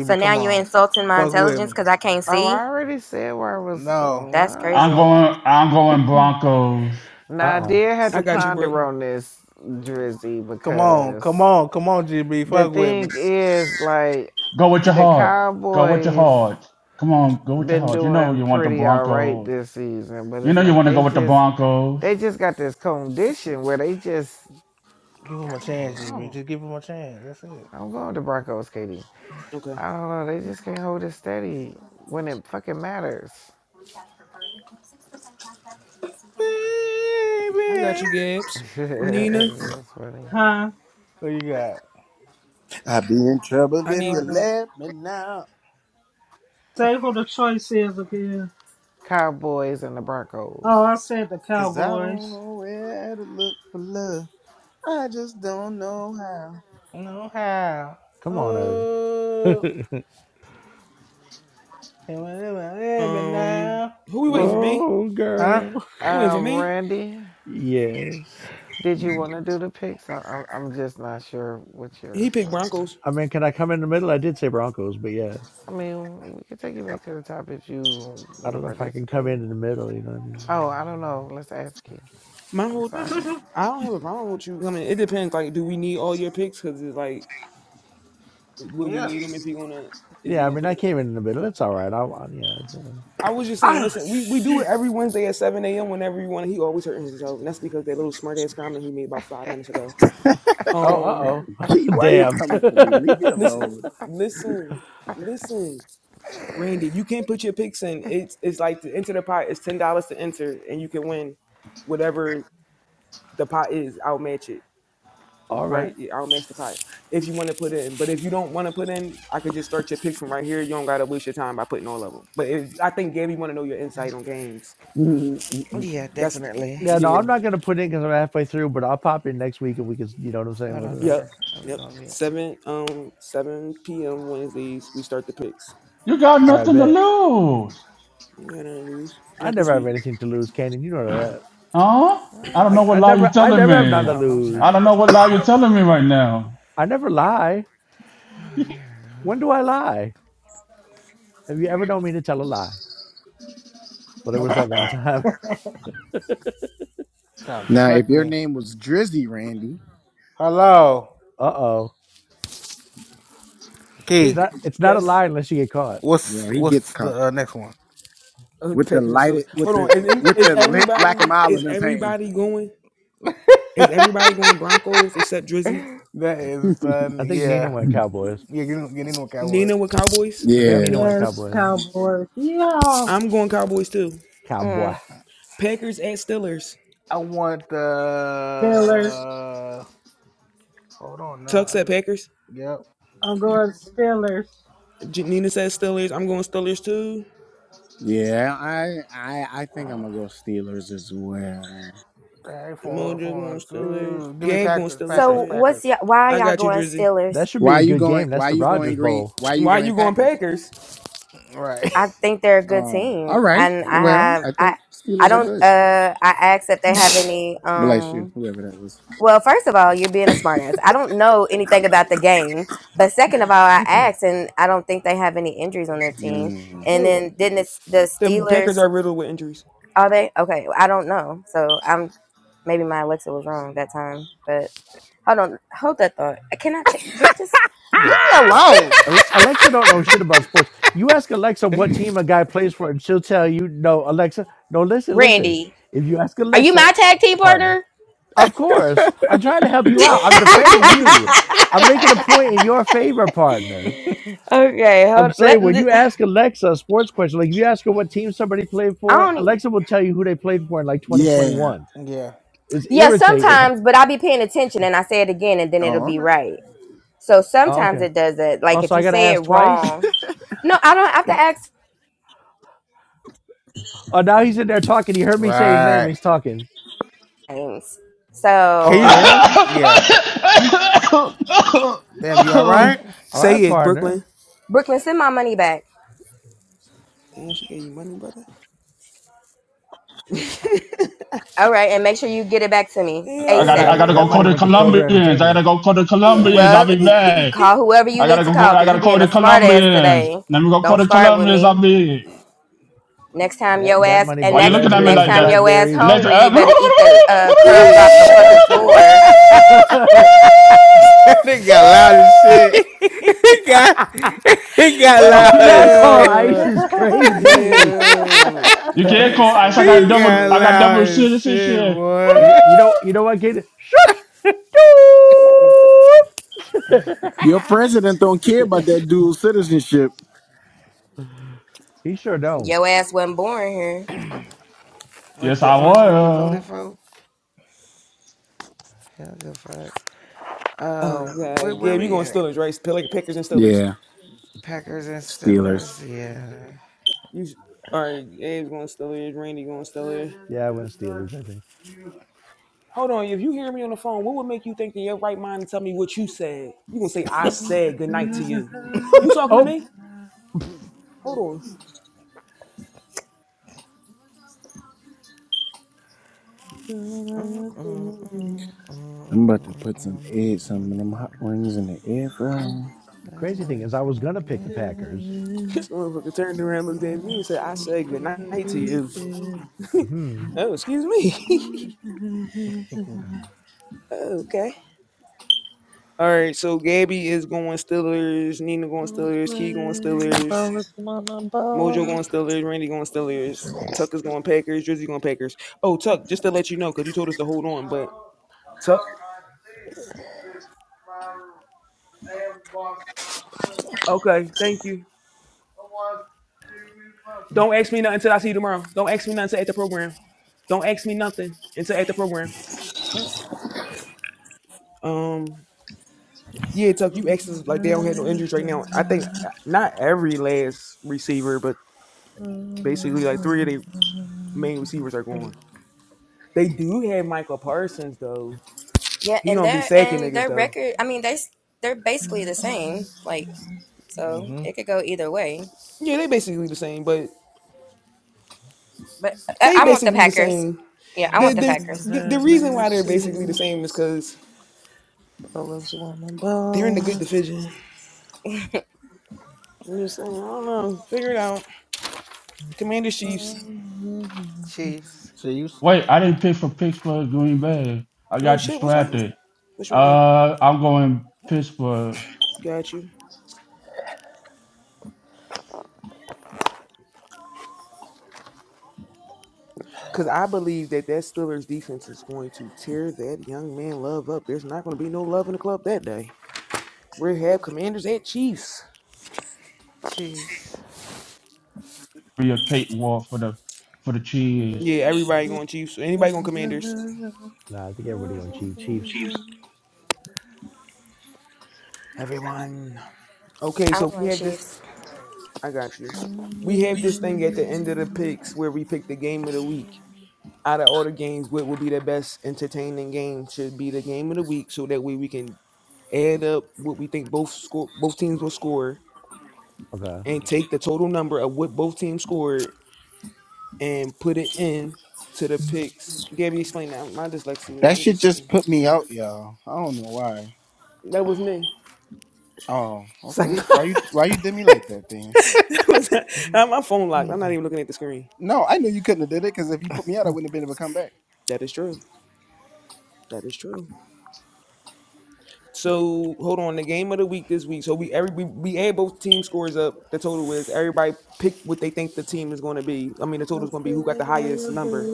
[SPEAKER 3] So now
[SPEAKER 2] come
[SPEAKER 3] you're
[SPEAKER 2] on.
[SPEAKER 3] insulting my
[SPEAKER 2] Fuck with
[SPEAKER 3] intelligence
[SPEAKER 2] me.
[SPEAKER 3] because I can't
[SPEAKER 7] I
[SPEAKER 3] see?
[SPEAKER 7] already said where I was
[SPEAKER 2] No.
[SPEAKER 7] going.
[SPEAKER 3] That's
[SPEAKER 7] Right?
[SPEAKER 5] I'm
[SPEAKER 3] crazy.
[SPEAKER 5] going. I'm going Broncos.
[SPEAKER 8] Uh
[SPEAKER 7] Now I
[SPEAKER 8] uh-uh. uh
[SPEAKER 7] did have
[SPEAKER 1] I
[SPEAKER 7] to
[SPEAKER 1] got you, Brooke.
[SPEAKER 7] ponder on this, Drizzy,
[SPEAKER 2] Come on. Come
[SPEAKER 7] because
[SPEAKER 2] on. Come on, GB.
[SPEAKER 7] the
[SPEAKER 2] Fuck with
[SPEAKER 7] thing
[SPEAKER 2] me.
[SPEAKER 7] is like
[SPEAKER 5] Go with your
[SPEAKER 7] the
[SPEAKER 5] heart. Go with your
[SPEAKER 7] Cowboys.
[SPEAKER 5] heart. Come on, go with your
[SPEAKER 7] been
[SPEAKER 5] heart. You know
[SPEAKER 7] doing
[SPEAKER 5] you want the
[SPEAKER 7] pretty all right
[SPEAKER 5] Broncos.
[SPEAKER 7] this season, but
[SPEAKER 5] You
[SPEAKER 7] it's
[SPEAKER 5] know you
[SPEAKER 7] like
[SPEAKER 5] want to go
[SPEAKER 7] they
[SPEAKER 5] with the
[SPEAKER 7] just
[SPEAKER 5] Broncos.
[SPEAKER 7] they just got this condition where they just
[SPEAKER 2] Give him
[SPEAKER 7] I
[SPEAKER 2] a
[SPEAKER 7] don't
[SPEAKER 2] chance, GB.
[SPEAKER 7] know.
[SPEAKER 2] Just give him a chance. That's it.
[SPEAKER 7] I'm going with the Broncos, Katie.
[SPEAKER 1] Okay,
[SPEAKER 7] I don't know. They just can't hold it steady when it fucking matters.
[SPEAKER 1] I got you,
[SPEAKER 2] Baby.
[SPEAKER 1] Gabs. Nina,
[SPEAKER 7] That's funny.
[SPEAKER 4] Huh?
[SPEAKER 2] What you got?
[SPEAKER 6] i be in trouble
[SPEAKER 1] I
[SPEAKER 6] if
[SPEAKER 1] need
[SPEAKER 6] you
[SPEAKER 4] Uh,
[SPEAKER 6] let me now.
[SPEAKER 4] say who the choice is again.
[SPEAKER 7] Cowboys and the
[SPEAKER 4] Oh,
[SPEAKER 7] Broncos.
[SPEAKER 4] I said the
[SPEAKER 6] Cause I don't
[SPEAKER 4] Cowboys.
[SPEAKER 6] know where to look for love. I just don't know how.
[SPEAKER 2] No how.
[SPEAKER 8] Come on, Irv.
[SPEAKER 2] Oh. And whatever happened
[SPEAKER 1] um,
[SPEAKER 2] now.
[SPEAKER 1] who we waiting
[SPEAKER 7] You,
[SPEAKER 1] for? Me?
[SPEAKER 8] oh,
[SPEAKER 2] Huh?
[SPEAKER 8] girl.
[SPEAKER 1] You waiting
[SPEAKER 7] uh,
[SPEAKER 1] for me?
[SPEAKER 7] Randy,
[SPEAKER 8] Yes.
[SPEAKER 7] did you want to do the picks? I, I'm I'm just not sure what
[SPEAKER 1] He
[SPEAKER 7] yours
[SPEAKER 1] picked
[SPEAKER 7] was.
[SPEAKER 1] Broncos.
[SPEAKER 8] I mean, can I come in the middle? I did say Broncos, but yeah,
[SPEAKER 7] I mean, we can take you
[SPEAKER 8] I,
[SPEAKER 7] back to the top if you
[SPEAKER 8] I
[SPEAKER 7] want to
[SPEAKER 8] don't know if I can come in
[SPEAKER 7] participate.
[SPEAKER 8] in the middle. You know what I
[SPEAKER 7] Oh,
[SPEAKER 8] mean?
[SPEAKER 7] I don't know. Let's ask you.
[SPEAKER 1] My
[SPEAKER 7] I'm
[SPEAKER 1] whole,
[SPEAKER 7] sorry.
[SPEAKER 1] I don't have a problem with you. I mean, it depends. Like, do we need all your picks? Because it's like, will we
[SPEAKER 2] Yeah.
[SPEAKER 1] need them if he gonna is he
[SPEAKER 8] Yeah, I
[SPEAKER 1] gonna
[SPEAKER 8] mean,
[SPEAKER 1] put
[SPEAKER 8] I
[SPEAKER 1] in? A,
[SPEAKER 8] came in the middle. It's all right. I, I yeah, it's, uh,
[SPEAKER 1] I was just saying,
[SPEAKER 6] Oh
[SPEAKER 1] listen, we we do
[SPEAKER 6] shit.
[SPEAKER 1] it every Wednesday at seven a.m. Whenever you want. He always hurting himself, and that's because that little smart ass comment he made about five minutes ago.
[SPEAKER 8] Oh, uh
[SPEAKER 1] Um,
[SPEAKER 8] oh.
[SPEAKER 6] Key, why you
[SPEAKER 8] Damn.
[SPEAKER 6] coming for me? Leave me
[SPEAKER 1] listen,
[SPEAKER 6] alone.
[SPEAKER 1] listen, listen. Randy, you can't put your picks in. It's it's like to enter the pot. It's ten dollars to enter, and you can win whatever the pot is. I'll match it,
[SPEAKER 8] All
[SPEAKER 1] right?
[SPEAKER 8] right.
[SPEAKER 1] Yeah, I'll match the pot if you want to put in. But if you don't want to put in, I could just start your picks from right here. You don't gotta waste your time by putting all of them. But it, I think Gabby want to know your insight on games.
[SPEAKER 7] Yeah,
[SPEAKER 1] That's
[SPEAKER 7] definitely.
[SPEAKER 8] Yeah, no,
[SPEAKER 1] yeah,
[SPEAKER 8] I'm not going to put in because I'm halfway through, but I'll pop in next week and we can, you know what I'm saying?
[SPEAKER 7] Hold on,
[SPEAKER 8] Whatever.
[SPEAKER 1] yep,
[SPEAKER 7] daughter. Let me
[SPEAKER 1] yep.
[SPEAKER 7] go on mute.
[SPEAKER 1] Seven um seven p.m. Wednesdays we start the picks.
[SPEAKER 5] You got
[SPEAKER 8] All right,
[SPEAKER 5] nothing to
[SPEAKER 8] bet.
[SPEAKER 5] lose,
[SPEAKER 1] You gotta lose.
[SPEAKER 8] I
[SPEAKER 1] Not this
[SPEAKER 8] never have
[SPEAKER 1] week.
[SPEAKER 8] anything to lose, Canyon. You know that.
[SPEAKER 5] huh? I
[SPEAKER 7] What
[SPEAKER 5] don't know
[SPEAKER 7] is?
[SPEAKER 8] I,
[SPEAKER 5] what
[SPEAKER 8] I
[SPEAKER 5] lie you're
[SPEAKER 8] never, I
[SPEAKER 5] telling
[SPEAKER 8] never have
[SPEAKER 7] Hold
[SPEAKER 8] none to
[SPEAKER 5] me.
[SPEAKER 7] on. I'm trying
[SPEAKER 5] I don't
[SPEAKER 8] lose.
[SPEAKER 5] know
[SPEAKER 7] to.
[SPEAKER 5] what lie you're telling me right now.
[SPEAKER 8] I never lie.
[SPEAKER 7] Oh, there.
[SPEAKER 8] When do I lie? Have you ever known me to tell a lie? Well, there was
[SPEAKER 2] Nope.
[SPEAKER 8] that one time.
[SPEAKER 2] Sound just
[SPEAKER 6] now
[SPEAKER 2] like
[SPEAKER 6] if your
[SPEAKER 2] me.
[SPEAKER 6] name was Drizzy Randy.
[SPEAKER 2] Hello.
[SPEAKER 8] Uh oh. It's
[SPEAKER 2] Key.
[SPEAKER 1] Is it?
[SPEAKER 8] not, it's not a
[SPEAKER 1] yes.
[SPEAKER 8] lie unless you get caught.
[SPEAKER 2] What's
[SPEAKER 6] Well, he gets
[SPEAKER 2] what's
[SPEAKER 6] caught
[SPEAKER 2] the uh, next one?
[SPEAKER 1] Oh,
[SPEAKER 6] with the
[SPEAKER 1] Packers are still.
[SPEAKER 6] lighted with
[SPEAKER 1] Hold
[SPEAKER 6] the
[SPEAKER 1] on. Is, any-
[SPEAKER 6] with
[SPEAKER 1] is
[SPEAKER 6] the lit black and
[SPEAKER 1] everybody
[SPEAKER 6] mild in
[SPEAKER 1] is
[SPEAKER 6] his hand.
[SPEAKER 1] everybody going? Is everybody going Broncos except Drizzy?
[SPEAKER 2] That is fun.
[SPEAKER 8] I think Nina
[SPEAKER 2] Yeah.
[SPEAKER 8] went Cowboys.
[SPEAKER 2] Yeah, you, you didn't know what that was.
[SPEAKER 1] Nina with Cowboys.
[SPEAKER 8] I think
[SPEAKER 2] Yep.
[SPEAKER 6] Yeah,
[SPEAKER 8] Nina went
[SPEAKER 4] yes,
[SPEAKER 8] Cowboys.
[SPEAKER 4] Cowboys. Yeah.
[SPEAKER 1] I'm going Cowboys too.
[SPEAKER 8] Cowboy.
[SPEAKER 3] Mm.
[SPEAKER 1] Packers at Steelers.
[SPEAKER 2] I want
[SPEAKER 4] Steelers.
[SPEAKER 2] the. Hold on now.
[SPEAKER 1] Tuck
[SPEAKER 2] I
[SPEAKER 1] said
[SPEAKER 2] got,
[SPEAKER 1] Packers.
[SPEAKER 2] yep.
[SPEAKER 4] I'm going Steelers.
[SPEAKER 1] J- Nina said Steelers. I'm going Steelers too.
[SPEAKER 6] yeah. I I I think I'm gonna go Steelers as well.
[SPEAKER 2] Hey
[SPEAKER 1] And
[SPEAKER 2] four,
[SPEAKER 1] Mojo going
[SPEAKER 2] four,
[SPEAKER 1] Steelers.
[SPEAKER 2] two. Give me
[SPEAKER 1] Gab going
[SPEAKER 2] Packers,
[SPEAKER 1] Steelers. All
[SPEAKER 2] Packers,
[SPEAKER 3] So
[SPEAKER 1] right.
[SPEAKER 3] what's
[SPEAKER 2] Packers.
[SPEAKER 3] y- why are
[SPEAKER 1] I
[SPEAKER 3] y'all
[SPEAKER 1] got you,
[SPEAKER 3] going
[SPEAKER 1] Drizzy.
[SPEAKER 8] That
[SPEAKER 3] Steelers?
[SPEAKER 8] should be
[SPEAKER 6] Why
[SPEAKER 8] a
[SPEAKER 6] you
[SPEAKER 8] good
[SPEAKER 6] going?
[SPEAKER 8] game. That's
[SPEAKER 6] Why
[SPEAKER 8] the
[SPEAKER 6] you going
[SPEAKER 8] Rogers
[SPEAKER 6] green?
[SPEAKER 8] Bowl.
[SPEAKER 6] Why you
[SPEAKER 1] Why
[SPEAKER 6] going
[SPEAKER 1] you going
[SPEAKER 6] Packers?
[SPEAKER 1] Packers?
[SPEAKER 2] Right.
[SPEAKER 3] I think they're a good
[SPEAKER 6] Oh, all
[SPEAKER 3] team,
[SPEAKER 6] right.
[SPEAKER 3] and I
[SPEAKER 6] Well,
[SPEAKER 3] have
[SPEAKER 6] I
[SPEAKER 3] I
[SPEAKER 6] think
[SPEAKER 3] I
[SPEAKER 6] Steelers are
[SPEAKER 3] don't
[SPEAKER 6] good.
[SPEAKER 3] uh I asked if they have any
[SPEAKER 6] Bless you,
[SPEAKER 3] um
[SPEAKER 6] whoever that was.
[SPEAKER 3] Well, first of all, you're being a smartass. I don't know anything about the game, but second of all, I asked, and I don't think they have any injuries on their team.
[SPEAKER 6] Mm.
[SPEAKER 3] And
[SPEAKER 1] Who?
[SPEAKER 3] then didn't it's the
[SPEAKER 1] The Packers
[SPEAKER 3] Steelers?
[SPEAKER 1] are riddled with injuries.
[SPEAKER 3] Are they okay? I don't know. So I'm maybe my Alexa was wrong that time. But hold on, hold that thought. I cannot check. Wait, just leave
[SPEAKER 2] yes.
[SPEAKER 3] me alone,
[SPEAKER 8] Alexa don't know shit about sports. You ask Alexa what team a guy plays for, and she'll tell you, "No, Alexa, no, listen, listen."
[SPEAKER 3] Randy.
[SPEAKER 8] If you ask
[SPEAKER 3] Are you
[SPEAKER 8] Alexa,
[SPEAKER 3] my tag team
[SPEAKER 8] partner,
[SPEAKER 3] partner?
[SPEAKER 8] of course, I'm trying to help you out. I'm defending you. I'm making a point in your favor, partner.
[SPEAKER 3] okay,
[SPEAKER 8] I'm
[SPEAKER 3] hold. Let,
[SPEAKER 8] saying when
[SPEAKER 3] let
[SPEAKER 8] you
[SPEAKER 3] I
[SPEAKER 8] ask Alexa a sports question, like if you ask her what team somebody played for,
[SPEAKER 3] don't.
[SPEAKER 8] Alexa will tell you who they played for in like
[SPEAKER 6] Yeah.
[SPEAKER 8] 2021.
[SPEAKER 2] Yeah.
[SPEAKER 8] It's
[SPEAKER 3] Yeah,
[SPEAKER 8] irritating.
[SPEAKER 3] sometimes, but I'll be paying attention and I say it again and then
[SPEAKER 6] Oh,
[SPEAKER 3] it'll
[SPEAKER 6] all
[SPEAKER 3] be
[SPEAKER 6] right.
[SPEAKER 3] right. So
[SPEAKER 8] Oh,
[SPEAKER 3] sometimes
[SPEAKER 8] okay.
[SPEAKER 3] it does it. Like
[SPEAKER 8] Oh, so
[SPEAKER 3] if
[SPEAKER 8] I
[SPEAKER 3] you
[SPEAKER 8] gotta
[SPEAKER 3] say it
[SPEAKER 8] ask twice.
[SPEAKER 3] wrong. No, I don't have to ask
[SPEAKER 8] Oh, now he's in there talking. He heard me say his name. and
[SPEAKER 2] Right.
[SPEAKER 8] He's talking.
[SPEAKER 3] names.
[SPEAKER 8] Oh,
[SPEAKER 2] Can
[SPEAKER 8] for
[SPEAKER 2] you?
[SPEAKER 3] So
[SPEAKER 8] real?
[SPEAKER 2] Yeah. Damn, you all right?
[SPEAKER 8] All right,
[SPEAKER 1] Say it,
[SPEAKER 8] partner.
[SPEAKER 1] Brooklyn.
[SPEAKER 3] Brooklyn, send my money back.
[SPEAKER 1] Damn, she gave you money, brother.
[SPEAKER 3] All right, and make sure you get it back to me.
[SPEAKER 5] I
[SPEAKER 8] That,
[SPEAKER 5] gotta. I
[SPEAKER 3] ASAP.
[SPEAKER 8] that
[SPEAKER 5] gotta go
[SPEAKER 8] that
[SPEAKER 5] call
[SPEAKER 8] money
[SPEAKER 1] yeah,
[SPEAKER 5] the
[SPEAKER 8] went to
[SPEAKER 1] yeah.
[SPEAKER 8] Kroger
[SPEAKER 5] Colombians. I gotta
[SPEAKER 8] Entertainment.
[SPEAKER 5] go call the
[SPEAKER 1] Yo,
[SPEAKER 5] Colombians. I'll
[SPEAKER 3] Well,
[SPEAKER 5] be back.
[SPEAKER 3] call whoever you
[SPEAKER 5] I gotta
[SPEAKER 3] need to
[SPEAKER 5] go.
[SPEAKER 3] call
[SPEAKER 5] I
[SPEAKER 3] because you
[SPEAKER 5] gotta call
[SPEAKER 3] being
[SPEAKER 5] the
[SPEAKER 3] a smart ass
[SPEAKER 5] Colombians.
[SPEAKER 3] today.
[SPEAKER 5] Let me go call
[SPEAKER 3] Don't
[SPEAKER 5] the
[SPEAKER 2] it
[SPEAKER 3] start with
[SPEAKER 5] Colombians. I'll
[SPEAKER 3] me.
[SPEAKER 5] be.
[SPEAKER 3] Next time
[SPEAKER 8] That
[SPEAKER 3] your
[SPEAKER 8] that
[SPEAKER 3] ass
[SPEAKER 8] money
[SPEAKER 3] and
[SPEAKER 5] Why
[SPEAKER 8] bought
[SPEAKER 5] you
[SPEAKER 3] next
[SPEAKER 5] looking at
[SPEAKER 3] and
[SPEAKER 5] me
[SPEAKER 3] next
[SPEAKER 8] raspberries
[SPEAKER 5] like
[SPEAKER 8] and
[SPEAKER 3] time
[SPEAKER 5] that?
[SPEAKER 3] your ass
[SPEAKER 8] blackberries
[SPEAKER 5] Unless
[SPEAKER 8] and
[SPEAKER 3] hungry,
[SPEAKER 5] uh,
[SPEAKER 3] you better eat the uh, crumbs off the fucking floor.
[SPEAKER 8] oh,
[SPEAKER 2] got loud as shit. It got. It got loud
[SPEAKER 8] that
[SPEAKER 2] as
[SPEAKER 8] call
[SPEAKER 2] shit.
[SPEAKER 8] ice is crazy.
[SPEAKER 1] yo,
[SPEAKER 5] you
[SPEAKER 1] that
[SPEAKER 5] can't call
[SPEAKER 1] is
[SPEAKER 5] ice. I
[SPEAKER 1] funny
[SPEAKER 5] got
[SPEAKER 2] He
[SPEAKER 1] as
[SPEAKER 5] double.
[SPEAKER 2] got
[SPEAKER 5] I
[SPEAKER 1] shit.
[SPEAKER 5] got
[SPEAKER 2] loud
[SPEAKER 5] double
[SPEAKER 2] as shit,
[SPEAKER 5] citizenship.
[SPEAKER 8] You,
[SPEAKER 2] boy.
[SPEAKER 8] you know you know what, kid? Shut up.
[SPEAKER 6] Your president don't care about that dual citizenship.
[SPEAKER 8] he sure don't.
[SPEAKER 3] Your ass wasn't born here.
[SPEAKER 7] we go. Wait,
[SPEAKER 5] Yes,
[SPEAKER 7] the
[SPEAKER 5] I
[SPEAKER 7] orange man he
[SPEAKER 5] was.
[SPEAKER 7] voted for? Hell, good fuck.
[SPEAKER 1] Oh
[SPEAKER 7] Oh, where
[SPEAKER 1] god,
[SPEAKER 7] were
[SPEAKER 1] Gabe, you
[SPEAKER 7] we
[SPEAKER 1] going
[SPEAKER 7] at?
[SPEAKER 1] Steelers, right? Pick like Pickers and Steelers.
[SPEAKER 6] Yeah,
[SPEAKER 7] Packers and
[SPEAKER 6] Steelers.
[SPEAKER 7] Steelers. Yeah.
[SPEAKER 1] You s- all right? Gabe's going Steelers. Randy going Steelers.
[SPEAKER 8] Yeah, I went Steelers. I think.
[SPEAKER 1] Hold on, if you hear me on the phone, what would make you think in your right mind to tell me what you said? You gonna say I said good night to you? You talking to
[SPEAKER 8] Oh,
[SPEAKER 1] me? Hold on.
[SPEAKER 4] Have
[SPEAKER 7] Mm, mm, mm,
[SPEAKER 4] mercy,
[SPEAKER 7] mm, mm,
[SPEAKER 6] I'm about to
[SPEAKER 7] mm,
[SPEAKER 6] put some
[SPEAKER 7] mm.
[SPEAKER 6] egg, some of them hot
[SPEAKER 7] mm.
[SPEAKER 6] wings in the air fryer.
[SPEAKER 8] the
[SPEAKER 7] Let me
[SPEAKER 8] crazy
[SPEAKER 7] go
[SPEAKER 8] thing
[SPEAKER 7] back
[SPEAKER 8] is, I
[SPEAKER 7] to
[SPEAKER 8] was gonna pick the
[SPEAKER 7] my list.
[SPEAKER 8] Packers.
[SPEAKER 1] This motherfucker turned around, looked
[SPEAKER 7] Yeah,
[SPEAKER 1] at me, and
[SPEAKER 7] let's
[SPEAKER 1] said, "I say good
[SPEAKER 7] see.
[SPEAKER 1] night to you."
[SPEAKER 8] Hmm.
[SPEAKER 1] oh, excuse me. okay. All right. So Gabby is going Steelers. Nina going Steelers. Key going Steelers.
[SPEAKER 4] ballers
[SPEAKER 1] Mojo going Steelers. Randy going Steelers. Tuck is going Packers. Drizzy going Packers. Oh, Tuck, just to let you know, because you told us to hold on, but Tuck. Okay. Thank you. Don't ask me nothing until I see you tomorrow. Don't ask me nothing until at the program. Don't ask me nothing until at the program.
[SPEAKER 8] Huh.
[SPEAKER 1] Um. Yeah, Tuck, you exes like they don't have no injuries right now. I think uh, not every last receiver, but basically like three of their main receivers are going. They do have Michael Parsons though.
[SPEAKER 3] Yeah,
[SPEAKER 1] He
[SPEAKER 3] and
[SPEAKER 1] don't be
[SPEAKER 3] their
[SPEAKER 1] sacking
[SPEAKER 3] and
[SPEAKER 1] niggas
[SPEAKER 3] their
[SPEAKER 1] though.
[SPEAKER 3] record. I mean, they s- they're basically the same. Like, so
[SPEAKER 2] Mhm.
[SPEAKER 3] it could go either way.
[SPEAKER 1] Yeah, they basically the same, but
[SPEAKER 3] But I,
[SPEAKER 1] they
[SPEAKER 3] I want the
[SPEAKER 1] basically the
[SPEAKER 3] Packers.
[SPEAKER 1] same.
[SPEAKER 3] Yeah, I
[SPEAKER 1] The
[SPEAKER 3] want the
[SPEAKER 1] the
[SPEAKER 3] Packers.
[SPEAKER 1] the, the reason why they're basically the same is because
[SPEAKER 4] wanna
[SPEAKER 1] they're in the
[SPEAKER 4] ball.
[SPEAKER 1] good division. I'm just saying, I don't know. Figure it out. Commanders, Chiefs.
[SPEAKER 7] Chiefs.
[SPEAKER 2] See you.
[SPEAKER 5] Wait, I didn't pick for Pittsburgh Green Bay. I
[SPEAKER 1] Oh
[SPEAKER 5] got
[SPEAKER 1] shit, what's what you?
[SPEAKER 5] distracted.
[SPEAKER 1] What's wrong?
[SPEAKER 5] Uh, I'm going Pittsburgh
[SPEAKER 1] got you. Because I believe that that Steelers defense is going to tear that young man love up. There's not going to be no love in the club that day. We have Commanders at Chiefs.
[SPEAKER 7] Chiefs.
[SPEAKER 5] for your Kate Wall for the for the cheese.
[SPEAKER 1] Yeah, everybody going Chiefs. Anybody going Commanders?
[SPEAKER 8] Nah, I think everybody gonna Chief Chiefs.
[SPEAKER 1] Everyone. Okay,
[SPEAKER 3] I'm
[SPEAKER 1] so we
[SPEAKER 3] going
[SPEAKER 1] have this.
[SPEAKER 3] Chiefs.
[SPEAKER 1] I got you. We have this thing at the end of the picks where we pick the game of the week. Out of all the games, what would be the best entertaining game should be the game of the week, so that way we can add up what we think both score, both teams will score,
[SPEAKER 8] Okay.
[SPEAKER 1] and take the total number of what both teams scored and put it in to the pics. Gabby, explain that. My dyslexia.
[SPEAKER 6] That
[SPEAKER 1] I'm
[SPEAKER 6] shit
[SPEAKER 1] just
[SPEAKER 6] just
[SPEAKER 1] mm,
[SPEAKER 6] put me out, y'all. I don't know why.
[SPEAKER 1] that was me.
[SPEAKER 6] Oh,
[SPEAKER 1] It's like
[SPEAKER 6] okay. Why you why you did me like that then?
[SPEAKER 1] that was my phone locked. I'm not
[SPEAKER 2] Mhm.
[SPEAKER 1] even looking at the screen.
[SPEAKER 6] No, I knew you couldn't have did it because if you put me out, I wouldn't have been able to come back.
[SPEAKER 1] That is true. That is true. So hold on. The game of the week this week. So we every we, we add both team scores up. The total is everybody pick what they think the team is going to be. I mean, the total is going to be who got the highest number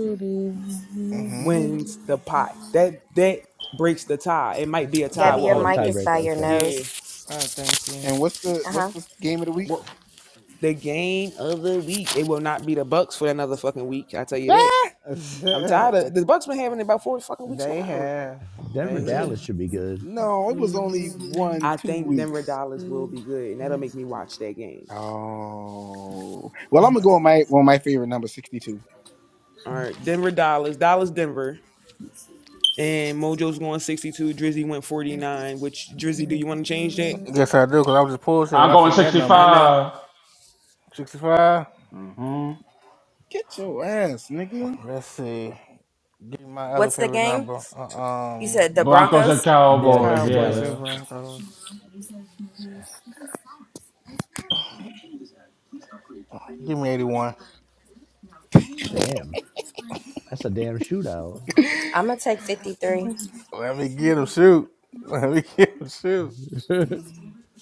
[SPEAKER 2] Mhm.
[SPEAKER 1] wins the pot. That that breaks the tie. It might be a tie
[SPEAKER 3] Gabby,
[SPEAKER 8] Got
[SPEAKER 1] with
[SPEAKER 3] your
[SPEAKER 8] oh
[SPEAKER 1] all
[SPEAKER 8] the
[SPEAKER 1] these
[SPEAKER 3] mic is
[SPEAKER 1] picks.
[SPEAKER 8] tiebreaker.
[SPEAKER 3] by your
[SPEAKER 8] Okay.
[SPEAKER 1] Yeah.
[SPEAKER 3] nose.
[SPEAKER 7] Oh, thank
[SPEAKER 6] And what's the
[SPEAKER 3] Uh
[SPEAKER 6] what's
[SPEAKER 3] huh.
[SPEAKER 6] the game of the week?
[SPEAKER 2] What?
[SPEAKER 1] The game of the week. It will not be the Bucks for another fucking week. I tell you that.
[SPEAKER 6] Ah!
[SPEAKER 1] I'm
[SPEAKER 7] you.
[SPEAKER 1] tired of the Bucks been having it about four fucking weeks in a
[SPEAKER 7] They
[SPEAKER 1] row.
[SPEAKER 7] have.
[SPEAKER 8] Denver
[SPEAKER 7] They've
[SPEAKER 1] Yeah.
[SPEAKER 8] Dallas
[SPEAKER 7] been
[SPEAKER 8] should be good.
[SPEAKER 6] No, it was only one,
[SPEAKER 1] I
[SPEAKER 6] two
[SPEAKER 1] think Denver
[SPEAKER 6] weeks.
[SPEAKER 1] Dallas will be good, and that'll make me watch that game.
[SPEAKER 6] Oh. Well, I'm gonna go on my on my favorite number, sixty two.
[SPEAKER 1] All right. Denver Dallas. Dallas Denver. And Mojo's going 62. Drizzy went 49. Which Drizzy, do you want to change that?
[SPEAKER 2] Yes, I do, because I was just posting when
[SPEAKER 5] I'm
[SPEAKER 2] I
[SPEAKER 5] going
[SPEAKER 2] said that
[SPEAKER 1] I
[SPEAKER 2] number.
[SPEAKER 1] know.
[SPEAKER 5] 65.
[SPEAKER 2] 65.
[SPEAKER 5] Mm-hmm.
[SPEAKER 6] Get your ass, nigga.
[SPEAKER 2] Let's see. Give me my other
[SPEAKER 3] What's the
[SPEAKER 2] favorite
[SPEAKER 3] game?
[SPEAKER 2] number. Uh,
[SPEAKER 3] You
[SPEAKER 2] um,
[SPEAKER 3] said the
[SPEAKER 5] Broncos and
[SPEAKER 3] Broncos.
[SPEAKER 8] Yeah,
[SPEAKER 5] Cowboys,
[SPEAKER 8] Denver
[SPEAKER 7] Cowboys
[SPEAKER 8] Dallas.
[SPEAKER 7] and
[SPEAKER 5] yeah.
[SPEAKER 7] Broncos.
[SPEAKER 2] Give me 81.
[SPEAKER 8] Damn. That's a damn shootout.
[SPEAKER 3] I'm gonna take 53.
[SPEAKER 2] Let me get him, shoot. Let me get him, shoot.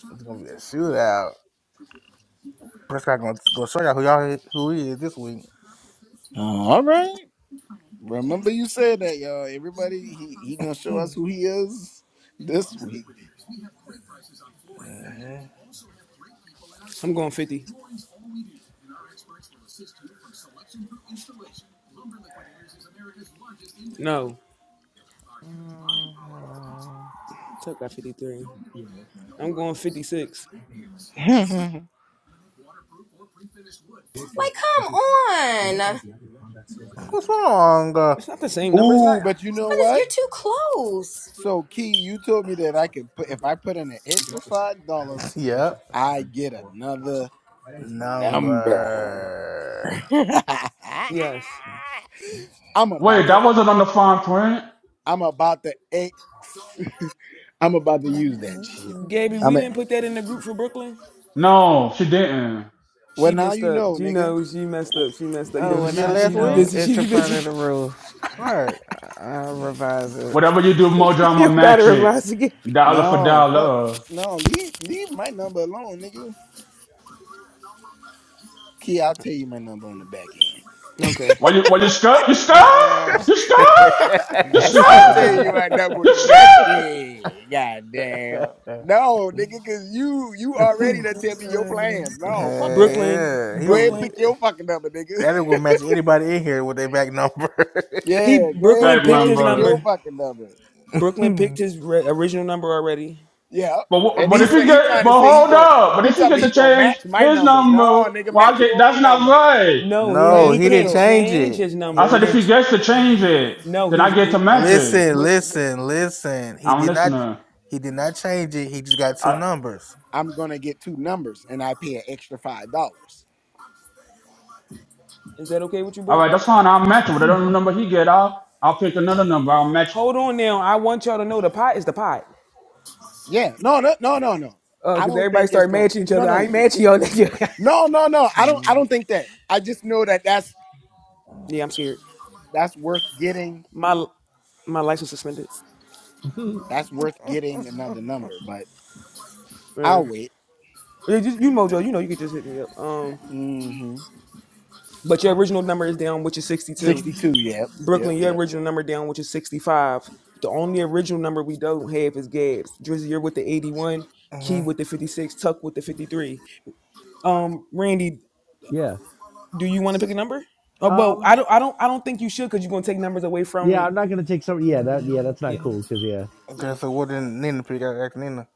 [SPEAKER 2] It's going to be a shootout. Prescott going to go show y'all who, y'all is- who he is this week.
[SPEAKER 6] Oh, all right. Remember you said that, y'all. Everybody, he he gonna show
[SPEAKER 2] hmm
[SPEAKER 6] us who he is this week.
[SPEAKER 1] I'm going 50. No.
[SPEAKER 7] Mm, I don't know.
[SPEAKER 1] Tuck got 53. I'm going 56.
[SPEAKER 3] Like, come on. But
[SPEAKER 2] What's wrong? Uh,
[SPEAKER 1] It's not the same number. It's not.
[SPEAKER 6] Ooh, but you know
[SPEAKER 3] it's, you're
[SPEAKER 6] what?
[SPEAKER 3] too close.
[SPEAKER 6] So Key, you told me that I could put if I put in an extra five dollars,
[SPEAKER 2] yep.
[SPEAKER 6] I get another
[SPEAKER 2] Number.
[SPEAKER 6] number.
[SPEAKER 1] Yes.
[SPEAKER 6] I'm about
[SPEAKER 5] Wait,
[SPEAKER 6] to
[SPEAKER 5] that wasn't on the fine print?
[SPEAKER 6] I'm about to X I'm about to use that shit.
[SPEAKER 1] Gabby,
[SPEAKER 6] i
[SPEAKER 1] we
[SPEAKER 6] mean,
[SPEAKER 1] didn't put that in the group for Brooklyn.
[SPEAKER 5] No, she didn't.
[SPEAKER 6] well
[SPEAKER 1] She
[SPEAKER 6] now
[SPEAKER 1] messed
[SPEAKER 6] you
[SPEAKER 1] up.
[SPEAKER 6] know,
[SPEAKER 1] You
[SPEAKER 6] nigga.
[SPEAKER 1] know, she messed
[SPEAKER 2] What,
[SPEAKER 1] up. She messed up. You
[SPEAKER 2] what
[SPEAKER 7] Oh,
[SPEAKER 1] know,
[SPEAKER 7] well,
[SPEAKER 2] you get
[SPEAKER 7] now
[SPEAKER 1] she,
[SPEAKER 7] you
[SPEAKER 2] last
[SPEAKER 1] she be
[SPEAKER 2] week?
[SPEAKER 7] know.
[SPEAKER 1] busy. She
[SPEAKER 7] It's a
[SPEAKER 1] be
[SPEAKER 7] part of
[SPEAKER 1] busy.
[SPEAKER 7] the rules.
[SPEAKER 2] Right.
[SPEAKER 7] I- I'll revise it.
[SPEAKER 5] Whatever you do, Mojo,
[SPEAKER 1] you
[SPEAKER 5] I'ma
[SPEAKER 1] don't gotta
[SPEAKER 5] match it.
[SPEAKER 1] reply to Gabby.
[SPEAKER 5] Dollar for
[SPEAKER 6] No, fuck
[SPEAKER 5] dollar.
[SPEAKER 6] no, leave leave my number alone, Key, I'll tell you my number on the back end.
[SPEAKER 1] Okay.
[SPEAKER 5] Why you why you scared? You scared? You scared? You
[SPEAKER 7] That's
[SPEAKER 6] I'll
[SPEAKER 5] scared?
[SPEAKER 6] tell
[SPEAKER 7] funny.
[SPEAKER 6] you my number on
[SPEAKER 5] You
[SPEAKER 6] the
[SPEAKER 5] scared?
[SPEAKER 6] back end. God damn. No, nigga, cause you you already done tell me your plans. No, fuck
[SPEAKER 2] Hey,
[SPEAKER 6] that.
[SPEAKER 1] Brooklyn,
[SPEAKER 2] yeah, he
[SPEAKER 6] Go ahead and
[SPEAKER 2] was.
[SPEAKER 1] Brooklyn.
[SPEAKER 6] pick your fucking number, nigga.
[SPEAKER 2] That ain't gonna match anybody in here with their back number.
[SPEAKER 1] He
[SPEAKER 6] Yeah, go ahead,
[SPEAKER 1] Brooklyn
[SPEAKER 5] Back
[SPEAKER 6] go
[SPEAKER 1] picked
[SPEAKER 6] ahead and
[SPEAKER 1] his
[SPEAKER 6] pick
[SPEAKER 5] number.
[SPEAKER 6] your
[SPEAKER 1] number.
[SPEAKER 6] fucking number.
[SPEAKER 1] Brooklyn picked his re- original number already.
[SPEAKER 6] Yeah.
[SPEAKER 5] But wh-
[SPEAKER 6] And
[SPEAKER 5] but
[SPEAKER 6] he
[SPEAKER 5] if you
[SPEAKER 6] said he
[SPEAKER 5] get
[SPEAKER 6] trying to
[SPEAKER 5] but
[SPEAKER 6] say he
[SPEAKER 5] hold
[SPEAKER 6] go
[SPEAKER 5] up. But
[SPEAKER 6] he
[SPEAKER 5] if you
[SPEAKER 6] talking about
[SPEAKER 5] get to
[SPEAKER 6] he gonna
[SPEAKER 5] change
[SPEAKER 6] match my
[SPEAKER 5] his
[SPEAKER 6] number. No,
[SPEAKER 5] number,
[SPEAKER 6] nigga,
[SPEAKER 5] why
[SPEAKER 6] match
[SPEAKER 5] get
[SPEAKER 6] your
[SPEAKER 5] that's
[SPEAKER 6] own
[SPEAKER 5] not
[SPEAKER 6] number.
[SPEAKER 5] right.
[SPEAKER 1] No,
[SPEAKER 6] Go
[SPEAKER 1] he
[SPEAKER 6] ahead
[SPEAKER 2] no,
[SPEAKER 1] he
[SPEAKER 6] and
[SPEAKER 2] he
[SPEAKER 6] put
[SPEAKER 2] didn't
[SPEAKER 1] can't
[SPEAKER 6] yours.
[SPEAKER 2] change
[SPEAKER 1] change
[SPEAKER 2] it.
[SPEAKER 1] his
[SPEAKER 2] He,
[SPEAKER 5] I
[SPEAKER 2] he
[SPEAKER 1] number.
[SPEAKER 5] said if
[SPEAKER 2] didn't.
[SPEAKER 5] he
[SPEAKER 2] ch-
[SPEAKER 5] gets to change it,
[SPEAKER 1] No,
[SPEAKER 5] then
[SPEAKER 1] he's
[SPEAKER 5] I get to
[SPEAKER 1] he,
[SPEAKER 5] match it.
[SPEAKER 2] Listen,
[SPEAKER 1] wait,
[SPEAKER 2] listen, listen. He
[SPEAKER 5] I'm
[SPEAKER 2] did not.
[SPEAKER 5] listening.
[SPEAKER 2] He did not change it. He just got two
[SPEAKER 5] I.
[SPEAKER 2] numbers.
[SPEAKER 6] I'm gonna get two numbers and I pay an extra five dollars.
[SPEAKER 1] is that okay with you,
[SPEAKER 5] All
[SPEAKER 1] Brooke?
[SPEAKER 5] right, that's fine. I'll match it. Whatever number he get, I'll I'll pick another number. I'll match, it.
[SPEAKER 1] Hold on now. I want y'all to know the pot is the pot.
[SPEAKER 6] Yeah, no, no, no, no, no.
[SPEAKER 1] Uh,
[SPEAKER 6] I
[SPEAKER 1] cause
[SPEAKER 6] don't
[SPEAKER 1] everybody
[SPEAKER 6] think it's
[SPEAKER 1] started
[SPEAKER 6] going.
[SPEAKER 1] matching each
[SPEAKER 6] No,
[SPEAKER 1] other.
[SPEAKER 6] no,
[SPEAKER 1] I
[SPEAKER 6] no,
[SPEAKER 1] ain't matching y'all.
[SPEAKER 6] no, no, no. I don't. I
[SPEAKER 2] Mm.
[SPEAKER 6] don't think that. I just know that that's
[SPEAKER 1] yeah, I'm scared.
[SPEAKER 6] that's worth getting.
[SPEAKER 1] My my license suspended.
[SPEAKER 6] That's worth getting another number, but
[SPEAKER 1] Yeah.
[SPEAKER 6] I'll wait.
[SPEAKER 1] Yeah, you Mojo, you know you could just hit me up. Um,
[SPEAKER 6] Mm-hmm.
[SPEAKER 1] but your original number is down, which is sixty two.
[SPEAKER 6] Sixty-two. Yep. Yep.
[SPEAKER 1] Brooklyn, your
[SPEAKER 6] Yep.
[SPEAKER 1] original number down, which is sixty five. The only original number we don't have is Gabs. Drizzy, you're with the eighty one. Key
[SPEAKER 2] Uh-huh.
[SPEAKER 1] with the fifty six. Tuck with the fifty three. Um, Randy,
[SPEAKER 8] yeah.
[SPEAKER 1] do you want to pick a number? Oh, well, I
[SPEAKER 8] Um.
[SPEAKER 1] don't, I don't, I don't think you should because you're gonna take numbers away
[SPEAKER 8] Yeah,
[SPEAKER 1] from.
[SPEAKER 8] I'm not gonna take some. Yeah, that. Yeah, that's not
[SPEAKER 1] Yeah,
[SPEAKER 8] cool. Cause yeah,
[SPEAKER 1] yeah.
[SPEAKER 2] Okay, so what did Nina pick out? Ask Nina.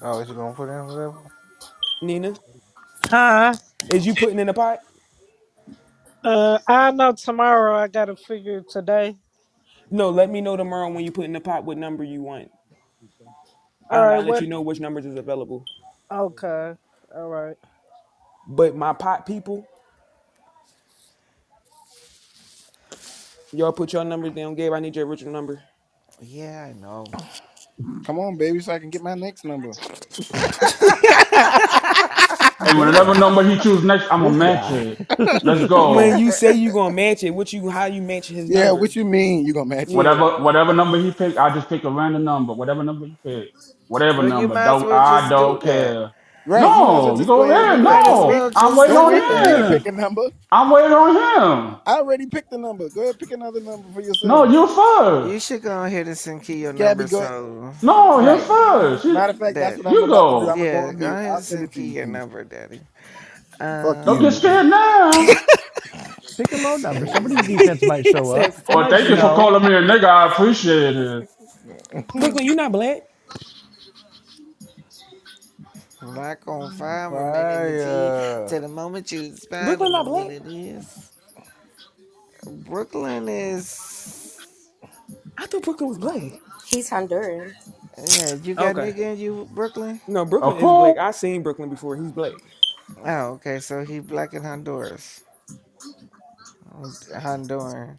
[SPEAKER 2] Oh, is she gonna put in whatever?
[SPEAKER 1] Nina,
[SPEAKER 4] Huh?
[SPEAKER 1] is you putting in the pot?
[SPEAKER 4] Uh, I know tomorrow I gotta figure it today.
[SPEAKER 1] No, let me know tomorrow when you put in the pot what number you want. I
[SPEAKER 4] All
[SPEAKER 1] don't. I'll
[SPEAKER 4] right,
[SPEAKER 1] let
[SPEAKER 4] what?
[SPEAKER 1] you know which numbers is available.
[SPEAKER 4] Okay, all right.
[SPEAKER 1] But my pot people. Y'all put your numbers down, Gabe. I need your original number.
[SPEAKER 7] Yeah, I know.
[SPEAKER 6] Come on, baby, so I can get my next number.
[SPEAKER 5] and whatever
[SPEAKER 8] damn,
[SPEAKER 5] number he choose next, I'ma
[SPEAKER 8] this
[SPEAKER 5] match
[SPEAKER 8] guy.
[SPEAKER 5] it. Let's
[SPEAKER 1] when
[SPEAKER 5] go.
[SPEAKER 1] you say you gonna match it, what you how you match his
[SPEAKER 6] Yeah.
[SPEAKER 1] number?
[SPEAKER 6] What you mean? You gonna match it?
[SPEAKER 1] Yeah,
[SPEAKER 5] Whatever
[SPEAKER 1] I,
[SPEAKER 5] whatever number he pick, i just pick a random number. Whatever number he pick, whatever
[SPEAKER 7] Well, you
[SPEAKER 5] number.
[SPEAKER 7] might as
[SPEAKER 5] Don't
[SPEAKER 7] well
[SPEAKER 5] I
[SPEAKER 7] just do
[SPEAKER 5] don't
[SPEAKER 7] that.
[SPEAKER 5] care.
[SPEAKER 6] Right. You might as well
[SPEAKER 5] No, you
[SPEAKER 6] just go
[SPEAKER 5] go
[SPEAKER 6] ahead and
[SPEAKER 7] You
[SPEAKER 6] do
[SPEAKER 5] ahead.
[SPEAKER 6] that.
[SPEAKER 7] might as
[SPEAKER 6] Don't
[SPEAKER 5] No,
[SPEAKER 6] wait.
[SPEAKER 7] well
[SPEAKER 5] i wait
[SPEAKER 7] just
[SPEAKER 6] Don't
[SPEAKER 5] on
[SPEAKER 7] do
[SPEAKER 6] wait for me to
[SPEAKER 7] that.
[SPEAKER 5] him.
[SPEAKER 6] pick a number.
[SPEAKER 5] i wait on him.
[SPEAKER 6] I already picked a number. Go ahead, pick another number for
[SPEAKER 5] No,
[SPEAKER 6] yourself.
[SPEAKER 5] you
[SPEAKER 7] You
[SPEAKER 5] first.
[SPEAKER 7] should go ahead and send key your
[SPEAKER 6] Gabby,
[SPEAKER 7] number
[SPEAKER 6] go ahead.
[SPEAKER 7] so
[SPEAKER 5] No, him
[SPEAKER 6] Right.
[SPEAKER 5] first. You,
[SPEAKER 6] Matter of fact, that's
[SPEAKER 7] that,
[SPEAKER 6] what I'm
[SPEAKER 5] you
[SPEAKER 6] about to do. I'm
[SPEAKER 5] go.
[SPEAKER 6] gonna go
[SPEAKER 7] yeah,
[SPEAKER 6] on
[SPEAKER 7] go
[SPEAKER 6] mute.
[SPEAKER 7] ahead and
[SPEAKER 6] I'll send
[SPEAKER 7] send
[SPEAKER 6] it to
[SPEAKER 7] key
[SPEAKER 6] you,
[SPEAKER 7] your
[SPEAKER 6] Keith.
[SPEAKER 7] number, Daddy.
[SPEAKER 6] Fuck
[SPEAKER 5] Don't
[SPEAKER 6] you,
[SPEAKER 5] get
[SPEAKER 7] Uh,
[SPEAKER 6] nigga.
[SPEAKER 5] scared now.
[SPEAKER 8] Pick a low
[SPEAKER 7] it's
[SPEAKER 8] number. Somebody's
[SPEAKER 7] crazy.
[SPEAKER 8] defense might
[SPEAKER 1] he
[SPEAKER 8] show
[SPEAKER 1] said,
[SPEAKER 8] up. It
[SPEAKER 1] "Fuck
[SPEAKER 5] Well,
[SPEAKER 8] might
[SPEAKER 5] thank you
[SPEAKER 1] you,
[SPEAKER 5] for
[SPEAKER 8] snow.
[SPEAKER 5] calling me a nigga. I appreciate it.
[SPEAKER 2] Hmm.
[SPEAKER 1] Brooklyn. You not black?
[SPEAKER 7] Black on fire, remaining the G to
[SPEAKER 2] Fire.
[SPEAKER 7] the moment you expire. I
[SPEAKER 1] Brooklyn
[SPEAKER 7] don't know
[SPEAKER 1] not
[SPEAKER 7] what
[SPEAKER 1] black?
[SPEAKER 7] it is. Brooklyn is.
[SPEAKER 1] I thought Brooklyn was black.
[SPEAKER 3] He's Honduran.
[SPEAKER 7] Yeah, you got
[SPEAKER 1] Okay,
[SPEAKER 7] nigga in you, Brooklyn?
[SPEAKER 1] no, Brooklyn
[SPEAKER 5] Of
[SPEAKER 1] is
[SPEAKER 5] course.
[SPEAKER 1] black. I seen Brooklyn before. He's black.
[SPEAKER 7] Oh, okay, so he black in Honduras. Honduran.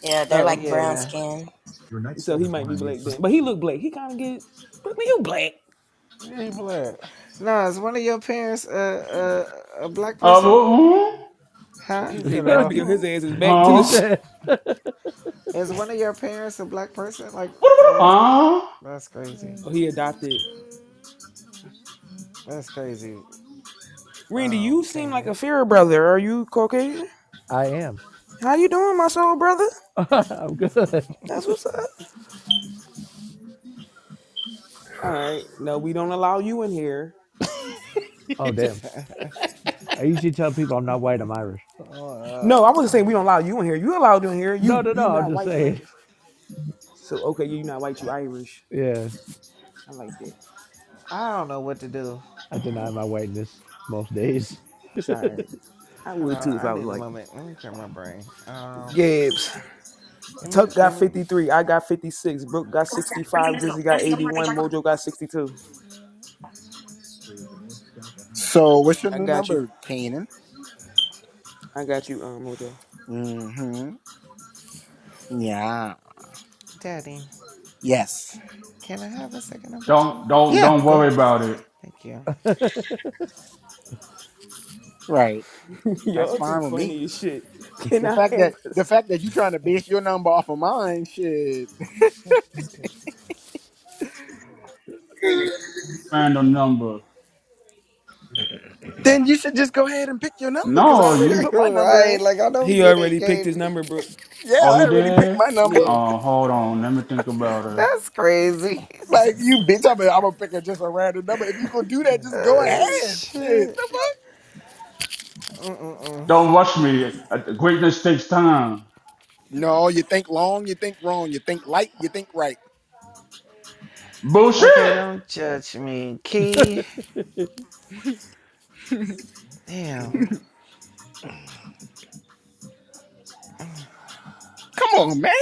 [SPEAKER 3] Yeah, they're
[SPEAKER 1] Oh,
[SPEAKER 3] like brown
[SPEAKER 7] Yeah.
[SPEAKER 3] skin.
[SPEAKER 1] so he might be black then, but he look black. He kind of get Brooklyn. You black?
[SPEAKER 2] Yeah, he black.
[SPEAKER 7] No, is one of your parents a, a, a black
[SPEAKER 5] Uh,
[SPEAKER 7] person?
[SPEAKER 5] woo-
[SPEAKER 7] Huh?
[SPEAKER 2] He
[SPEAKER 1] They
[SPEAKER 2] said a
[SPEAKER 1] better be on his
[SPEAKER 2] hoe.
[SPEAKER 1] asses back to
[SPEAKER 8] he
[SPEAKER 1] the.
[SPEAKER 5] huh?
[SPEAKER 8] said,
[SPEAKER 7] Is one of your parents a black person? Like, oh,
[SPEAKER 5] Huh?
[SPEAKER 7] that's crazy.
[SPEAKER 1] Oh, he adopted.
[SPEAKER 7] That's crazy,
[SPEAKER 1] Randy, you
[SPEAKER 7] um,
[SPEAKER 1] seem like
[SPEAKER 7] Kanan.
[SPEAKER 1] a fair brother. Are you Caucasian?
[SPEAKER 8] "I am.
[SPEAKER 1] How you doing, my soul brother?
[SPEAKER 8] I'm good."
[SPEAKER 1] That's what's up. All right. No, we don't allow you in here.
[SPEAKER 8] Oh damn. I usually tell people I'm not white. I'm Irish.
[SPEAKER 2] Uh,
[SPEAKER 1] No, I wasn't saying we don't allow you in here. You allowed in here.
[SPEAKER 8] No,
[SPEAKER 1] You
[SPEAKER 8] no,
[SPEAKER 1] you
[SPEAKER 8] no. I'm
[SPEAKER 1] not
[SPEAKER 8] just
[SPEAKER 1] white, you
[SPEAKER 8] saying.
[SPEAKER 1] Irish. So okay, you not white, you Irish.
[SPEAKER 8] Yeah,
[SPEAKER 1] I like that.
[SPEAKER 7] I don't know what to do.
[SPEAKER 8] I deny my whiteness most days.
[SPEAKER 1] It's all right. I
[SPEAKER 7] Hold
[SPEAKER 1] would
[SPEAKER 7] on,
[SPEAKER 1] too if
[SPEAKER 7] I
[SPEAKER 1] I was
[SPEAKER 7] need a
[SPEAKER 1] white.
[SPEAKER 7] moment. Let me clear my brain. Um,
[SPEAKER 1] Gibbs.
[SPEAKER 7] Give me,
[SPEAKER 1] Tuck
[SPEAKER 7] give
[SPEAKER 1] got
[SPEAKER 7] me,
[SPEAKER 1] 53. I got 56. Brooke got 65. Drizzy got 81. Mojo got 62.
[SPEAKER 6] So, what's your
[SPEAKER 1] I
[SPEAKER 6] new
[SPEAKER 1] got you.
[SPEAKER 6] number, Kanan?
[SPEAKER 1] I got you, um, Mojo.
[SPEAKER 6] Mm-hmm. Yeah.
[SPEAKER 7] Daddy.
[SPEAKER 6] Yes.
[SPEAKER 7] Can I have a second number two?
[SPEAKER 5] Don't don't
[SPEAKER 6] Yeah.
[SPEAKER 5] don't
[SPEAKER 6] Go
[SPEAKER 5] worry
[SPEAKER 6] ahead.
[SPEAKER 5] about it.
[SPEAKER 7] Thank you.
[SPEAKER 8] That's what
[SPEAKER 6] Right. That's
[SPEAKER 1] Y'all too
[SPEAKER 6] fine with me.
[SPEAKER 1] funny as shit. Can
[SPEAKER 6] The
[SPEAKER 1] I
[SPEAKER 6] fact
[SPEAKER 1] have
[SPEAKER 6] that
[SPEAKER 1] a
[SPEAKER 6] the
[SPEAKER 1] sec-
[SPEAKER 6] fact that you trying to base your number off of mine, shit.
[SPEAKER 5] Random number.
[SPEAKER 6] Then you should just go ahead and pick your number because I
[SPEAKER 5] No,
[SPEAKER 6] already
[SPEAKER 5] you.
[SPEAKER 6] put my
[SPEAKER 7] You're
[SPEAKER 6] number in.
[SPEAKER 7] right. Like I don't
[SPEAKER 1] He
[SPEAKER 7] get it,
[SPEAKER 1] already picked
[SPEAKER 7] Kate.
[SPEAKER 1] his number, Brooke.
[SPEAKER 6] Yeah,
[SPEAKER 5] Oh,
[SPEAKER 6] I
[SPEAKER 5] he
[SPEAKER 6] already picked
[SPEAKER 5] did.
[SPEAKER 6] my number.
[SPEAKER 1] Yeah.
[SPEAKER 5] Oh, hold on. Let me think about it.
[SPEAKER 7] That's crazy. It's
[SPEAKER 6] Like you
[SPEAKER 7] just,
[SPEAKER 6] bitch, I'm gonna, I'm gonna pick a, just a random number. If you gonna do that,
[SPEAKER 2] hmm.
[SPEAKER 6] just go
[SPEAKER 7] oh
[SPEAKER 6] ahead. Shit. The
[SPEAKER 7] shit.
[SPEAKER 6] fuck.
[SPEAKER 7] Mm-mm-mm.
[SPEAKER 5] Don't rush me. Uh, Greatness takes time.
[SPEAKER 6] No, you think long, you think wrong, you think light, you think right.
[SPEAKER 7] Okay,
[SPEAKER 5] Bullshit.
[SPEAKER 7] don't judge me, Key. Damn.
[SPEAKER 1] hmm
[SPEAKER 6] Come on, man.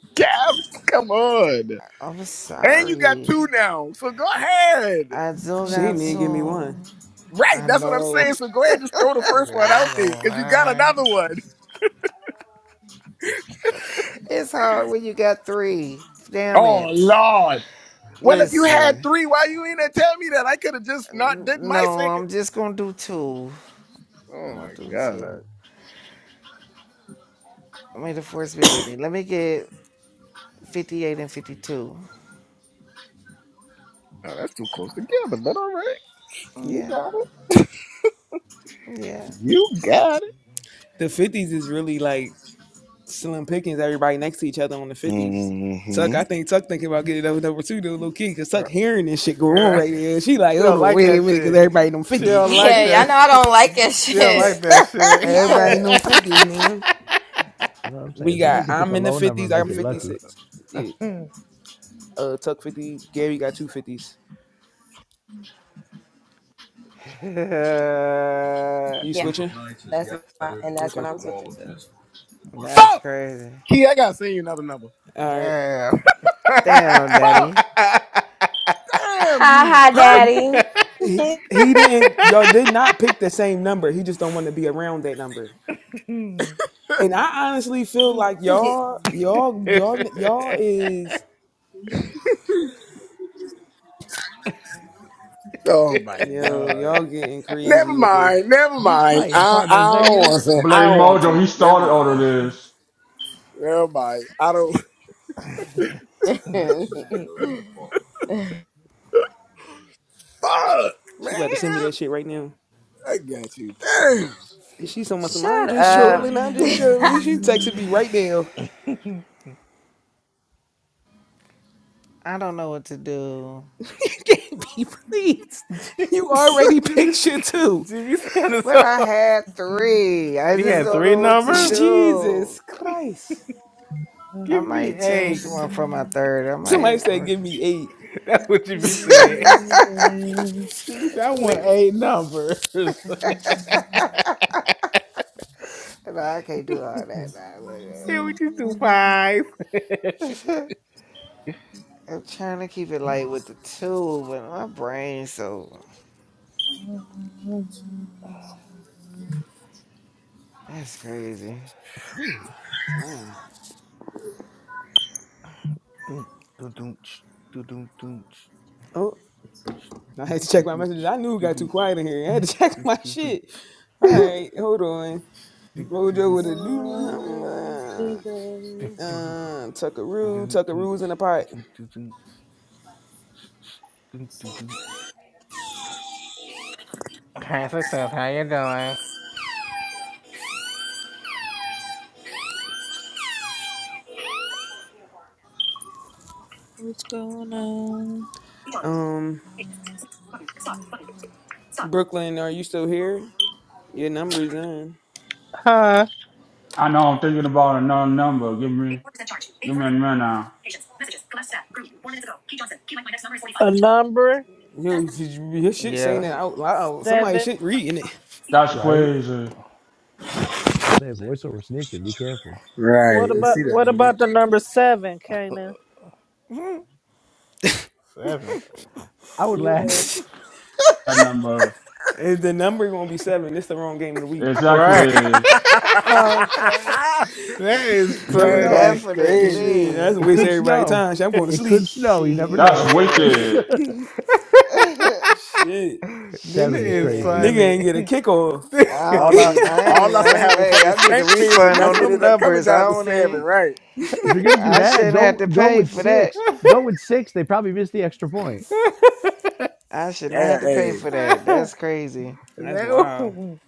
[SPEAKER 6] Gabs, come on.
[SPEAKER 7] I'm
[SPEAKER 6] And you got
[SPEAKER 7] sorry.
[SPEAKER 6] two now. So go ahead.
[SPEAKER 7] I do
[SPEAKER 1] She
[SPEAKER 7] got
[SPEAKER 1] ain't even give me one.
[SPEAKER 7] two.
[SPEAKER 6] Right,
[SPEAKER 7] I
[SPEAKER 6] that's what I'm
[SPEAKER 7] know.
[SPEAKER 6] saying. So go ahead and just throw the first
[SPEAKER 2] nigga
[SPEAKER 6] one out
[SPEAKER 2] black
[SPEAKER 6] there
[SPEAKER 2] on
[SPEAKER 6] because you got another one.
[SPEAKER 7] It's hard when you got three. Damn
[SPEAKER 6] Oh,
[SPEAKER 7] it.
[SPEAKER 6] Lord. Well, if you had
[SPEAKER 7] Listen.
[SPEAKER 6] three, why you ain't there tell me that? I could have just not did my
[SPEAKER 7] No,
[SPEAKER 6] second.
[SPEAKER 7] I'm just gonna do two. I'm
[SPEAKER 6] Oh,
[SPEAKER 7] gonna
[SPEAKER 6] my
[SPEAKER 7] do
[SPEAKER 6] God.
[SPEAKER 7] two. May the force be with me. Let me get 58 and 52.
[SPEAKER 6] Oh, that's too close together, but all right. You
[SPEAKER 7] Yeah.
[SPEAKER 6] got it.
[SPEAKER 7] Yeah.
[SPEAKER 6] You got it.
[SPEAKER 1] The fifties is really like slim pickings. Everybody next to each other on the fifties. Tuck,
[SPEAKER 6] Mm-hmm.
[SPEAKER 1] I think Tuck thinking about getting over with number two to a little kid because Tuck
[SPEAKER 2] fire.
[SPEAKER 1] hearing this shit going on right there. She like,
[SPEAKER 2] She
[SPEAKER 1] oh
[SPEAKER 2] don't
[SPEAKER 1] no,
[SPEAKER 2] like
[SPEAKER 1] wait a
[SPEAKER 2] that
[SPEAKER 1] minute, because
[SPEAKER 2] shit.
[SPEAKER 1] everybody in them
[SPEAKER 2] She don't
[SPEAKER 1] fifties.
[SPEAKER 2] like
[SPEAKER 3] Yeah, y'all
[SPEAKER 2] that
[SPEAKER 3] know I
[SPEAKER 2] shit.
[SPEAKER 3] don't like that
[SPEAKER 2] She don't like
[SPEAKER 3] shit.
[SPEAKER 2] that shit.
[SPEAKER 1] Everybody in them fifties now.
[SPEAKER 8] I'm
[SPEAKER 1] We
[SPEAKER 8] saying.
[SPEAKER 1] got
[SPEAKER 8] Somebody could pick
[SPEAKER 1] I'm
[SPEAKER 8] a
[SPEAKER 1] in the
[SPEAKER 8] low number
[SPEAKER 1] fifties.
[SPEAKER 8] and
[SPEAKER 1] I'm
[SPEAKER 8] make it
[SPEAKER 2] She's
[SPEAKER 1] fifty
[SPEAKER 2] a
[SPEAKER 8] lucky.
[SPEAKER 1] six. Yeah. Uh, Tuck fifty. Gary got two fifties. You
[SPEAKER 3] Yeah.
[SPEAKER 1] switching?
[SPEAKER 3] That's my, and that's what
[SPEAKER 1] Okay.
[SPEAKER 3] I'm switching to.
[SPEAKER 7] That's
[SPEAKER 6] Fuck!
[SPEAKER 7] crazy.
[SPEAKER 6] Key, I got to send you another number.
[SPEAKER 1] All right.
[SPEAKER 2] damn.
[SPEAKER 7] Damn,
[SPEAKER 6] Fuck!
[SPEAKER 7] Daddy.
[SPEAKER 6] Damn
[SPEAKER 3] Hi,
[SPEAKER 6] you,
[SPEAKER 3] hi,
[SPEAKER 6] perp!
[SPEAKER 3] daddy.
[SPEAKER 1] He, he didn't. Y'all did not pick the same number. He just don't want to be around that number. And I honestly feel like y'all, y'all, y'all, y'all is
[SPEAKER 6] Oh my
[SPEAKER 1] yo, y'all
[SPEAKER 6] god.
[SPEAKER 1] getting
[SPEAKER 6] Never
[SPEAKER 1] crazy with this.
[SPEAKER 6] mind. Never
[SPEAKER 8] Who's
[SPEAKER 6] mind.
[SPEAKER 8] fighting,
[SPEAKER 6] I
[SPEAKER 8] partner?
[SPEAKER 6] I
[SPEAKER 8] Is that
[SPEAKER 6] don't
[SPEAKER 8] you?
[SPEAKER 6] want to. I
[SPEAKER 5] Blame
[SPEAKER 6] don't want
[SPEAKER 5] Mojo.
[SPEAKER 6] to.
[SPEAKER 5] He
[SPEAKER 6] Never
[SPEAKER 5] started all of
[SPEAKER 6] mind.
[SPEAKER 5] this.
[SPEAKER 6] Never mind. I don't. Fuck,
[SPEAKER 1] She
[SPEAKER 6] man.
[SPEAKER 1] about to send me that shit right now.
[SPEAKER 6] I got you. Damn.
[SPEAKER 1] She so much.
[SPEAKER 3] Shut
[SPEAKER 1] I'm just
[SPEAKER 3] up.
[SPEAKER 1] trolling. I'm just trolling. She texted me right now.
[SPEAKER 7] I don't know what to do.
[SPEAKER 1] Be please. You already
[SPEAKER 2] Jimmy,
[SPEAKER 1] picture two.
[SPEAKER 2] Jimmy Sanders.
[SPEAKER 7] but I had three. I
[SPEAKER 2] He
[SPEAKER 7] just
[SPEAKER 2] had
[SPEAKER 7] don't
[SPEAKER 2] three
[SPEAKER 7] know what to
[SPEAKER 2] numbers.
[SPEAKER 1] Jesus
[SPEAKER 7] do.
[SPEAKER 1] Christ.
[SPEAKER 7] I
[SPEAKER 2] Give me
[SPEAKER 7] might change
[SPEAKER 2] eight.
[SPEAKER 7] one for my third. I might.
[SPEAKER 1] Somebody said,
[SPEAKER 7] work.
[SPEAKER 1] "Give me eight.
[SPEAKER 2] That's what Jimmy said. She said, I want
[SPEAKER 7] Let's.
[SPEAKER 2] eight numbers. Can
[SPEAKER 7] No, I can't do all that now.
[SPEAKER 2] we just do five?
[SPEAKER 7] I'm trying to keep it light with the two, but my brain so that's crazy.
[SPEAKER 1] Whew, time.
[SPEAKER 2] Dun, dun, dun, ch, dun, dun, dun, ch,
[SPEAKER 1] Oh, I
[SPEAKER 2] dun,
[SPEAKER 1] had to
[SPEAKER 2] dun,
[SPEAKER 1] check my
[SPEAKER 2] dun,
[SPEAKER 1] messages.
[SPEAKER 2] ch,
[SPEAKER 1] I knew it
[SPEAKER 2] dun,
[SPEAKER 1] got too quiet in here. I had to check my
[SPEAKER 2] dun, dun, dun, dun,
[SPEAKER 1] shit. All right, hold on.
[SPEAKER 8] "Mm,
[SPEAKER 1] Mojo with a new number.
[SPEAKER 2] ch, dun, dun, dun, ch, dun, dun, dun, dun, dun, ch, dun, dun, dun,
[SPEAKER 1] Uh, Tuckaroo, Tuckaroo's in the pot.
[SPEAKER 2] ch, dun, dun, dun, ch. Hi, success. How you doing?
[SPEAKER 1] Um, Brooklyn, are you still here? Your number's in.
[SPEAKER 4] Huh?
[SPEAKER 5] I know. I'm thinking about another number. Give me give me a minute.
[SPEAKER 4] A number
[SPEAKER 1] Yo, your shit saying
[SPEAKER 2] Yeah,
[SPEAKER 1] it out loud. Somebody
[SPEAKER 4] seven.
[SPEAKER 1] shit reading it.
[SPEAKER 5] That's
[SPEAKER 8] Right.
[SPEAKER 5] crazy.
[SPEAKER 8] You know, say voiceover snitching. Be careful.
[SPEAKER 6] Right.
[SPEAKER 4] What
[SPEAKER 6] You
[SPEAKER 4] about
[SPEAKER 6] see that?
[SPEAKER 4] what
[SPEAKER 6] movie?
[SPEAKER 4] about the number seven, Kanan?
[SPEAKER 2] seven.
[SPEAKER 8] I would laugh.
[SPEAKER 4] Yeah.
[SPEAKER 5] That number.
[SPEAKER 1] And the number gonna be seven. This the wrong game of the week.
[SPEAKER 2] Right.
[SPEAKER 5] Exactly.
[SPEAKER 2] That is
[SPEAKER 8] You never
[SPEAKER 6] yeah,
[SPEAKER 8] know. It,
[SPEAKER 2] funny.
[SPEAKER 6] that's
[SPEAKER 8] it
[SPEAKER 6] crazy.
[SPEAKER 1] Shit, that's a
[SPEAKER 7] Definitely.
[SPEAKER 8] it
[SPEAKER 1] waste of
[SPEAKER 8] could
[SPEAKER 1] everybody's
[SPEAKER 8] snow.
[SPEAKER 1] time. Shit, I'm going to
[SPEAKER 8] It could
[SPEAKER 1] sleep.
[SPEAKER 8] snow. You never
[SPEAKER 5] That's
[SPEAKER 8] know.
[SPEAKER 7] Shit.
[SPEAKER 5] wicked.
[SPEAKER 1] shit,
[SPEAKER 2] Nina
[SPEAKER 8] Seven is
[SPEAKER 1] N-
[SPEAKER 2] is
[SPEAKER 8] crazy.
[SPEAKER 1] nigga
[SPEAKER 7] Shit.
[SPEAKER 2] funny.
[SPEAKER 1] ain't get a kickoff.
[SPEAKER 7] I don't
[SPEAKER 6] All I
[SPEAKER 7] need. I
[SPEAKER 6] all
[SPEAKER 7] ain't.
[SPEAKER 6] us to
[SPEAKER 7] I ain't.
[SPEAKER 6] have a
[SPEAKER 7] Hey,
[SPEAKER 6] fucking
[SPEAKER 7] I need a
[SPEAKER 6] stank fist if
[SPEAKER 7] refund
[SPEAKER 6] that
[SPEAKER 7] on
[SPEAKER 6] shit
[SPEAKER 7] them
[SPEAKER 6] ended up coming
[SPEAKER 7] numbers. I
[SPEAKER 6] down to
[SPEAKER 7] don't
[SPEAKER 6] seven,
[SPEAKER 7] need.
[SPEAKER 6] right?
[SPEAKER 8] If you're gonna do
[SPEAKER 7] I
[SPEAKER 8] that,
[SPEAKER 7] shouldn't have
[SPEAKER 8] go
[SPEAKER 7] to
[SPEAKER 8] go
[SPEAKER 7] pay
[SPEAKER 8] with
[SPEAKER 7] for that.
[SPEAKER 8] six. Go with six. They probably missed the extra point.
[SPEAKER 7] I should not have
[SPEAKER 6] Damn.
[SPEAKER 7] to pay
[SPEAKER 6] Hey.
[SPEAKER 7] for that. That's crazy.
[SPEAKER 1] that's wild.
[SPEAKER 2] That-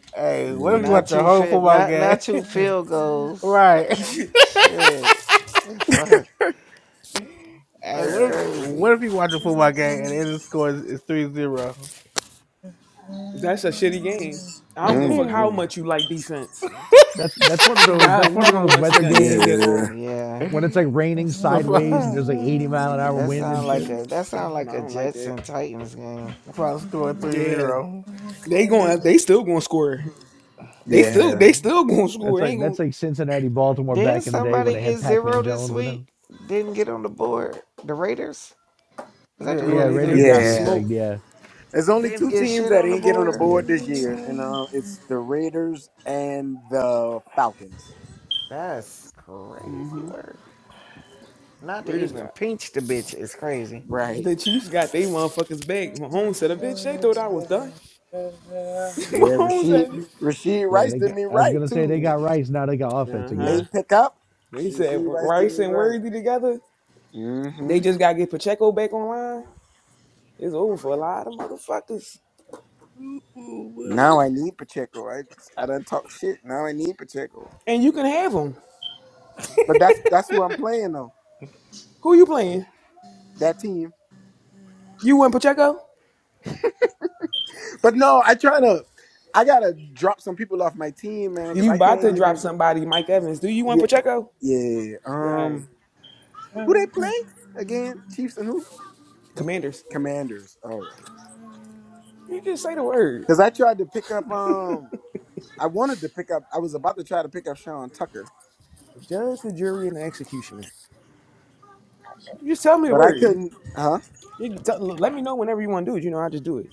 [SPEAKER 2] hey, what if you
[SPEAKER 7] Not
[SPEAKER 6] Mm.
[SPEAKER 2] watch a
[SPEAKER 7] two
[SPEAKER 2] whole
[SPEAKER 7] fit.
[SPEAKER 2] football
[SPEAKER 7] Not
[SPEAKER 2] game?
[SPEAKER 7] not two field goals.
[SPEAKER 2] right.
[SPEAKER 7] Shit. Yeah, Fuck.
[SPEAKER 2] Hey,
[SPEAKER 7] That's
[SPEAKER 2] what if
[SPEAKER 6] Yeah.
[SPEAKER 2] what if
[SPEAKER 7] crazy.
[SPEAKER 2] you watch a football game and the end of the score is, is 3 zero?
[SPEAKER 1] that's a shitty game. I don't give a fuck
[SPEAKER 2] the
[SPEAKER 1] how
[SPEAKER 6] hmm
[SPEAKER 1] much you like defense.
[SPEAKER 8] That's that's one of
[SPEAKER 1] It-
[SPEAKER 8] those
[SPEAKER 1] I
[SPEAKER 8] that's one of
[SPEAKER 1] never
[SPEAKER 8] those
[SPEAKER 1] want to see
[SPEAKER 8] weather
[SPEAKER 1] nothing take that
[SPEAKER 8] games
[SPEAKER 6] Yeah.
[SPEAKER 1] long.
[SPEAKER 7] Yeah.
[SPEAKER 8] when it's like raining sideways and
[SPEAKER 2] final
[SPEAKER 8] there's like 80 mile an hour
[SPEAKER 7] That
[SPEAKER 1] Mm-mm.
[SPEAKER 8] wind and
[SPEAKER 7] sound like
[SPEAKER 8] shit.
[SPEAKER 7] a. That sound like
[SPEAKER 1] No, I
[SPEAKER 7] a
[SPEAKER 1] don't like
[SPEAKER 7] Jets and
[SPEAKER 1] that.
[SPEAKER 7] Titans game.
[SPEAKER 2] final score
[SPEAKER 1] Yeah,
[SPEAKER 2] 3-0.
[SPEAKER 1] they going. They still going to score. They
[SPEAKER 6] Yeah.
[SPEAKER 1] still. They
[SPEAKER 7] Man.
[SPEAKER 1] still going to
[SPEAKER 8] That's
[SPEAKER 1] score. They
[SPEAKER 8] like
[SPEAKER 1] ain't going.
[SPEAKER 8] that's
[SPEAKER 1] to
[SPEAKER 8] like Cincinnati, Baltimore
[SPEAKER 7] Did
[SPEAKER 8] back in the day when
[SPEAKER 7] somebody
[SPEAKER 8] they
[SPEAKER 7] get
[SPEAKER 8] had Pac
[SPEAKER 7] zero
[SPEAKER 8] Man
[SPEAKER 7] this
[SPEAKER 8] Jones and
[SPEAKER 7] week?
[SPEAKER 8] them.
[SPEAKER 7] Didn't get on the board. The Raiders? Was
[SPEAKER 2] Yeah,
[SPEAKER 7] that the
[SPEAKER 2] it
[SPEAKER 1] Yeah,
[SPEAKER 8] Yeah,
[SPEAKER 2] was
[SPEAKER 1] they
[SPEAKER 7] Raiders
[SPEAKER 2] it,
[SPEAKER 7] that
[SPEAKER 8] Raiders
[SPEAKER 1] they
[SPEAKER 7] get
[SPEAKER 8] got
[SPEAKER 1] got
[SPEAKER 8] goose
[SPEAKER 7] shit?
[SPEAKER 6] Yeah.
[SPEAKER 8] egged.
[SPEAKER 1] smoked.
[SPEAKER 8] Yeah,
[SPEAKER 6] There's only
[SPEAKER 7] Didn't
[SPEAKER 6] two
[SPEAKER 7] get
[SPEAKER 6] teams
[SPEAKER 7] shit
[SPEAKER 6] that
[SPEAKER 7] on the
[SPEAKER 6] ain't get on the
[SPEAKER 7] board.
[SPEAKER 8] yeah.
[SPEAKER 6] board this year, and um, it's the Raiders and the Falcons.
[SPEAKER 7] That's crazy
[SPEAKER 1] Mm-hmm.
[SPEAKER 7] work. Not to
[SPEAKER 1] Raiders
[SPEAKER 7] even
[SPEAKER 1] got.
[SPEAKER 7] pinch the bitch is crazy.
[SPEAKER 6] Right.
[SPEAKER 1] The Chiefs got they motherfuckers back. Mahomes said, "A bitch, they thought I was done."
[SPEAKER 4] Okay.
[SPEAKER 6] Yeah,
[SPEAKER 1] Mahomes
[SPEAKER 6] Rasheed
[SPEAKER 1] said,
[SPEAKER 6] Rasheed
[SPEAKER 8] Yeah,
[SPEAKER 6] Rice
[SPEAKER 8] they
[SPEAKER 6] did
[SPEAKER 8] got.
[SPEAKER 6] me
[SPEAKER 8] I was
[SPEAKER 6] right
[SPEAKER 8] gonna say they
[SPEAKER 6] too.
[SPEAKER 1] "You."
[SPEAKER 8] got rice. now. They got offense
[SPEAKER 1] Uh huh.
[SPEAKER 8] again.
[SPEAKER 6] Late pickup.
[SPEAKER 1] They said
[SPEAKER 6] Rasheed Rice did
[SPEAKER 1] Rice
[SPEAKER 6] me
[SPEAKER 1] and
[SPEAKER 6] right.
[SPEAKER 1] Worthy together.
[SPEAKER 6] hmm
[SPEAKER 1] They just gotta get Pacheco back online. It's over for a lot of motherfuckers,
[SPEAKER 6] Now I need Pacheco. I I done talk shit. Now I need Pacheco.
[SPEAKER 1] and you can have them.
[SPEAKER 6] But that's that's who I'm playing though.
[SPEAKER 1] Who you playing?
[SPEAKER 6] That team.
[SPEAKER 1] You and Pacheco?
[SPEAKER 6] But no, I try to I gotta drop some people off my team, man, because
[SPEAKER 1] You
[SPEAKER 6] I
[SPEAKER 1] about to
[SPEAKER 6] can't
[SPEAKER 1] drop
[SPEAKER 6] even
[SPEAKER 1] somebody, Mike Evans. Do you want
[SPEAKER 6] yeah,
[SPEAKER 1] Pacheco?
[SPEAKER 6] yeah.
[SPEAKER 1] All
[SPEAKER 6] Um
[SPEAKER 1] right.
[SPEAKER 6] Who they play again? Chiefs and who?
[SPEAKER 1] Commanders.
[SPEAKER 6] Commanders. All right.
[SPEAKER 1] You just say the word.
[SPEAKER 6] Because I tried to pick up. Um, I wanted to pick up. I was about to try to pick up Sean Tucker,
[SPEAKER 1] Judge, the jury, and the executioner. You just tell me the
[SPEAKER 6] but I
[SPEAKER 1] word. You,
[SPEAKER 6] couldn't. Huh?
[SPEAKER 1] you tell, let me know whenever you want to do it. You know, I just do it.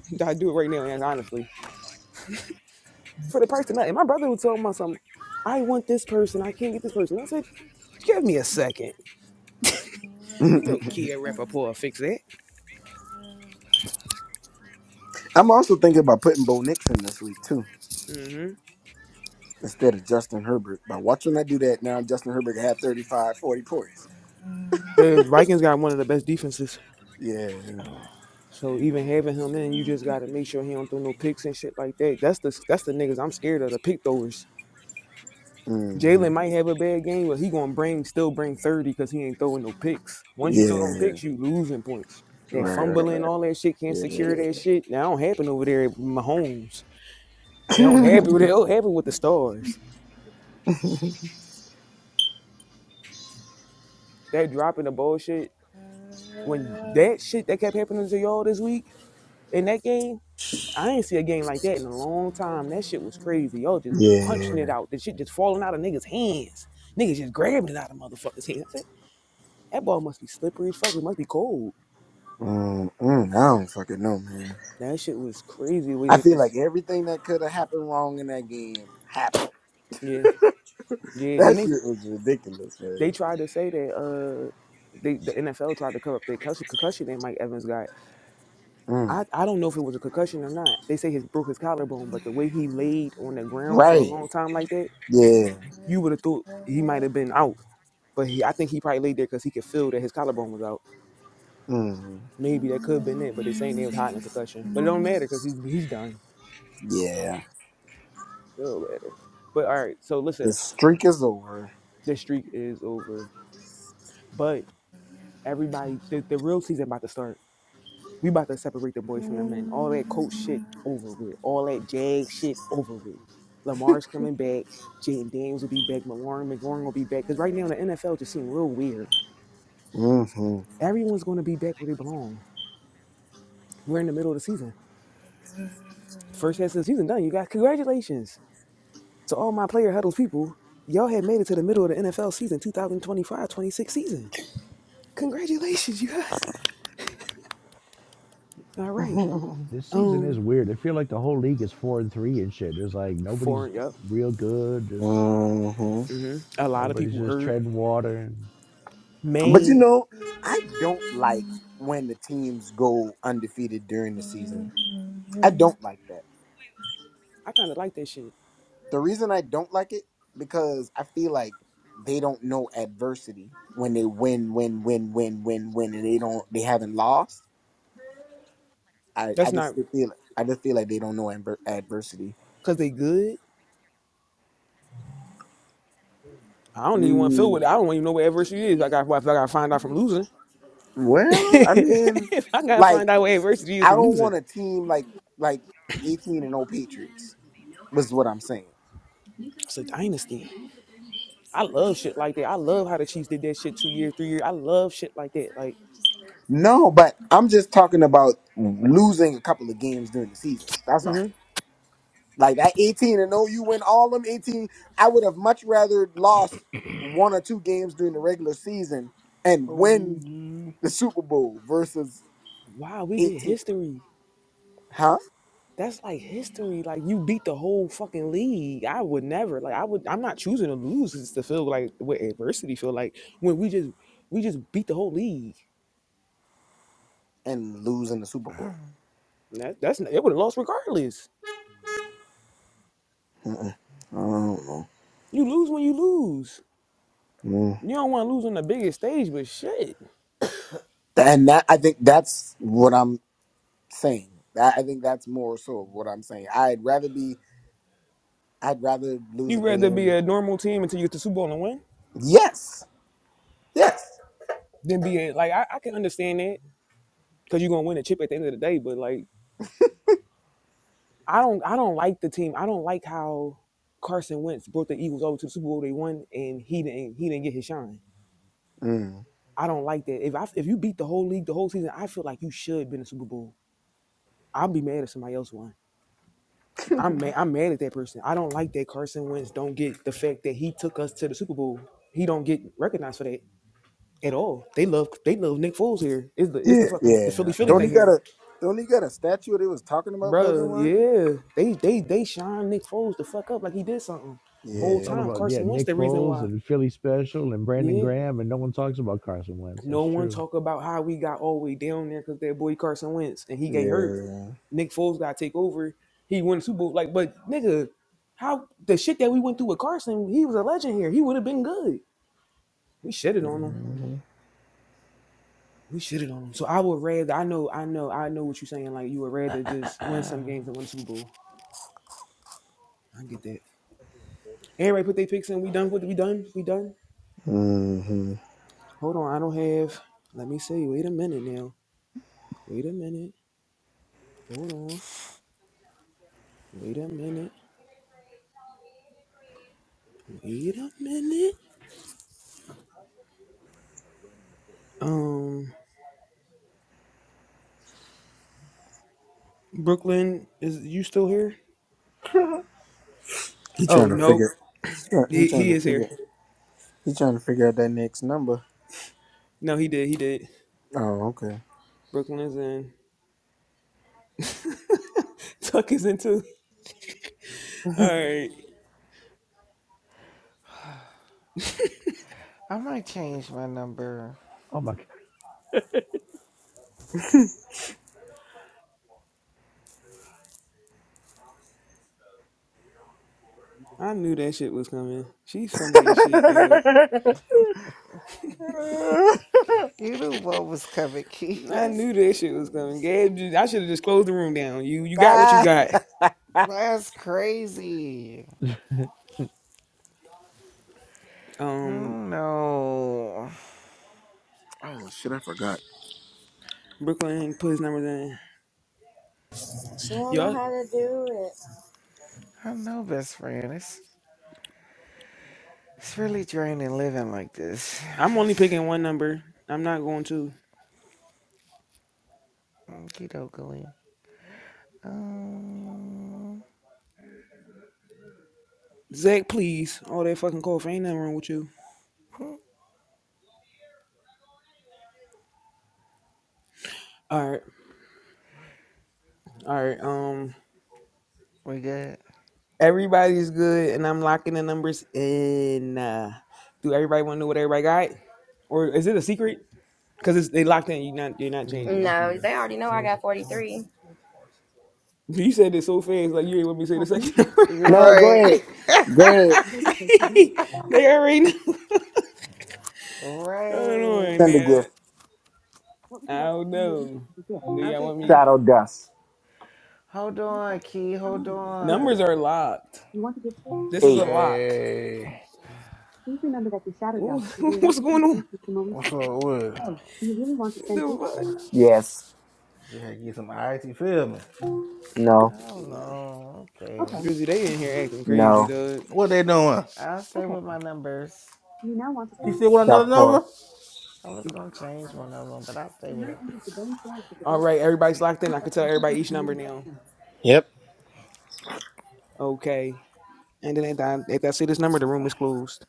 [SPEAKER 1] I do it right now, and honestly. For the price of nothing. My brother was telling me something. I want this person. I can't get this person. I said, give me a second. You know,
[SPEAKER 6] I'm
[SPEAKER 1] Kia Rappaport fix that.
[SPEAKER 6] also thinking about putting Bo Nix in this week too,
[SPEAKER 1] hmm
[SPEAKER 6] instead of Justin Herbert. By watching I do that now, Justin Herbert had 35, 40 points.
[SPEAKER 1] The Vikings got one of the best defenses.
[SPEAKER 6] Yeah.
[SPEAKER 1] So even having him in, you just got to make sure he don't throw no picks and shit like that. That's the that's the niggas I'm scared of, the pick throwers.
[SPEAKER 6] hmm
[SPEAKER 1] Jalen might have a bad game, but he gonna bring still bring thirty because he ain't throwing no picks. Once you throw them
[SPEAKER 6] Yeah.
[SPEAKER 1] picks, you losing points. That
[SPEAKER 6] Right. Right.
[SPEAKER 1] fumbling,
[SPEAKER 6] Right.
[SPEAKER 1] all that shit can't secure
[SPEAKER 6] Yeah.
[SPEAKER 1] that shit. That don't happen over there at Mahomes. They don't happen. They don't happen with the stars. That dropping the ball shit. When that shit that kept happening to y'all this week in that game, I ain't see a game like that in a long time. That shit was crazy. Y'all just punching
[SPEAKER 6] yeah.
[SPEAKER 1] it out. The shit just falling out of niggas' hands. Niggas just grabbing it out of motherfuckers' hands. I said, That ball must be slippery as fuck. It must be cold.
[SPEAKER 6] Mm-mm, I don't fucking know, man.
[SPEAKER 1] That shit was crazy. Where
[SPEAKER 6] I
[SPEAKER 1] it
[SPEAKER 6] feel
[SPEAKER 1] just
[SPEAKER 6] like everything that could have happened wrong in that game happened.
[SPEAKER 1] yeah, yeah.
[SPEAKER 6] That
[SPEAKER 1] Then they
[SPEAKER 6] shit was ridiculous,
[SPEAKER 1] they
[SPEAKER 6] man.
[SPEAKER 1] tried to say that uh they the NFL tried to cover up the concussion, concussion that Mike Evans got.
[SPEAKER 6] Mm.
[SPEAKER 1] I, I don't know if it was a concussion or not. They say he broke his collarbone, but the way he laid on the ground for a
[SPEAKER 6] Right.
[SPEAKER 1] long time like that,
[SPEAKER 6] Yeah.
[SPEAKER 1] you would have thought he might have been out. But he, I think he probably laid there because he could feel that his collarbone was out.
[SPEAKER 6] hmm
[SPEAKER 1] Maybe that could have been it, but they saying they was hiding a concussion. But it don't matter because he's he's done.
[SPEAKER 6] Yeah.
[SPEAKER 1] It don't matter. But all right, so listen,
[SPEAKER 6] The streak is over.
[SPEAKER 1] this streak is over. But Everybody, the, the real season about to start. We about to separate the boys from the men. All that coach shit over with. All that jag shit over with. Lamar's coming back. Jaden Daniels will be back. McLaurin, McLaurin will be back. Because right now the NFL just seems real weird.
[SPEAKER 6] hmm
[SPEAKER 1] So
[SPEAKER 6] hmm
[SPEAKER 1] Everyone's going to be back where they belong. We're in the middle of the season. First half of the season done. You guys, congratulations to all my player huddles people. Y'all have made it to the middle of the NFL season, two thousand twenty-five twenty-six season. Congratulations, you guys. All right.
[SPEAKER 8] Th- This season is
[SPEAKER 1] Um,
[SPEAKER 8] weird. I feel like the whole league is four and three and shit. There's like nobody's
[SPEAKER 1] four. Yep.
[SPEAKER 8] real good. Just
[SPEAKER 6] But
[SPEAKER 1] hmm A lot of
[SPEAKER 8] everybody's
[SPEAKER 1] people
[SPEAKER 8] just
[SPEAKER 1] hurt.
[SPEAKER 8] treading water. And
[SPEAKER 6] you
[SPEAKER 1] Maine,
[SPEAKER 6] know, I don't like when the teams go undefeated during the season. I don't like that.
[SPEAKER 1] I kind of like that shit.
[SPEAKER 6] The reason I don't like it because I feel like they don't know adversity when they win, win, win, win, win, win, and they don't they haven't lost I, I
[SPEAKER 1] That's
[SPEAKER 6] just
[SPEAKER 1] not
[SPEAKER 6] did feel I just feel like they don't know adver- adversity.
[SPEAKER 1] because they good. I don't even want to feel what
[SPEAKER 6] Mm,
[SPEAKER 1] I don't even know what adversity is. I got if I got to find out from losing.
[SPEAKER 6] well, I mean,
[SPEAKER 1] if I got to find
[SPEAKER 6] Like
[SPEAKER 1] out what adversity is
[SPEAKER 6] I
[SPEAKER 1] from
[SPEAKER 6] don't
[SPEAKER 1] losing,
[SPEAKER 6] want a team like like the eighteen and O Patriots was what I'm saying.
[SPEAKER 1] it's a dynasty. I love shit like that. I love how the Chiefs did that shit two years, three years. I love shit like that. Like,
[SPEAKER 6] No, but I'm just talking about losing a couple of games during the season. That's all.
[SPEAKER 1] hmm
[SPEAKER 6] Like that 18 and 0, you win all them 18. I would have much rather lost one or two games during the regular season and win
[SPEAKER 2] ODG.
[SPEAKER 6] the Super Bowl versus
[SPEAKER 1] wow, we did
[SPEAKER 6] 18,
[SPEAKER 1] history.
[SPEAKER 6] huh?
[SPEAKER 1] That's like history. Like you beat the whole fucking league. I would never. Like I would. I'm not choosing to lose. It's to feel like what adversity feel like when we just we just beat the whole league.
[SPEAKER 6] And losing the Super Bowl.
[SPEAKER 1] That, that's it. Would have lost regardless.
[SPEAKER 6] Uh-uh. I don't know.
[SPEAKER 1] You lose when you lose.
[SPEAKER 6] Mm.
[SPEAKER 1] You don't want to lose on the biggest stage, but shit,
[SPEAKER 6] And that I think that's what I'm saying. That, I think that's more so of what I'm saying. I'd rather be. I'd rather lose
[SPEAKER 1] you
[SPEAKER 6] a
[SPEAKER 1] rather be
[SPEAKER 6] game.
[SPEAKER 1] a normal team until you get to the Super Bowl and win,
[SPEAKER 6] Yes. Yes.
[SPEAKER 1] than be a like I, I can understand that because you're gonna win a chip at the end of the day. But like I don't I don't like the team. I don't like how Carson Wentz brought the Eagles over to the Super Bowl. They won, and he didn't he didn't get his shine.
[SPEAKER 6] Mm.
[SPEAKER 1] I don't like that. If I if you beat the whole league the whole season, I feel like you should have been a Super Bowl. I'll be mad if somebody else won. I'm mad. I'm mad at that person. I don't like that Carson Wentz don't get the fact that he took us to the Super Bowl. He don't get recognized for that at all. They love they love Nick Foles here. It's the it's
[SPEAKER 6] Yeah.
[SPEAKER 1] the fucking the Philly
[SPEAKER 6] Yeah.
[SPEAKER 8] right,
[SPEAKER 1] Philly
[SPEAKER 8] it
[SPEAKER 6] Don't
[SPEAKER 1] thing
[SPEAKER 6] he
[SPEAKER 8] was-
[SPEAKER 6] got
[SPEAKER 1] here,
[SPEAKER 6] a? Don't he got a statue? They was talking about building
[SPEAKER 1] bro.
[SPEAKER 6] one.
[SPEAKER 1] Yeah, they they they shine Nick Foles the fuck up like he did something.
[SPEAKER 8] yeah,
[SPEAKER 1] Whole
[SPEAKER 6] Yeah.
[SPEAKER 8] it's all
[SPEAKER 1] time
[SPEAKER 8] about yeah
[SPEAKER 1] Carson Wentz
[SPEAKER 8] Nick
[SPEAKER 1] the reason
[SPEAKER 8] Foles
[SPEAKER 1] why.
[SPEAKER 8] and Philly Special and Brandon
[SPEAKER 1] Yeah,
[SPEAKER 8] Graham and no one talks about Carson Wentz.
[SPEAKER 1] no
[SPEAKER 8] That's
[SPEAKER 1] one
[SPEAKER 8] true.
[SPEAKER 1] talk about how we got all the way down there because that boy Carson Wentz and he get hurt
[SPEAKER 6] Yeah.
[SPEAKER 1] Nick Foles got to take over. He won the Super Bowl. Like, but nigga, how the shit that we went through with Carson, he was a legend here. He would have been good. We shitted on him.
[SPEAKER 6] Mm-hmm.
[SPEAKER 1] We shitted on him. So I would rather. I know. I know. I know what you're saying. Like you would rather just win some games and win the Super Bowl. I get that. Everybody put their picks in. We done with. it. We done. We done.
[SPEAKER 6] hmm
[SPEAKER 1] Hold on. I don't have. Let me see. Wait a minute now. Wait a minute. Hold on. Wait a minute. Wait a minute. Um, Brooklyn, is you still here?
[SPEAKER 6] He
[SPEAKER 1] Oh
[SPEAKER 6] trying to
[SPEAKER 1] no,
[SPEAKER 6] figure. He's trying, he
[SPEAKER 1] he,
[SPEAKER 6] trying
[SPEAKER 1] he
[SPEAKER 6] to
[SPEAKER 1] is here.
[SPEAKER 6] figure. He trying to figure out that next number.
[SPEAKER 1] No, he did. He did.
[SPEAKER 6] Oh,
[SPEAKER 1] Brooklyn is in. Tuck is in too. All
[SPEAKER 6] okay.
[SPEAKER 1] right.
[SPEAKER 7] I might change my number.
[SPEAKER 8] Oh my
[SPEAKER 1] I knew that shit was coming. She's funny as shit, dog.
[SPEAKER 7] You knew what was coming, Keith.
[SPEAKER 1] I
[SPEAKER 7] That's
[SPEAKER 1] knew that shit was coming.
[SPEAKER 7] crazy.
[SPEAKER 1] Gabe, I should have just closed the room down. You, you got what you
[SPEAKER 6] ah.
[SPEAKER 1] got.
[SPEAKER 7] That's crazy. I
[SPEAKER 1] Um,
[SPEAKER 7] don't know.
[SPEAKER 6] Oh shit, I forgot.
[SPEAKER 1] Brooklyn, put his numbers in.
[SPEAKER 3] She don't know
[SPEAKER 1] Y'all,
[SPEAKER 3] how to do
[SPEAKER 7] I know, best friend. It's it's really draining living like this.
[SPEAKER 1] I'm only picking one number. I'm not going to.
[SPEAKER 7] Keto go in. Um,
[SPEAKER 1] Zach, please. All that fucking cough. Ain't nothing wrong with you. All right. All right. Um.
[SPEAKER 7] we good.
[SPEAKER 1] Everybody's good, and I'm locking the numbers in. Uh, do everybody want to know what everybody got, or is it a secret? Because it's they locked in. you not. You're not
[SPEAKER 3] it.
[SPEAKER 1] changing them.
[SPEAKER 3] No, they already know I got 43.
[SPEAKER 1] You said it so fast, like you ain't want me to say the second. number.
[SPEAKER 6] No, go
[SPEAKER 7] Right.
[SPEAKER 6] ahead. Go ahead.
[SPEAKER 1] they already. Know. I don't know, and
[SPEAKER 7] Right.
[SPEAKER 6] Send a gift.
[SPEAKER 1] I don't know. Do
[SPEAKER 7] I
[SPEAKER 1] y'all
[SPEAKER 7] think.
[SPEAKER 1] want me?
[SPEAKER 6] Shadow dust.
[SPEAKER 7] Hold on, Key. Hold on.
[SPEAKER 1] Numbers are locked. This is
[SPEAKER 6] Eight.
[SPEAKER 1] a lock.
[SPEAKER 2] Hey,
[SPEAKER 1] Ooh, What's going on?
[SPEAKER 2] what's
[SPEAKER 7] I
[SPEAKER 2] up
[SPEAKER 7] don't
[SPEAKER 2] with? it?
[SPEAKER 7] know.
[SPEAKER 1] What The fuck?
[SPEAKER 6] Yes.
[SPEAKER 2] Just had to get some ice, you feel me?
[SPEAKER 7] I
[SPEAKER 6] No.
[SPEAKER 7] don't
[SPEAKER 1] No,
[SPEAKER 7] know. Okay.
[SPEAKER 1] Drizzy, they in here acting crazy,
[SPEAKER 6] No.
[SPEAKER 1] dog.
[SPEAKER 2] What they doing?
[SPEAKER 7] I'll stay with my numbers.
[SPEAKER 2] You still want another
[SPEAKER 6] Dark four.
[SPEAKER 2] number?
[SPEAKER 7] I was gonna change one of them, but I'll stay with them.
[SPEAKER 1] All right, everybody's locked in. I can tell everybody each number now.
[SPEAKER 6] Yep.
[SPEAKER 1] Okay. And then at that, if I see this number, the room is closed.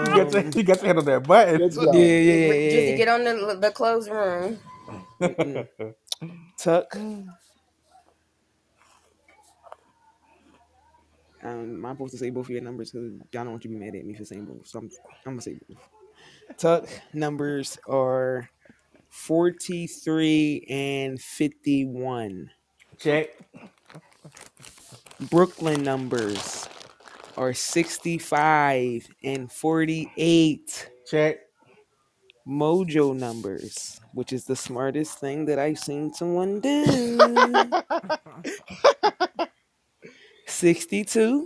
[SPEAKER 2] You got your you got your hand on that button
[SPEAKER 6] Good
[SPEAKER 1] yeah,
[SPEAKER 6] job.
[SPEAKER 1] yeah, yeah,
[SPEAKER 3] Drizzy,
[SPEAKER 1] yeah. yeah,
[SPEAKER 3] get on the the closed room.
[SPEAKER 1] yeah. Mm-mm. Tuck.
[SPEAKER 2] too.
[SPEAKER 1] Um, I'm supposed to say both of your numbers because y'all don't want you to be mad at me for saying both. So I'm, I'm gonna say both. Tuck numbers are 43 and 51.
[SPEAKER 2] Check,
[SPEAKER 1] Brooklyn numbers are 65 and 48.
[SPEAKER 2] check,
[SPEAKER 1] Mojo numbers, which is the smartest thing that I've seen someone do. 62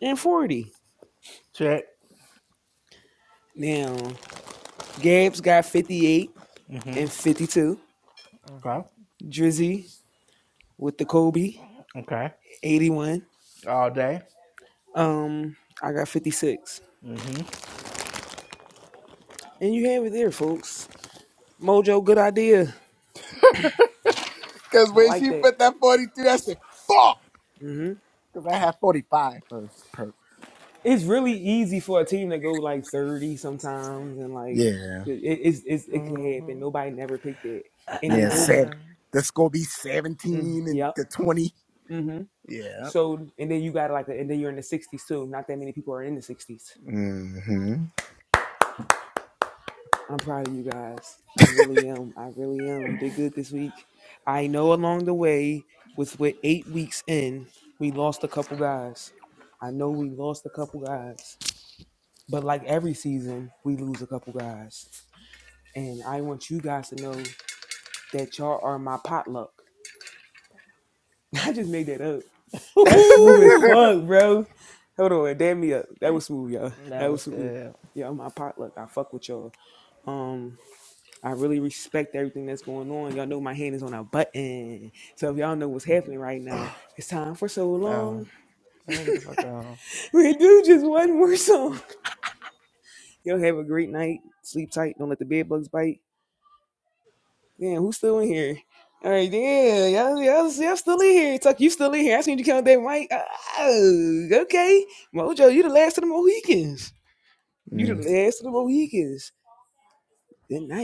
[SPEAKER 1] and 40.
[SPEAKER 2] check.
[SPEAKER 1] Now, Gab's got 58
[SPEAKER 2] Mm-hmm.
[SPEAKER 1] and 52.
[SPEAKER 2] Okay.
[SPEAKER 1] Drizzy with the Kobe,
[SPEAKER 2] Okay.
[SPEAKER 1] 81.
[SPEAKER 2] All day.
[SPEAKER 1] Um, I got 56.
[SPEAKER 2] Mm-hmm.
[SPEAKER 1] And you have it there, folks. Mojo, good idea.
[SPEAKER 6] Cause
[SPEAKER 1] I
[SPEAKER 6] when
[SPEAKER 1] like
[SPEAKER 6] she
[SPEAKER 1] that.
[SPEAKER 6] put that 42, I said, fuck!
[SPEAKER 1] hmm
[SPEAKER 6] Cause I had 45 first Per-
[SPEAKER 1] It's really easy for a team to go like 30 sometimes, and like
[SPEAKER 6] Yeah.
[SPEAKER 1] it, it's, it's, it can
[SPEAKER 7] hmm
[SPEAKER 1] happen. Nobody never picked it. And they
[SPEAKER 6] Yeah.
[SPEAKER 7] hmm
[SPEAKER 1] both,
[SPEAKER 6] Seven. That's gonna be
[SPEAKER 1] mm,
[SPEAKER 6] 17 and
[SPEAKER 1] yep.
[SPEAKER 6] the 20.
[SPEAKER 1] hmm
[SPEAKER 6] Yeah.
[SPEAKER 1] So, and then you got like, a, and then you're in the 60s too. Not that many people are in the 60s.
[SPEAKER 6] Mm-hmm.
[SPEAKER 1] I'm proud of you guys. I really am. I really am. You did good this week. I know along the way, with with eight weeks in, we lost a couple guys. I know we lost a couple guys, but like every season, we lose a couple guys. And I want you guys to know that y'all are my potluck. I just made that up. That's smooth as
[SPEAKER 2] Woohoo!
[SPEAKER 1] fuck, bro. Hold on, damn me up. That was smooth, y'all.
[SPEAKER 7] that
[SPEAKER 1] That was
[SPEAKER 7] was
[SPEAKER 1] smooth.
[SPEAKER 7] good.
[SPEAKER 1] Yeah, I'm my potluck. I fuck with y'all. Um. I really respect everything that's going on. Y'all know my hand is on a button. So if y'all know what's happening right now, it's time for so long.
[SPEAKER 7] Oh, let me get the fuck on.
[SPEAKER 1] We do just one more song. Y'all have a great night. Sleep tight. Don't let the bed bugs bite. Damn, who's still in here? All right, yeah, y'all, y'all, y'all still in here. Tuck, you still in here. I seen you count that mic. Oh, okay. Mojo, you the last of the Mohicans. You the last of the Mohicans. Good night.